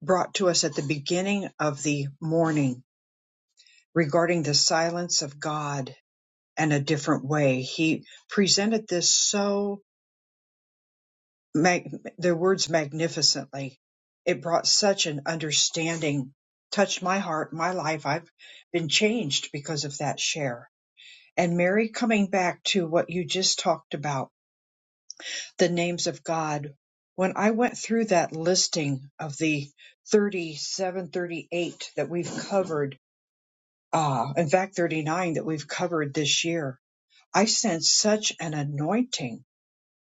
brought to us at the beginning of the morning regarding the silence of God and a different way. He presented this so mag- their words magnificently. It brought such an understanding, touched my heart, my life. I've been changed because of that share. And Mary, coming back to what you just talked about, the names of God. When I went through that listing of the 37, 38 that we've covered, uh, in fact, 39 that we've covered this year, I sensed such an anointing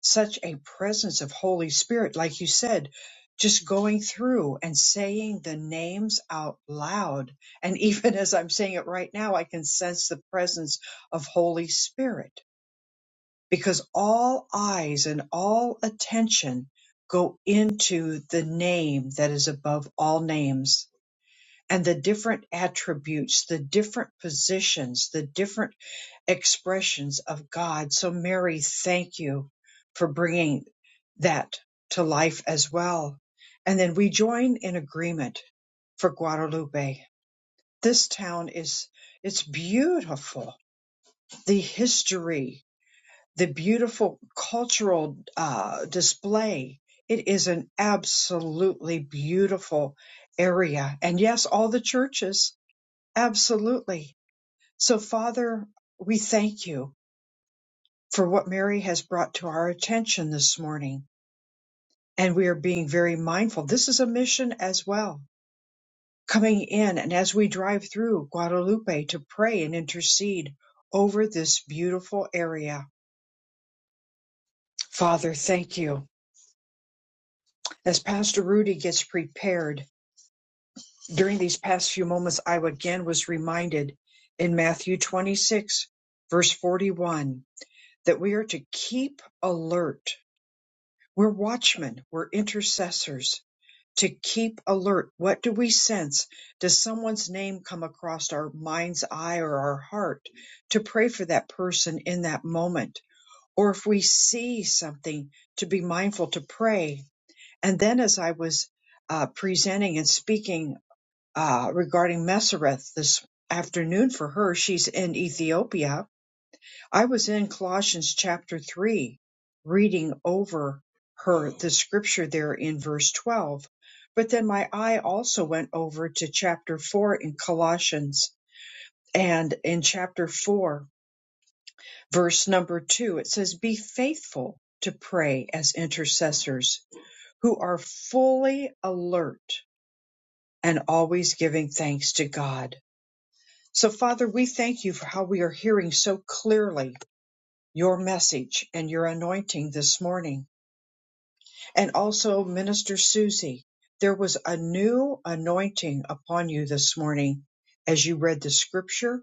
such a presence of Holy Spirit, like you said, just going through and saying the names out loud. And even as I'm saying it right now, I can sense the presence of Holy Spirit because all eyes and all attention go into the name that is above all names and the different attributes, the different positions, the different expressions of God. So, Mary, thank you for bringing that to life as well. And then we join in agreement for Guadalupe. This town is, it's beautiful. The history, the beautiful cultural uh, display. It is an absolutely beautiful area. And yes, all the churches, absolutely. So, Father, we thank you for what Mary has brought to our attention this morning. And we are being very mindful. This is a mission as well. Coming in and as we drive through Guadalupe to pray and intercede over this beautiful area. Father, thank you. As Pastor Rudy gets prepared during these past few moments, I again was reminded in Matthew 26, verse 41, that we are to keep alert. We're watchmen, we're intercessors to keep alert. What do we sense? Does someone's name come across our mind's eye or our heart to pray for that person in that moment? Or if we see something, to be mindful to pray. And then, as I was uh, presenting and speaking uh, regarding Mesereth this afternoon for her, she's in Ethiopia I was in Colossians chapter 3, reading over her the scripture there in verse 12. But then my eye also went over to chapter 4 in Colossians. And in chapter 4, verse number 2, it says, Be faithful to pray as intercessors who are fully alert and always giving thanks to God. So, Father, we thank you for how we are hearing so clearly your message and your anointing this morning. and also Minister Susie, there was a new anointing upon you this morning as you read the scripture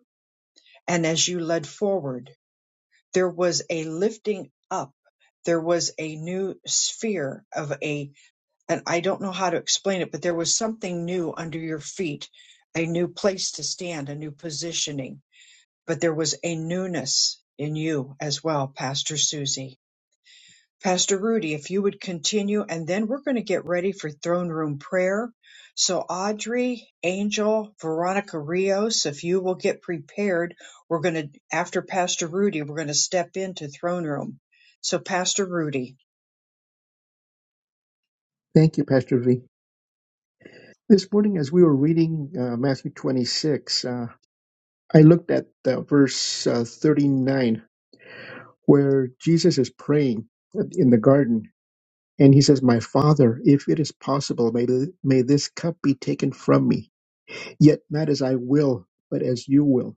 and as you led forward. There was a lifting up. There was a new sphere of a, and I don't know how to explain it, but there was something new under your feet, a new place to stand, a new positioning. But there was a newness in you as well, Pastor Susie Pastor Rudy, if you would continue, and then we're going to get ready for throne room prayer. So, Audrey, Angel, Veronica Rios, if you will get prepared, we're going to, after Pastor Rudy, we're going to step into throne room. So, Pastor Rudy, Thank you, Pastor V. This morning, as we were reading uh, Matthew 26, uh, I looked at uh, verse uh, 39 where Jesus is praying in the garden and he says, My Father, if it is possible, may, th- may this cup be taken from me, yet not as I will, but as you will.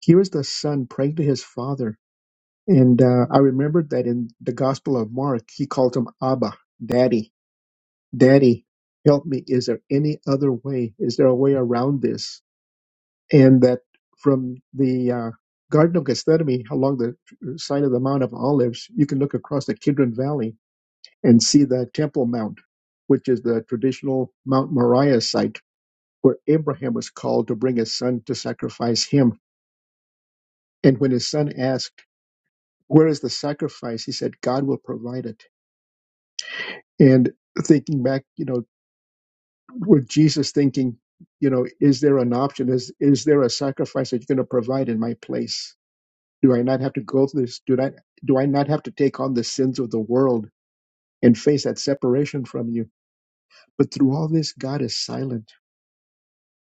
Here is the son praying to his father. And uh, I remembered that in the Gospel of Mark, he called him Abba, Daddy, Daddy, help me. Is there any other way? Is there a way around this? And that from the uh, Garden of Gethsemane along the uh, side of the Mount of Olives, you can look across the Kidron Valley and see the Temple Mount, which is the traditional Mount Moriah site where Abraham was called to bring his son to sacrifice him. And when his son asked, Where is the sacrifice? he said, God will provide it. And thinking back, you know, with Jesus thinking, you know, is there an option? Is is there a sacrifice that you're going to provide in my place? Do I not have to go through this? Do I do I not have to take on the sins of the world and face that separation from you? But through all this, God is silent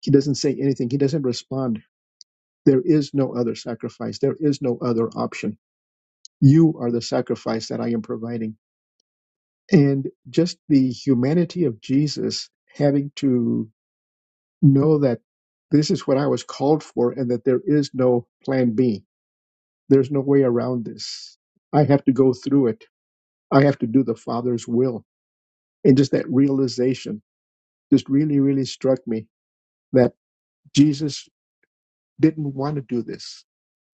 He doesn't say anything. He doesn't respond. There is no other sacrifice. There is no other option. You are the sacrifice that I am providing. And just the humanity of Jesus having to know that this is what I was called for and that there is no plan B. There's no way around this. I have to go through it. I have to do the Father's will. And just that realization just really, really struck me that Jesus didn't want to do this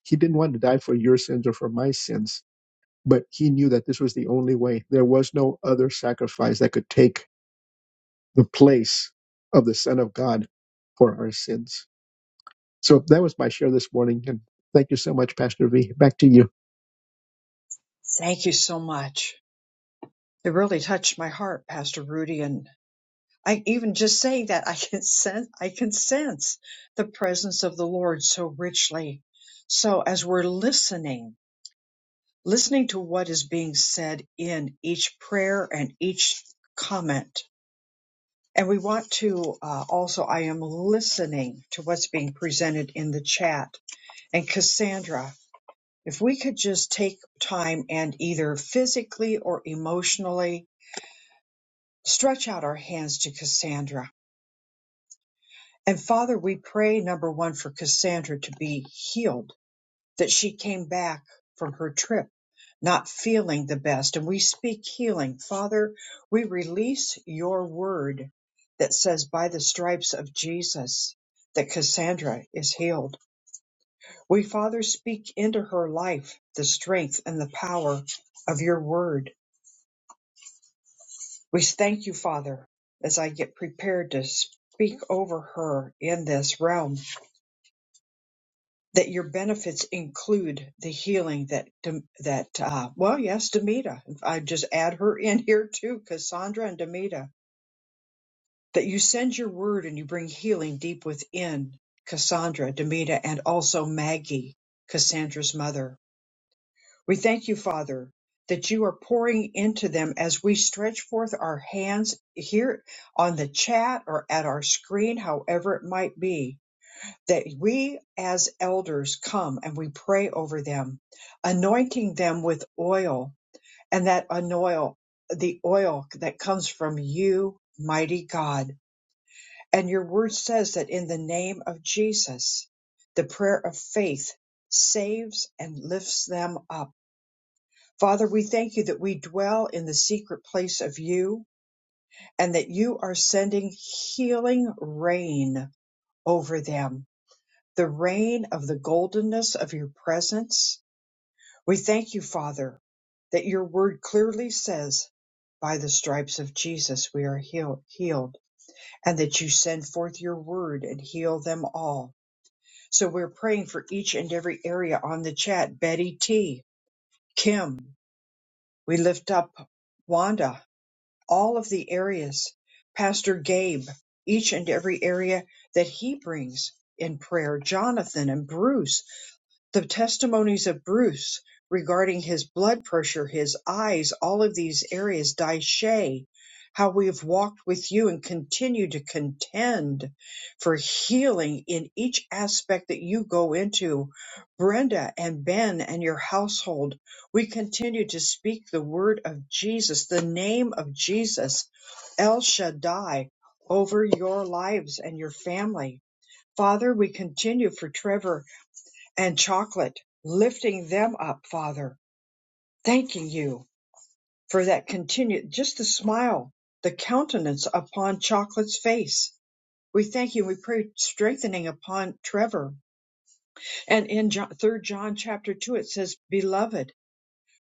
He didn't want to die for your sins or for my sins, but he knew that this was the only way. There was no other sacrifice that could take the place of the Son of God for our sins. So that was my share this morning. And thank you so much, Pastor V. Back to you. thank you so much. It really touched my heart, Pastor Rudy. And I even just saying that, I can sense, I can sense the presence of the Lord so richly. So, as we're listening, listening to what is being said in each prayer and each comment. And we want to uh, also, I am listening to what's being presented in the chat. And Cassandra, if we could just take time and either physically or emotionally stretch out our hands to Cassandra. And Father, we pray number one for Cassandra to be healed that she came back from her trip not feeling the best. And we speak healing. Father, we release your word that says, by the stripes of Jesus, that Cassandra is healed. We, Father, speak into her life the strength and the power of your word. We thank you, Father, as I get prepared to speak over her in this realm that your benefits include the healing that Dem- that uh, well yes demita i just add her in here too cassandra and demita that you send your word and you bring healing deep within cassandra demita and also maggie cassandra's mother we thank you father that you are pouring into them as we stretch forth our hands here on the chat or at our screen however it might be that we as elders come and we pray over them, anointing them with oil, and that anoil, the oil that comes from you, mighty God. And your word says that in the name of Jesus, the prayer of faith saves and lifts them up. Father, we thank you that we dwell in the secret place of you and that you are sending healing rain over them the rain of the goldenness of your presence. We thank you, Father, that your word clearly says, by the stripes of Jesus we are heal- healed, and that you send forth your word and heal them all. So we're praying for each and every area on the chat. Betty T, Kim, we lift up Wanda, all of the areas, Pastor Gabe, each and every area that he brings in prayer, Jonathan and Bruce The testimonies of Bruce regarding his blood pressure, his eyes, all of these areas, Daishe, how we have walked with you and continue to contend for healing in each aspect that you go into. Brenda and Ben and your household, we continue to speak the word of Jesus, the name of Jesus, El Shaddai, over your lives and your family. Father, we continue for Trevor and chocolate, lifting them up, Father, thanking you for that continued, just the smile, the countenance upon chocolate's face. We thank you. We pray strengthening upon Trevor. And in John, 3 John chapter 2, it says, Beloved,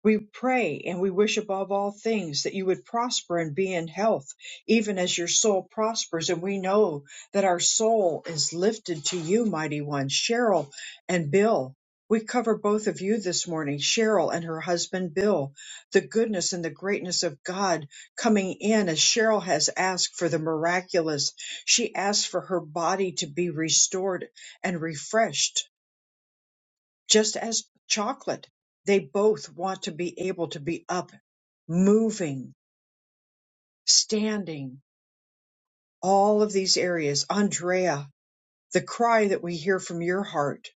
we pray and we wish above all things that you would prosper and be in health, even as your soul prospers. And we know that our soul is lifted to you, mighty one. Cheryl and Bill, we cover both of you this morning, Cheryl and her husband Bill, the goodness and the greatness of God coming in as Cheryl has asked for the miraculous. She asked for her body to be restored and refreshed just as chocolate. They both want to be able to be up, moving, standing, all of these areas. Andrea, the cry that we hear from your heart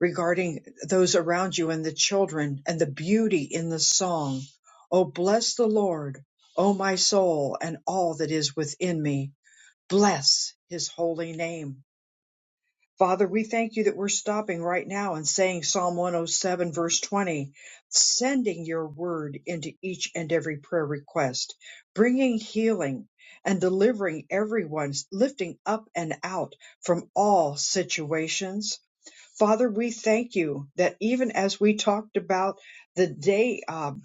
regarding those around you and the children and the beauty in the song. Oh, bless the Lord, oh, my soul, and all that is within me. Bless his holy name Father, we thank you that we're stopping right now and saying Psalm 107, verse 20, sending your word into each and every prayer request, bringing healing and delivering everyone, lifting up and out from all situations. Father, we thank you that even as we talked about the day, um,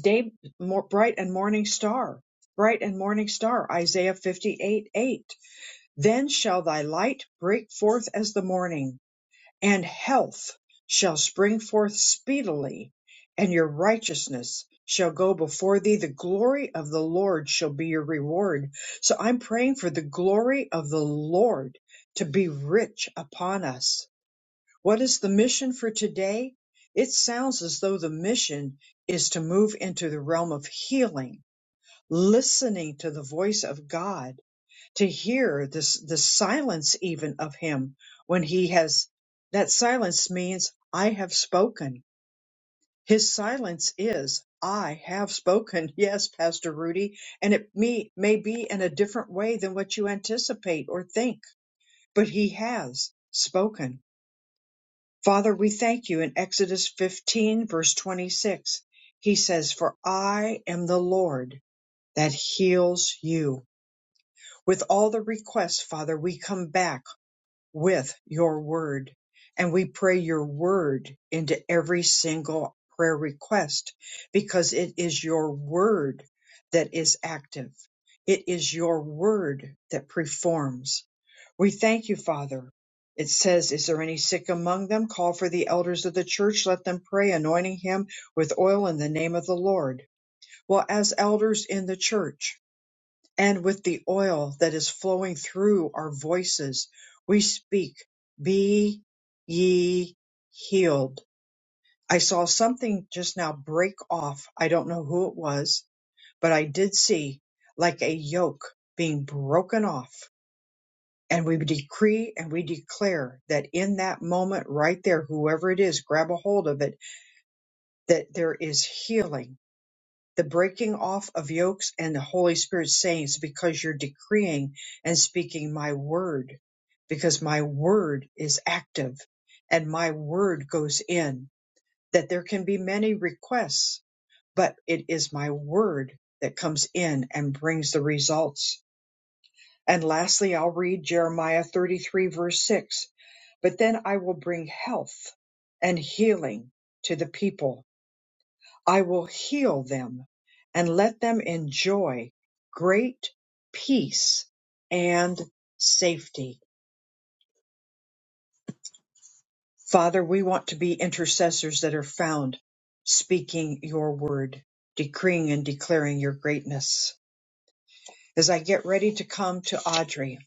day more bright and morning star, bright and morning star, Isaiah 58, 8, then shall thy light break forth as the morning and health shall spring forth speedily, and your righteousness shall go before thee. The glory of the Lord shall be your reward. So I'm praying for the glory of the Lord to be rich upon us. What is the mission for today? It sounds as though the mission is to move into the realm of healing, listening to the voice of God to hear this the silence even of him when he has that silence means I have spoken. His silence is I have spoken. Yes, Pastor Rudy, and it me may be in a different way than what you anticipate or think, but he has spoken. Father, we thank you in Exodus 15 verse 26. He says, "For I am the Lord that heals you." With all the requests, Father, we come back with your word. And we pray your word into every single prayer request because it is your word that is active. It is your word that performs. We thank you, Father. It says, Is there any sick among them? Call for the elders of the church. Let them pray, anointing him with oil in the name of the Lord. Well, as elders in the church, and with the oil that is flowing through our voices, we speak, Be ye healed. I saw something just now break off. I don't know who it was, but I did see like a yoke being broken off. And we decree and we declare that in that moment right there, whoever it is, grab a hold of it, that there is healing the breaking off of yokes and the Holy Spirit sayings because you're decreeing and speaking my word, because my word is active and my word goes in. That there can be many requests, but it is my word that comes in and brings the results. And lastly, I'll read Jeremiah 33, verse 6. But then I will bring health and healing to the people I will heal them and let them enjoy great peace and safety. Father, we want to be intercessors that are found speaking your word, decreeing and declaring your greatness. As I get ready to come to Audrey,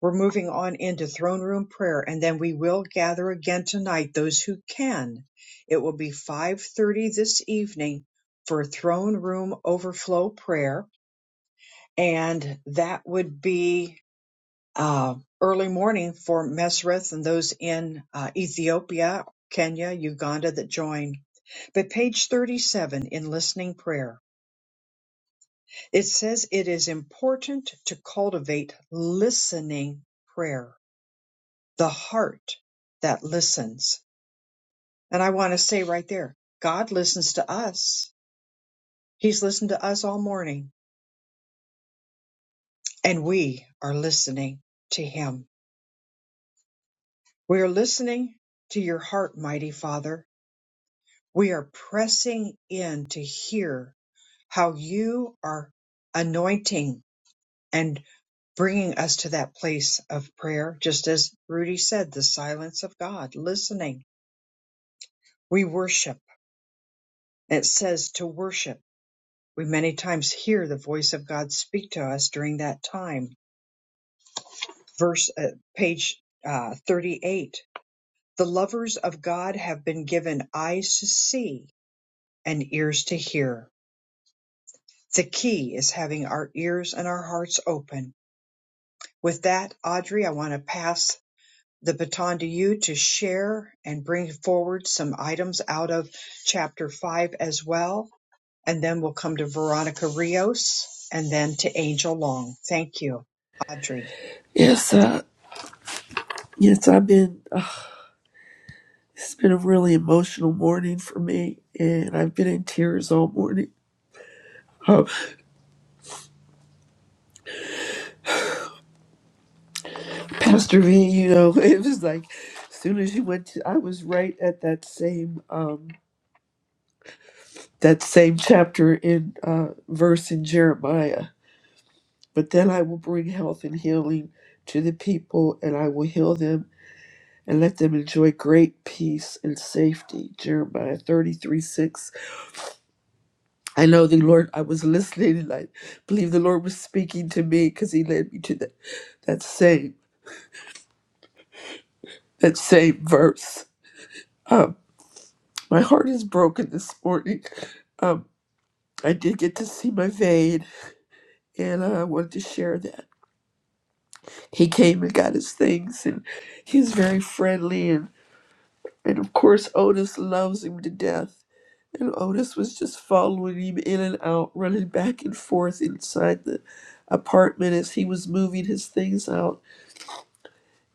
we're moving on into throne room prayer and then we will gather again tonight those who can. It will be 5:30 this evening for throne room overflow prayer and that would be uh, early morning for Mesrith and those in uh, Ethiopia, Kenya, Uganda that join. But page 37 in listening prayer, it says it is important to cultivate listening prayer, the heart that listens. And I want to say right there, God listens to us. He's listened to us all morning and we are listening to him. We are listening to your heart, mighty Father. We are pressing in to hear how you are anointing and bringing us to that place of prayer. Just as Rudy said, the silence of God, listening. We worship. It says to worship. We many times hear the voice of God speak to us during that time. Verse, uh, page uh, 38. The lovers of God have been given eyes to see and ears to hear The key is having our ears and our hearts open. With that, Audrey, I want to pass the baton to you to share and bring forward some items out of chapter five as well. And then we'll come to Veronica Rios and then to Angel Long. Thank you, Audrey. Yes, uh, yes, I've been. Uh, it's been a really emotional morning for me, and I've been in tears all morning. Uh, Pastor V, you know, it was like as soon as you went to, I was right at that same um, that same chapter in uh, verse in Jeremiah. But then I will bring health and healing to the people, and I will heal them and let them enjoy great peace and safety. Jeremiah thirty three six I know the Lord, I was listening and I believe the Lord was speaking to me because he led me to that, that same, that same verse. Um, my heart is broken this morning. Um, I did get to see my vein and I wanted to share that. He came and got his things and he's very friendly and, and of course Otis loves him to death. And Otis was just following him in and out, running back and forth inside the apartment as he was moving his things out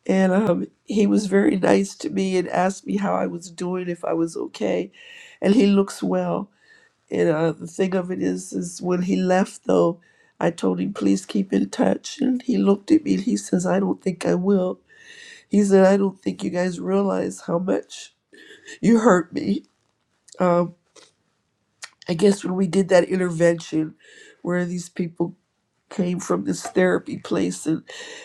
and um, he was very nice to me and asked me how I was doing, if I was okay, and he looks well. And uh, the thing of it is, is when he left though, I told him please keep in touch, and he looked at me and he says, "I don't think I will." He said, "I don't think you guys realize how much you hurt me." Um, I guess when we did that intervention, where these people came from this therapy place and,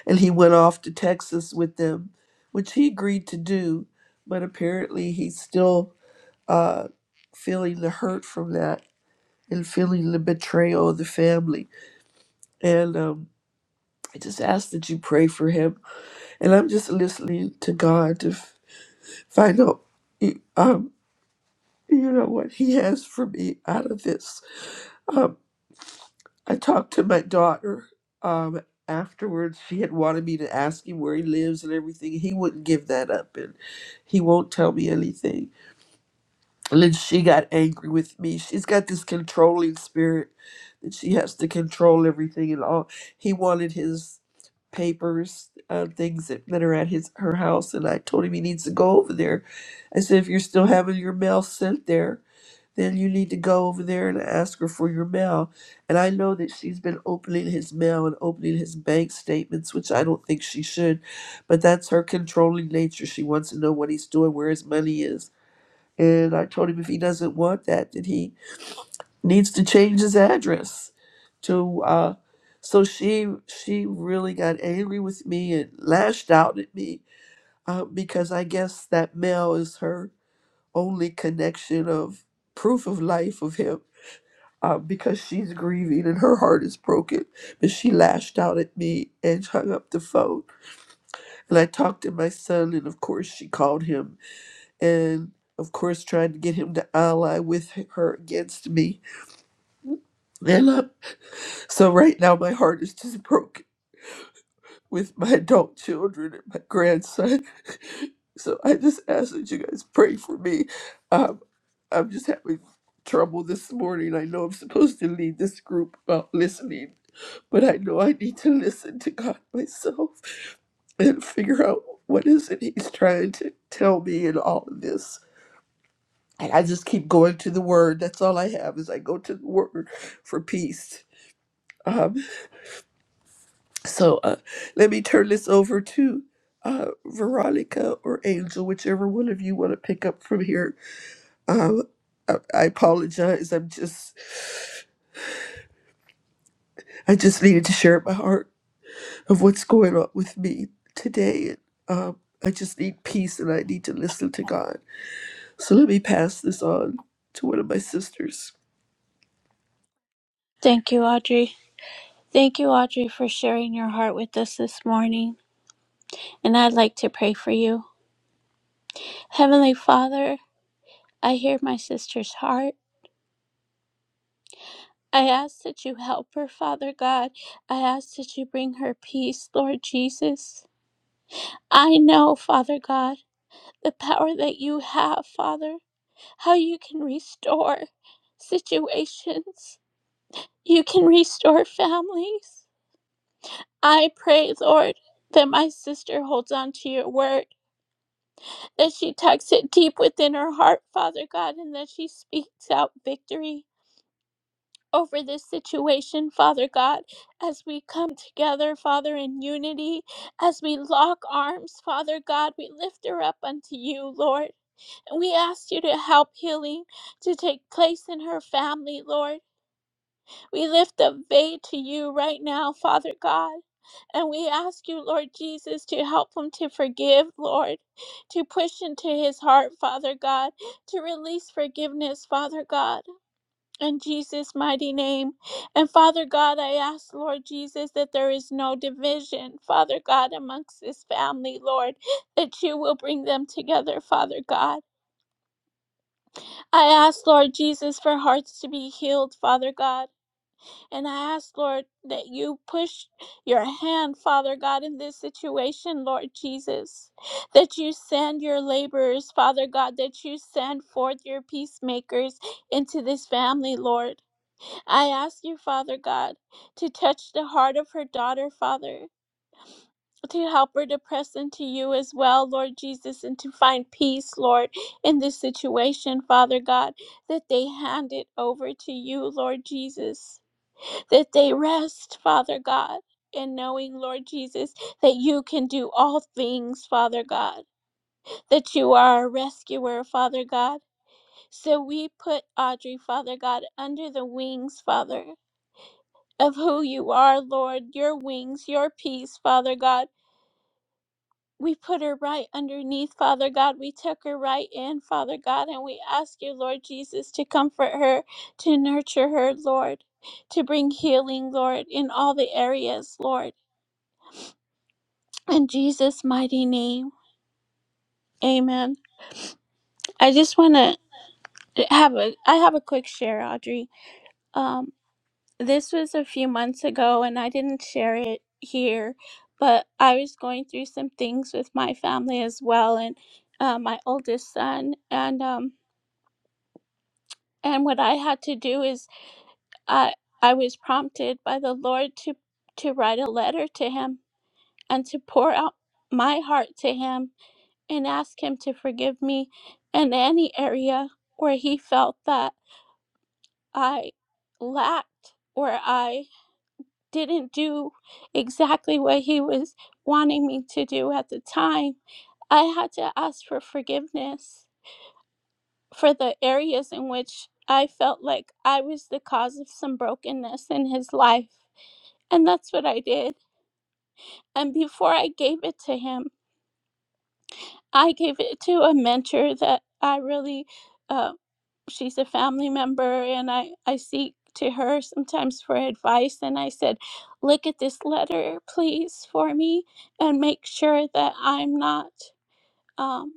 and he went off to Texas with them, which he agreed to do, but apparently he's still uh, feeling the hurt from that and feeling the betrayal of the family. And um, I just ask that you pray for him. And I'm just listening to God to f- find out, y- um, you know, what he has for me out of this. um. I talked to my daughter um, afterwards. She had wanted me to ask him where he lives and everything. He wouldn't give that up, and he won't tell me anything. And then she got angry with me. She's got this controlling spirit that she has to control everything and all. He wanted his papers, uh, things that, that are at his her house, and I told him he needs to go over there. I said, if you're still having your mail sent there, then you need to go over there and ask her for your mail. And I know that she's been opening his mail and opening his bank statements, which I don't think she should, but that's her controlling nature. She wants to know what he's doing, where his money is. And I told him if he doesn't want that, that he needs to change his address to uh so she she really got angry with me and lashed out at me uh, because I guess that mail is her only connection of proof of life of him uh, because she's grieving and her heart is broken. But she lashed out at me and hung up the phone. And I talked to my son, and of course, she called him and, of course, trying to get him to ally with her against me. And uh, so, right now, my heart is just broken with my adult children and my grandson. so, I just ask that you guys pray for me. Um, I'm just having trouble this morning. I know I'm supposed to lead this group about listening But I know I need to listen to God myself and figure out what is it He's trying to tell me in all of this. And I just keep going to the Word. That's all I have is I go to the Word for peace. Um, so uh, let me turn this over to uh, Veronica or Angel, whichever one of you want to pick up from here. Um, I, I apologize. I'm just, I just needed to share my heart. of what's going on with me today. Um, I just need peace and I need to listen to God. So let me pass this on to one of my sisters. Thank you, Audrey. Thank you, Audrey, for sharing your heart with us this morning. And I'd like to pray for you. Heavenly Father, I hear my sister's heart. I ask that you help her, Father God. I ask that you bring her peace, Lord Jesus. I know, Father God, the power that you have, Father, how you can restore situations, you can restore families. I pray, Lord, that my sister holds on to your word, that she tucks it deep within her heart, Father God, and that she speaks out victory over this situation, Father God, as we come together, Father, in unity, as we lock arms, Father God, we lift her up unto you, Lord. And we ask you to help healing to take place in her family, Lord. We lift up Vay to you right now, Father God. And we ask you, Lord Jesus, to help him to forgive, Lord, to push into his heart, Father God, to release forgiveness, Father God in Jesus' mighty name. And Father God, I ask, Lord Jesus, that there is no division, Father God, amongst this family, Lord, that you will bring them together, Father God. I ask, Lord Jesus, for hearts to be healed, Father God. And I ask, Lord, that you push your hand, Father God, in this situation, Lord Jesus. That you send your laborers, Father God, that you send forth your peacemakers into this family, Lord. I ask you, Father God, to touch the heart of her daughter, Father, to help her to press into you as well, Lord Jesus, and to find peace, Lord, in this situation, Father God, that they hand it over to you, Lord Jesus, that they rest, Father God. in knowing, Lord Jesus, that you can do all things, Father God, that you are a rescuer, Father God. So we put Audrey, Father God, under the wings, Father of who you are, Lord, your wings, your peace, Father God. We put her right underneath, Father God. We took her right in, Father God, and we ask you, Lord Jesus, to comfort her, to nurture her, Lord, to bring healing, Lord, in all the areas, Lord. In Jesus' mighty name, amen. I just want to have a, I have a quick share, Audrey. Um. This was a few months ago, and I didn't share it here, but I was going through some things with my family as well, and uh, my oldest son, and um, and what I had to do is I I was prompted by the Lord to to write a letter to him and to pour out my heart to him and ask him to forgive me in any area where he felt that I lacked or I didn't do exactly what he was wanting me to do at the time, I had to ask for forgiveness for the areas in which I felt like I was the cause of some brokenness in his life. And that's what I did. And before I gave it to him, I gave it to a mentor that I really uh, she's a family member and I, I seek to her sometimes for advice and I said, look at this letter please for me and make sure that I'm not um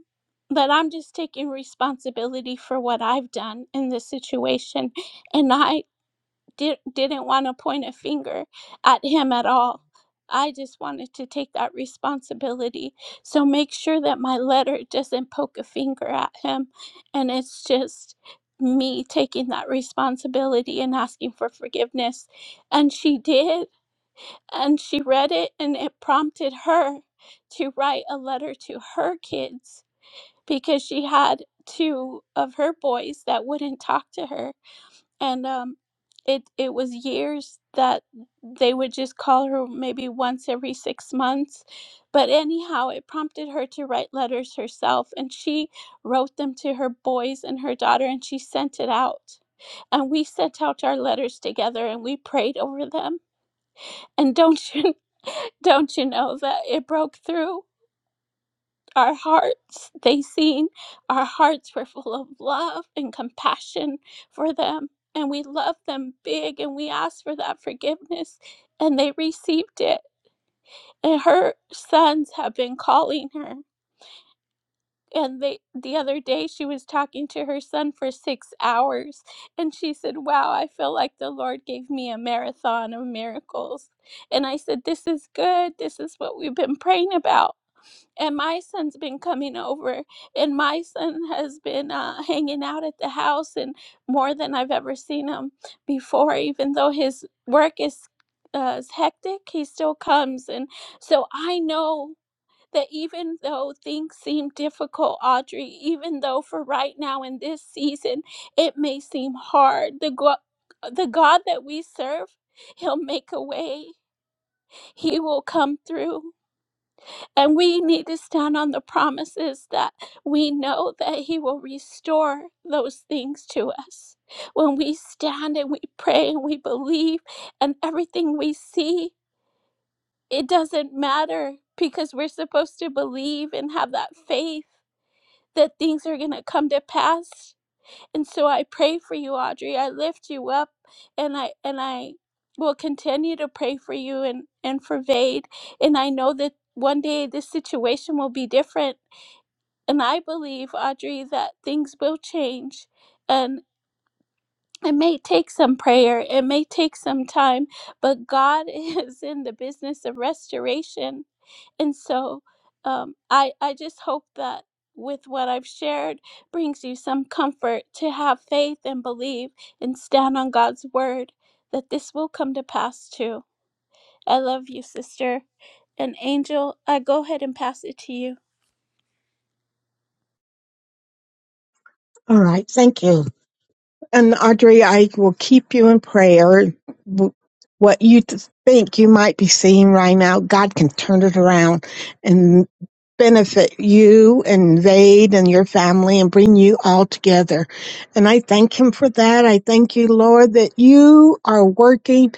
that I'm just taking responsibility for what I've done in this situation. And I did, didn't want to point a finger at him at all. I just wanted to take that responsibility. So make sure that my letter doesn't poke a finger at him. And it's just me taking that responsibility and asking for forgiveness. And she did. And she read it, and it prompted her to write a letter to her kids because she had two of her boys that wouldn't talk to her and um it it was years that they would just call her maybe once every 6 months but anyhow it prompted her to write letters herself and she wrote them to her boys and her daughter and she sent it out and we sent out our letters together and we prayed over them and don't you don't you know that it broke through our hearts. They seen our hearts were full of love and compassion for them. And we loved them big and we asked for that forgiveness and they received it. And her sons have been calling her. And they, the other day, she was talking to her son for six hours. And she said, Wow, I feel like the Lord gave me a marathon of miracles. And I said, This is good. This is what we've been praying about and my son's been coming over and my son has been uh, hanging out at the house and more than i've ever seen him before even though his work is, uh, is hectic he still comes and so i know that even though things seem difficult audrey even though for right now in this season it may seem hard the, go- the god that we serve he'll make a way he will come through and we need to stand on the promises that we know that He will restore those things to us. When we stand and we pray and we believe, and everything we see, it doesn't matter because we're supposed to believe and have that faith that things are going to come to pass. And so I pray for you, Audrey. I lift you up and I and I will continue to pray for you and, and for Vade. And I know that one day this situation will be different. And I believe, Audrey, that things will change. And it may take some prayer, it may take some time, but God is in the business of restoration. And so um, I, I just hope that with what I've shared brings you some comfort to have faith and believe and stand on God's word that this will come to pass too. I love you, sister. And Angel, I go ahead and pass it to you. All right. Thank you. And Audrey, I will keep you in prayer. What you th- think you might be seeing right now, God can turn it around and benefit you and Vade and your family and bring you all together. And I thank Him for that. I thank you, Lord, that you are working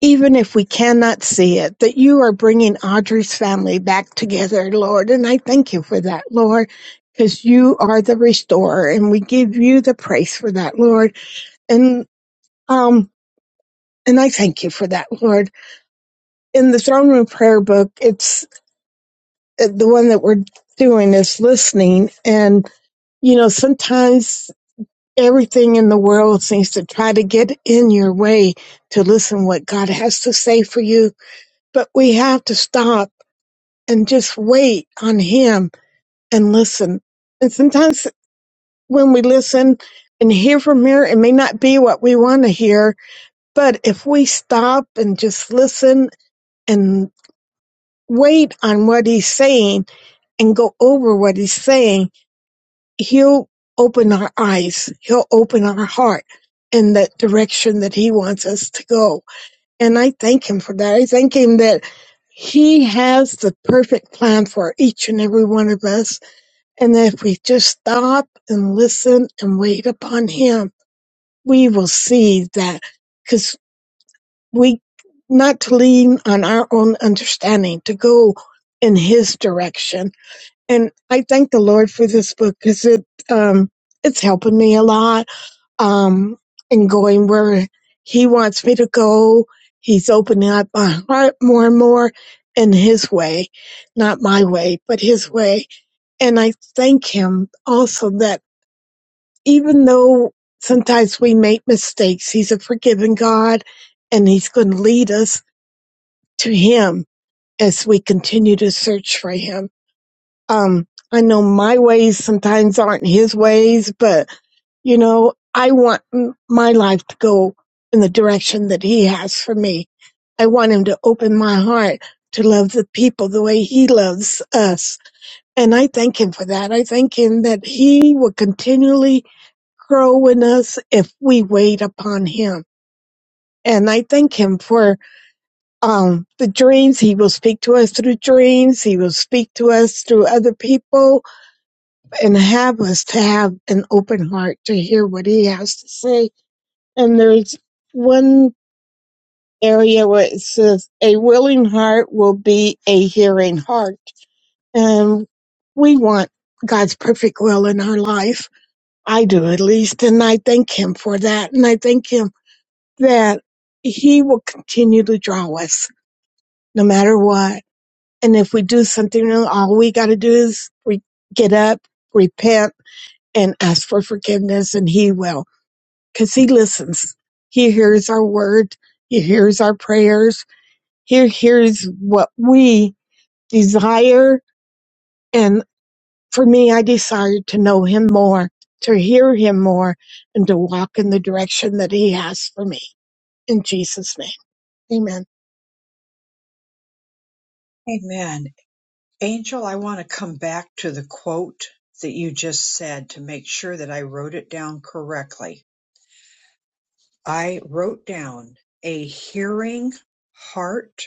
even if we cannot see it, that you are bringing Audrey's family back together, Lord. And I thank you for that, Lord, because you are the restorer and we give you the praise for that, Lord. And, um, and I thank you for that, Lord. In the throne room prayer book, it's uh, the one that we're doing is listening. And, you know, sometimes everything in the world seems to try to get in your way to listen what God has to say for you, but we have to stop and just wait on him and listen. And sometimes when we listen and hear from here, it may not be what we want to hear, but if we stop and just listen and wait on what he's saying and go over what he's saying, he'll open our eyes. He'll open our heart in that direction that he wants us to go. And I thank him for that. I thank him that he has the perfect plan for each and every one of us And if we just stop and listen and wait upon Him, we will see that because we not to lean on our own understanding, to go in His direction. And I thank the Lord for this book because it um, it's helping me a lot um, in going where He wants me to go. He's opening up my heart more and more in His way, not my way, but His way and I thank him also that even though sometimes we make mistakes, He's a forgiving God and He's going to lead us to Him as we continue to search for Him. Um, I know my ways sometimes aren't His ways, but you know, I want m- my life to go in the direction that He has for me. I want Him to open my heart to love the people the way He loves us. And I thank Him for that. I thank Him that He will continually grow in us if we wait upon him. And I thank him for um, the dreams. He will speak to us through dreams. He will speak to us through other people and have us to have an open heart to hear what he has to say. And there's one area where it says, a willing heart will be a hearing heart. And we want God's perfect will in our life. I do at least. And I thank him for that. And I thank him that he will continue to draw us no matter what. And if we do something wrong, all we got to do is re- get up, repent, and ask for forgiveness, and he will because he listens. He hears our word, he hears our prayers, he hears what we desire. And for me, I desire to know him more, to hear him more, and to walk in the direction that he has for me. In Jesus' name, amen. Amen. Angel, I want to come back to the quote that you just said to make sure that I wrote it down correctly. I wrote down a hearing heart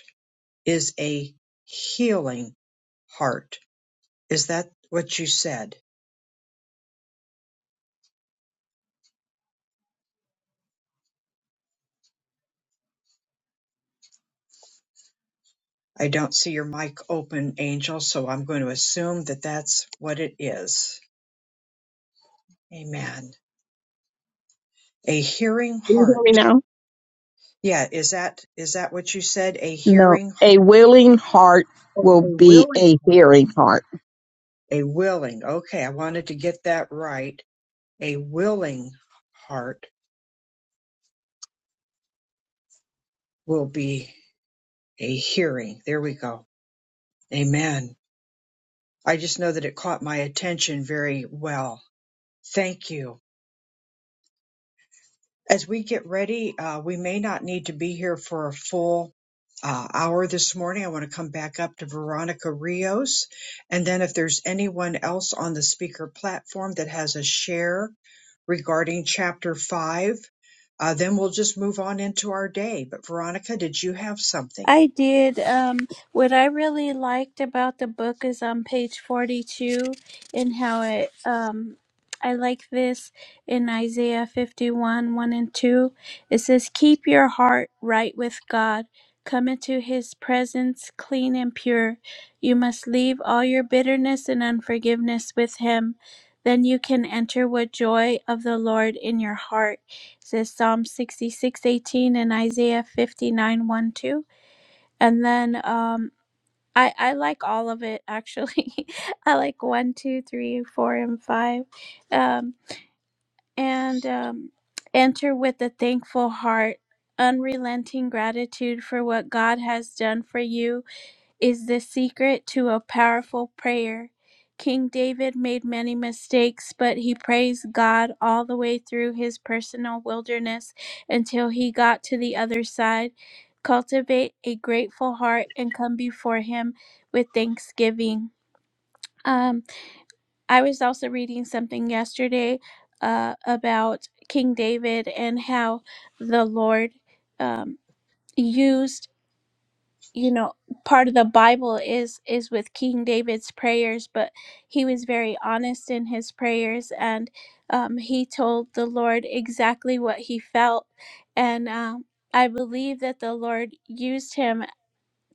is a healing heart. Is that what you said? I don't see your mic open, Angel, so I'm going to assume that that's what it is. Amen. A hearing Can you hear me heart. now? Yeah, is that is that what you said? A No, hearing a willing heart oh, will a be willing a heart. hearing heart. A willing. Okay, I wanted to get that right. A willing heart will be a hearing. There we go. Amen. I just know that it caught my attention very well Thank you. As we get ready, uh, we may not need to be here for a full uh, hour this morning. I want to come back up to Veronica Rios. And then if there's anyone else on the speaker platform that has a share regarding chapter five, uh, then we'll just move on into our day. But Veronica, did you have something? I did. Um, what I really liked about the book is on page 42 and how it, um, I like this in Isaiah 51 1 and 2. It says, Keep your heart right with God. Come into his presence clean and pure. You must leave all your bitterness and unforgiveness with him. Then you can enter with joy of the Lord in your heart. It says Psalm 66 18 and Isaiah fifty-nine one two and then um i i like all of it actually i like one two three four and five um and um enter with a thankful heart unrelenting gratitude for what god has done for you is the secret to a powerful prayer. King David made many mistakes, but he praised God all the way through his personal wilderness until he got to the other side. Cultivate a grateful heart and come before him with thanksgiving. Um, I was also reading something yesterday uh, about King David and how the Lord um, used you know part of the bible is is with king david's prayers but he was very honest in his prayers and um, he told the lord exactly what he felt and um, i believe that the lord used him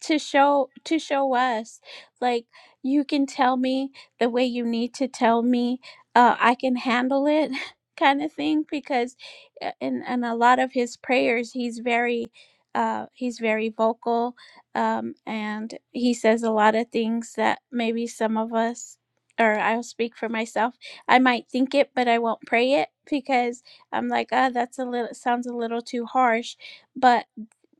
to show to show us like you can tell me the way you need to tell me uh, i can handle it kind of thing because uh, in, in a lot of his prayers he's very uh, he's very vocal um, and he says a lot of things that maybe some of us or i'll speak for myself i might think it but i won't pray it because i'm like ah, that's a little sounds a little too harsh but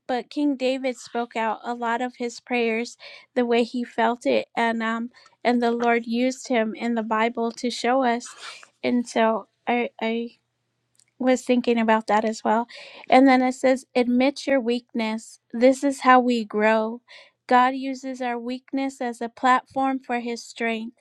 but King David spoke out a lot of his prayers the way he felt it, and um, and the Lord used him in the Bible to show us. And so I I was thinking about that as well. And then it says, admit your weakness. This is how we grow. God uses our weakness as a platform for his strength.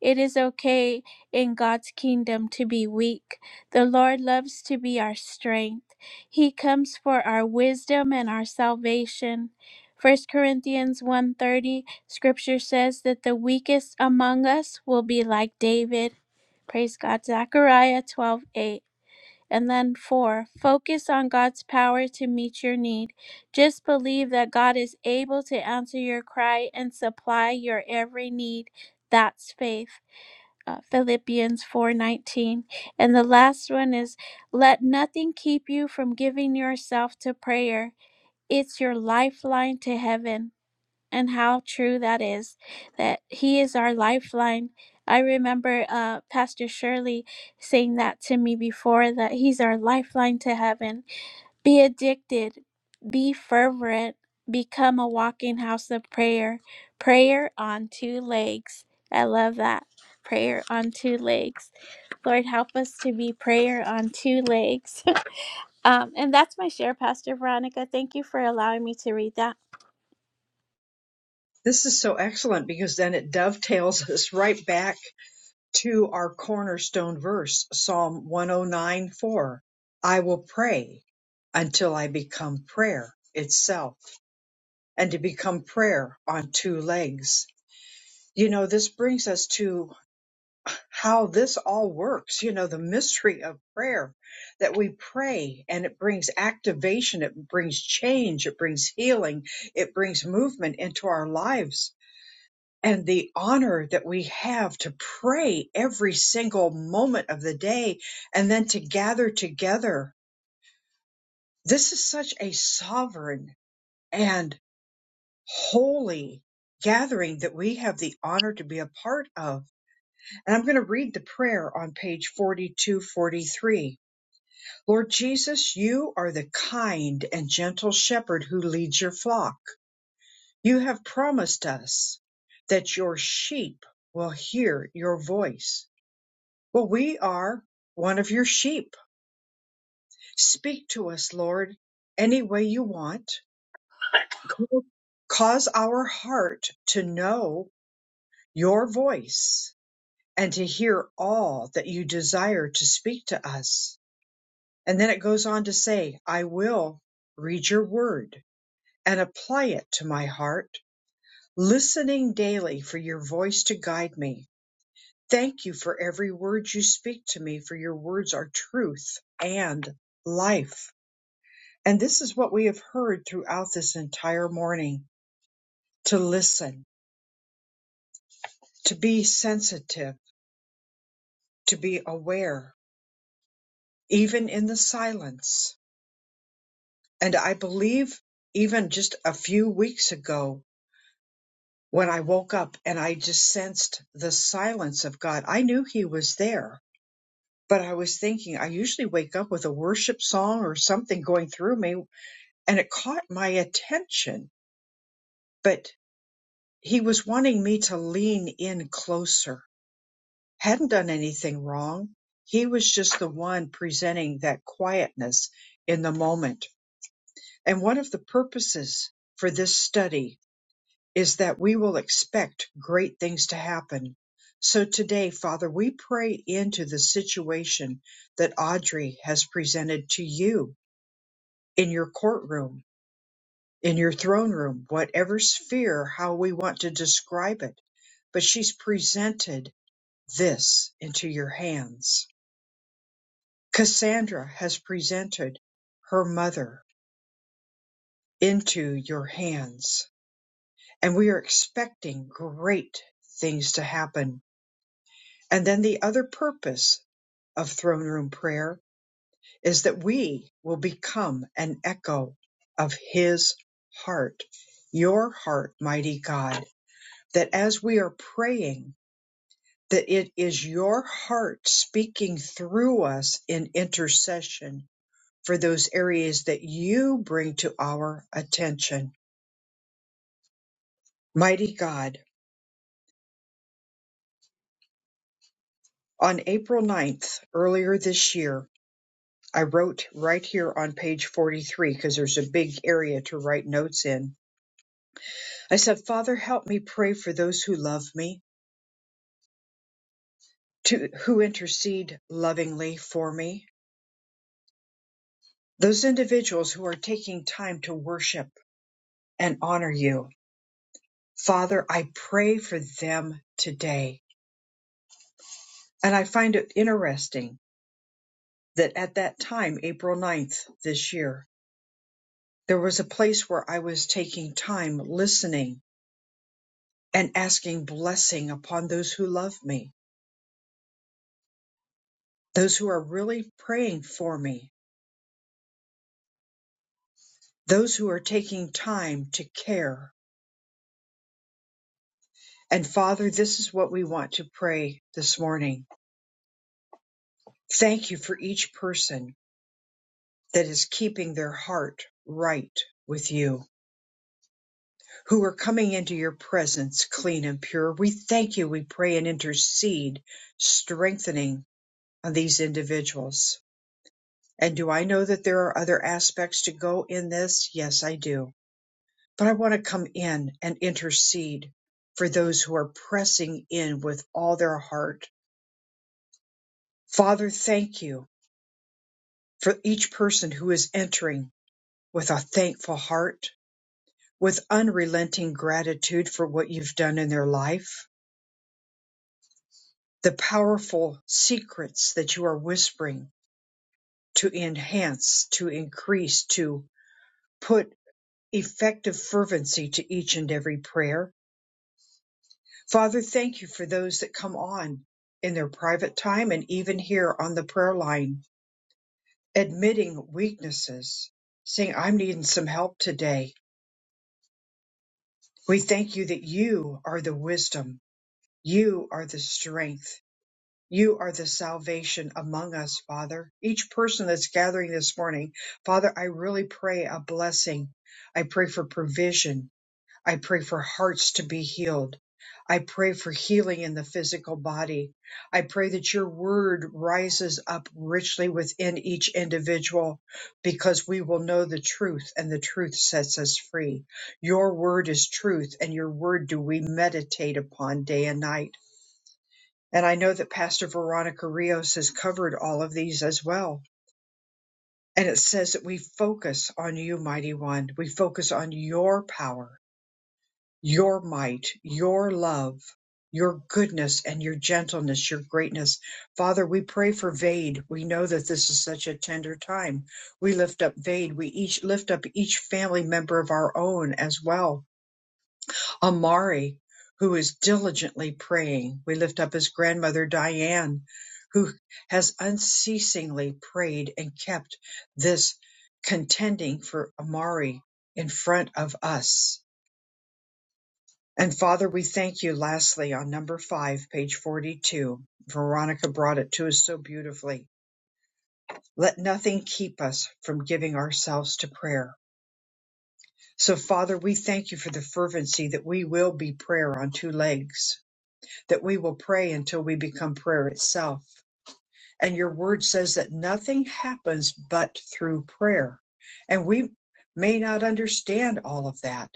It is okay in God's kingdom to be weak. The Lord loves to be our strength. He comes for our wisdom and our salvation. First Corinthians one thirty scripture says that the weakest among us will be like David. Praise God. Zechariah 12:8 and then four, focus on God's power to meet your need. Just believe that God is able to answer your cry and supply your every need. That's faith. Uh, Philippians 4:19. And the last one is let nothing keep you from giving yourself to prayer. It's your lifeline to heaven and how true that is that he is our lifeline i remember uh, pastor shirley saying that to me before that he's our lifeline to heaven be addicted be fervent become a walking house of prayer prayer on two legs i love that prayer on two legs lord help us to be prayer on two legs um, and that's my share pastor veronica thank you for allowing me to read that This is so excellent because then it dovetails us right back to our cornerstone verse, Psalm 109:4, I will pray until I become prayer itself and to become prayer on two legs. You know, this brings us to how this all works, you know, the mystery of prayer that we pray and it brings activation, it brings change, it brings healing, it brings movement into our lives and the honor that we have to pray every single moment of the day and then to gather together. This is such a sovereign and holy gathering that we have the honor to be a part of. And I'm going to read the prayer on page 4243. Lord Jesus, you are the kind and gentle shepherd who leads your flock. You have promised us that your sheep will hear your voice Well, we are one of your sheep. Speak to us, Lord, any way you want. Cause our heart to know your voice and to hear all that you desire to speak to us. And then it goes on to say, I will read your word and apply it to my heart, listening daily for your voice to guide me. Thank you for every word you speak to me, for your words are truth and life. And this is what we have heard throughout this entire morning to listen, to be sensitive, to be aware, even in the silence. And I believe even just a few weeks ago, when I woke up and I just sensed the silence of God, I knew He was there. But I was thinking, I usually wake up with a worship song or something going through me, and it caught my attention. But He was wanting me to lean in closer hadn't done anything wrong. He was just the one presenting that quietness in the moment. And one of the purposes for this study is that we will expect great things to happen. So today, Father, we pray into the situation that Audrey has presented to you in your courtroom, in your throne room, whatever sphere, how we want to describe it. But she's presented this into your hands Cassandra has presented her mother into your hands, and we are expecting great things to happen. And then the other purpose of throne room prayer is that we will become an echo of his heart, your heart, mighty God, that as we are praying, that it is your heart speaking through us in intercession for those areas that you bring to our attention. Mighty God, on April ninth, earlier this year, I wrote right here on page 43 because there's a big area to write notes in. I said, Father, help me pray for those who love me, to, who intercede lovingly for me, those individuals who are taking time to worship and honor you. Father, I pray for them today. And I find it interesting that at that time, April ninth this year, there was a place where I was taking time listening and asking blessing upon those who love me, those who are really praying for me, those who are taking time to care. And Father, this is what we want to pray this morning. Thank you for each person that is keeping their heart right with you, who are coming into your presence clean and pure. We thank you. We pray and intercede, strengthening on these individuals. And do I know that there are other aspects to go in this? Yes, I do. But I want to come in and intercede for those who are pressing in with all their heart. Father, thank you for each person who is entering with a thankful heart, with unrelenting gratitude for what you've done in their life, the powerful secrets that you are whispering to enhance, to increase, to put effective fervency to each and every prayer. Father, thank you for those that come on in their private time and even here on the prayer line, admitting weaknesses, saying, I'm needing some help today. We thank you that you are the wisdom, you are the strength, you are the salvation among us, Father. Each person that's gathering this morning, Father, I really pray a blessing. I pray for provision. I pray for hearts to be healed. I pray for healing in the physical body. I pray that your word rises up richly within each individual because we will know the truth and the truth sets us free. Your word is truth and your word do we meditate upon day and night. And I know that Pastor Veronica Rios has covered all of these as well. And it says that we focus on you, mighty one. We focus on your power your might, your love, your goodness, and your gentleness, your greatness. Father, we pray for Vade. We know that this is such a tender time. We lift up Vade. We each lift up each family member of our own as well. Amari, who is diligently praying. We lift up his grandmother, Diane, who has unceasingly prayed and kept this contending for Amari in front of us. And Father, we thank you lastly on number five, page 42. Veronica brought it to us so beautifully. Let nothing keep us from giving ourselves to prayer. So, Father, we thank you for the fervency that we will be prayer on two legs, that we will pray until we become prayer itself. And your word says that nothing happens but through prayer. And we may not understand all of that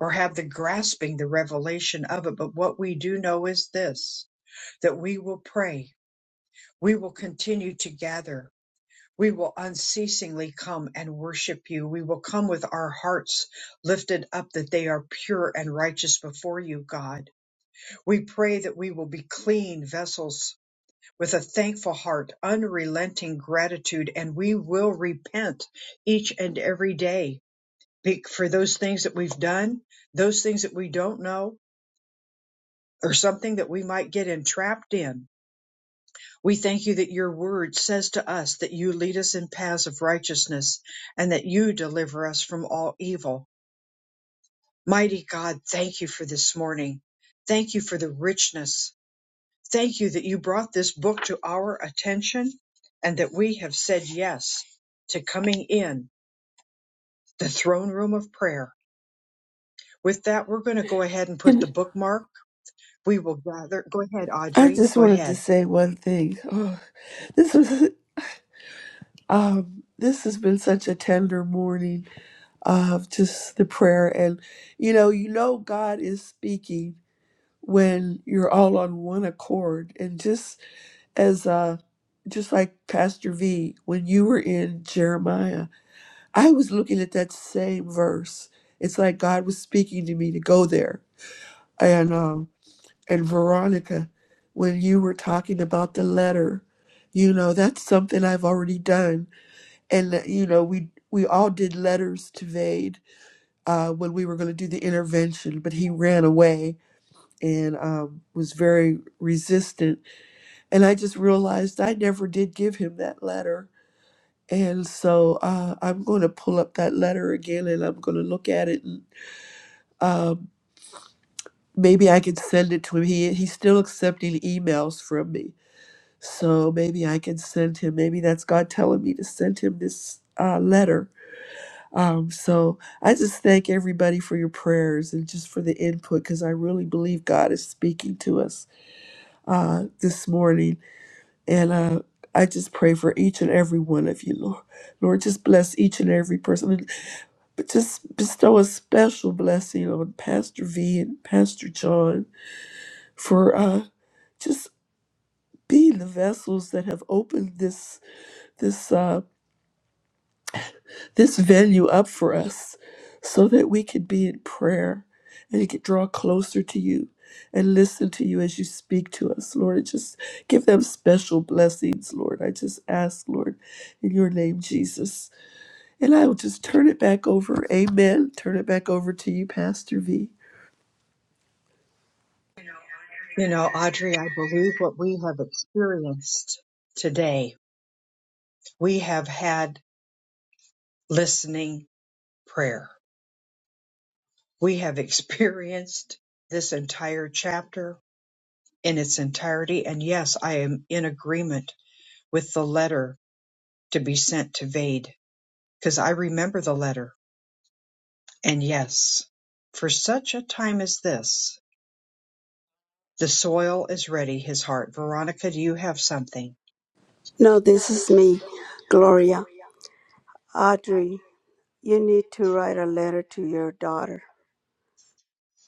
or have the grasping, the revelation of it, but what we do know is this that we will pray. We will continue to gather. We will unceasingly come and worship you. We will come with our hearts lifted up that they are pure and righteous before you, God. We pray that we will be clean vessels with a thankful heart, unrelenting gratitude, and we will repent each and every day be- for those things that we've done, those things that we don't know, or something that we might get entrapped in We thank you that your word says to us that you lead us in paths of righteousness and that you deliver us from all evil. Mighty God, thank you for this morning. Thank you for the richness. Thank you that you brought this book to our attention and that we have said yes to coming in the throne room of prayer. With that, we're going to go ahead and put the And bookmark. We will gather. Go ahead, I Audrey. just Go wanted to ahead. say one thing. Oh, this was um, this has been such a tender morning of just the prayer, and you know, you know, God is speaking when you're all on one accord, and just as uh, just like Pastor V, when you were in Jeremiah I was looking at that same verse. It's like God was speaking to me to go there. And um and Veronica, when you were talking about the letter, you know, that's something I've already done. And that, you know, we we all did letters to Vade uh, when we were going to do the intervention, but he ran away and um, was very resistant. And I just realized I never did give him that letter. And so uh, I'm going to pull up that letter again and I'm going to look at it Um, maybe I can send it to him. He he's still accepting emails from me, so maybe I can send him. Maybe that's God telling me to send him this uh, letter. Um, so I just thank everybody for your prayers and just for the input because I really believe God is speaking to us uh, this morning, and uh, I just pray for each and every one of you, Lord. Lord, just bless each and every person, and- but just bestow a special blessing on Pastor V and Pastor John for. Uh, just be the vessels that have opened this this uh, this venue up for us, so that we could be in prayer and we could draw closer to you and listen to you as you speak to us, Lord. And just give them special blessings, Lord. I just ask, Lord, in your name, Jesus. And I will just turn it back over. Amen. Turn it back over to you, Pastor V. You know, I am a You know, Audrey, I believer. believe what we have experienced today we have had listening prayer. We have experienced this entire chapter in its entirety. And yes, I am in agreement with the letter to be sent to Vade because I remember the letter. And yes, for such a time as this, the soil is ready, his heart. Veronica, do you have something? No, this is me, Gloria. Audrey, you need to write a letter to your daughter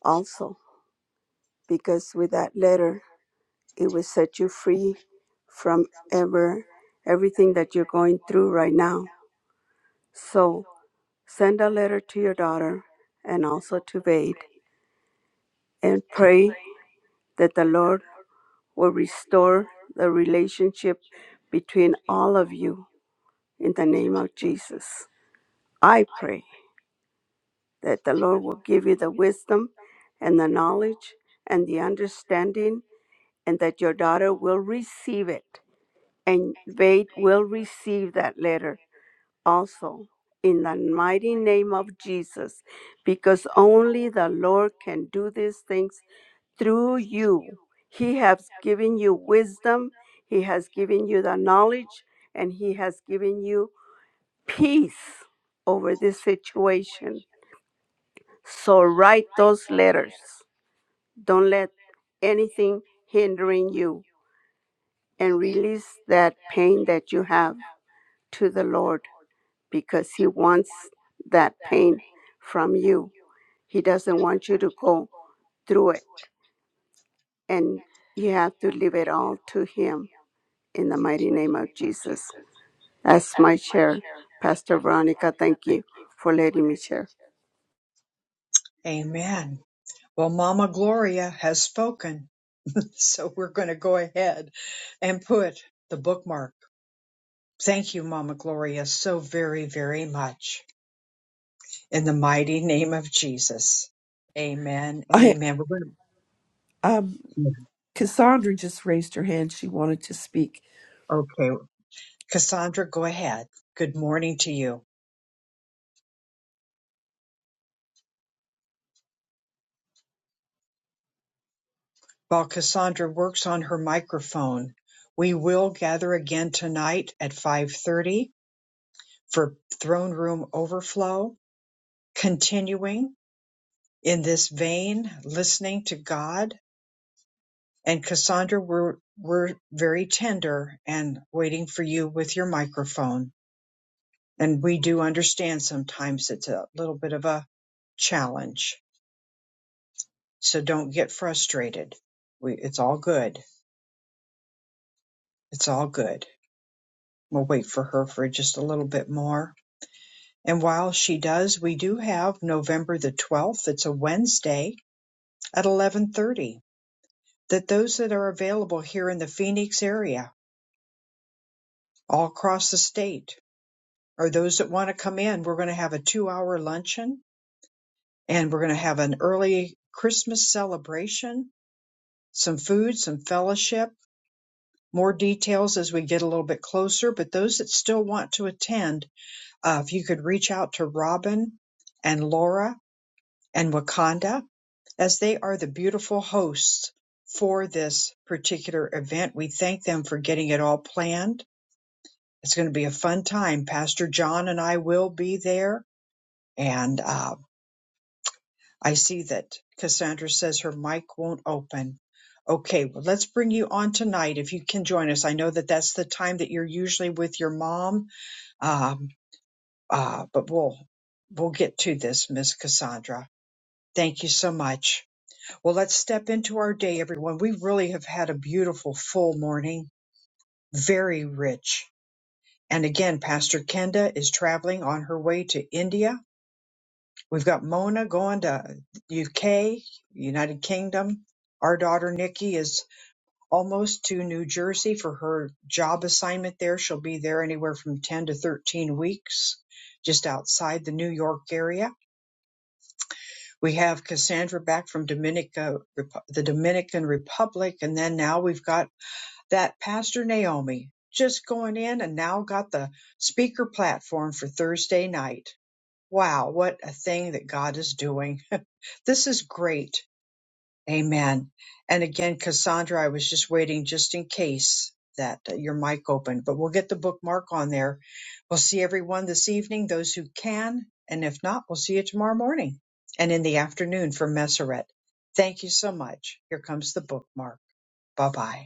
also, because with that letter, it will set you free from ever everything that you're going through right now. So send a letter to your daughter and also to Vade and pray that the Lord will restore the relationship between all of you in the name of Jesus. I pray. that the Lord will give you the wisdom and the knowledge and the understanding, and that your daughter will receive it. And Vade will receive that letter also in the mighty name of Jesus, because only the Lord can do these things through you. He has given you wisdom, He has given you the knowledge, and He has given you peace over this situation so write those letters. Don't let anything hindering you and release that pain that you have to the Lord because He wants that pain from you. He doesn't want you to go through it and you have to leave it all to Him in the mighty name of Jesus. That's my share. Pastor Veronica, thank you for letting me share. Amen. Well, Mama Gloria has spoken. So we're going to go ahead and put the bookmark Thank you, Mama Gloria, so very, very much. In the mighty name of Jesus. Amen and I amen. We're um gonna- Cassandra just raised her hand. She wanted to speak. Okay. Cassandra, go ahead. Good morning to you. While Cassandra works on her microphone, we will gather again tonight at 5:30 for throne room overflow, continuing in this vein, listening to God. And Cassandra, we're we're very tender and waiting for you with your microphone. And we do understand sometimes it's a little bit of a challenge. So don't get frustrated. We, it's all good. It's all good. We'll wait for her for just a little bit more. And while she does, we do have November the 12th. It's a Wednesday at 1130 that those that are available here in the Phoenix area, all across the state, or those that want to come in, we're going to have a two hour luncheon and we're going to have an early Christmas celebration some food, some fellowship, more details as we get a little bit closer. But those that still want to attend, uh, if you could reach out to Robin and Laura and Wakanda, as they are the beautiful hosts for this particular event. We thank them for getting it all planned. It's going to be a fun time. Pastor John and I will be there, and uh, I see that. Cassandra says her mic won't open. Okay, well, let's bring you on tonight if you can join us. I know that that's the time that you're usually with your mom, um, uh, but we'll we'll get to this, Miss Cassandra. Thank you so much. Well, let's step into our day, everyone. We really have had a beautiful full morning, very rich. And again, Pastor Kenda is traveling on her way to India We've got Mona going to UK, United Kingdom. Our daughter Nikki is almost to New Jersey for her job assignment there. She'll be there anywhere from 10 to 13 weeks, just outside the New York area. We have Cassandra back from Dominica, Repu- the Dominican Republic. And then now we've got that Pastor Naomi just going in and now got the speaker platform for Thursday night. Wow, what a thing that God is doing this is great. Amen. And again, Cassandra, I was just waiting just in case that uh, your mic opened, but we'll get the bookmark on there. We'll see everyone this evening, those who can. And if not, we'll see you tomorrow morning and in the afternoon for Messeret. Thank you so much. Here comes the bookmark. Bye bye.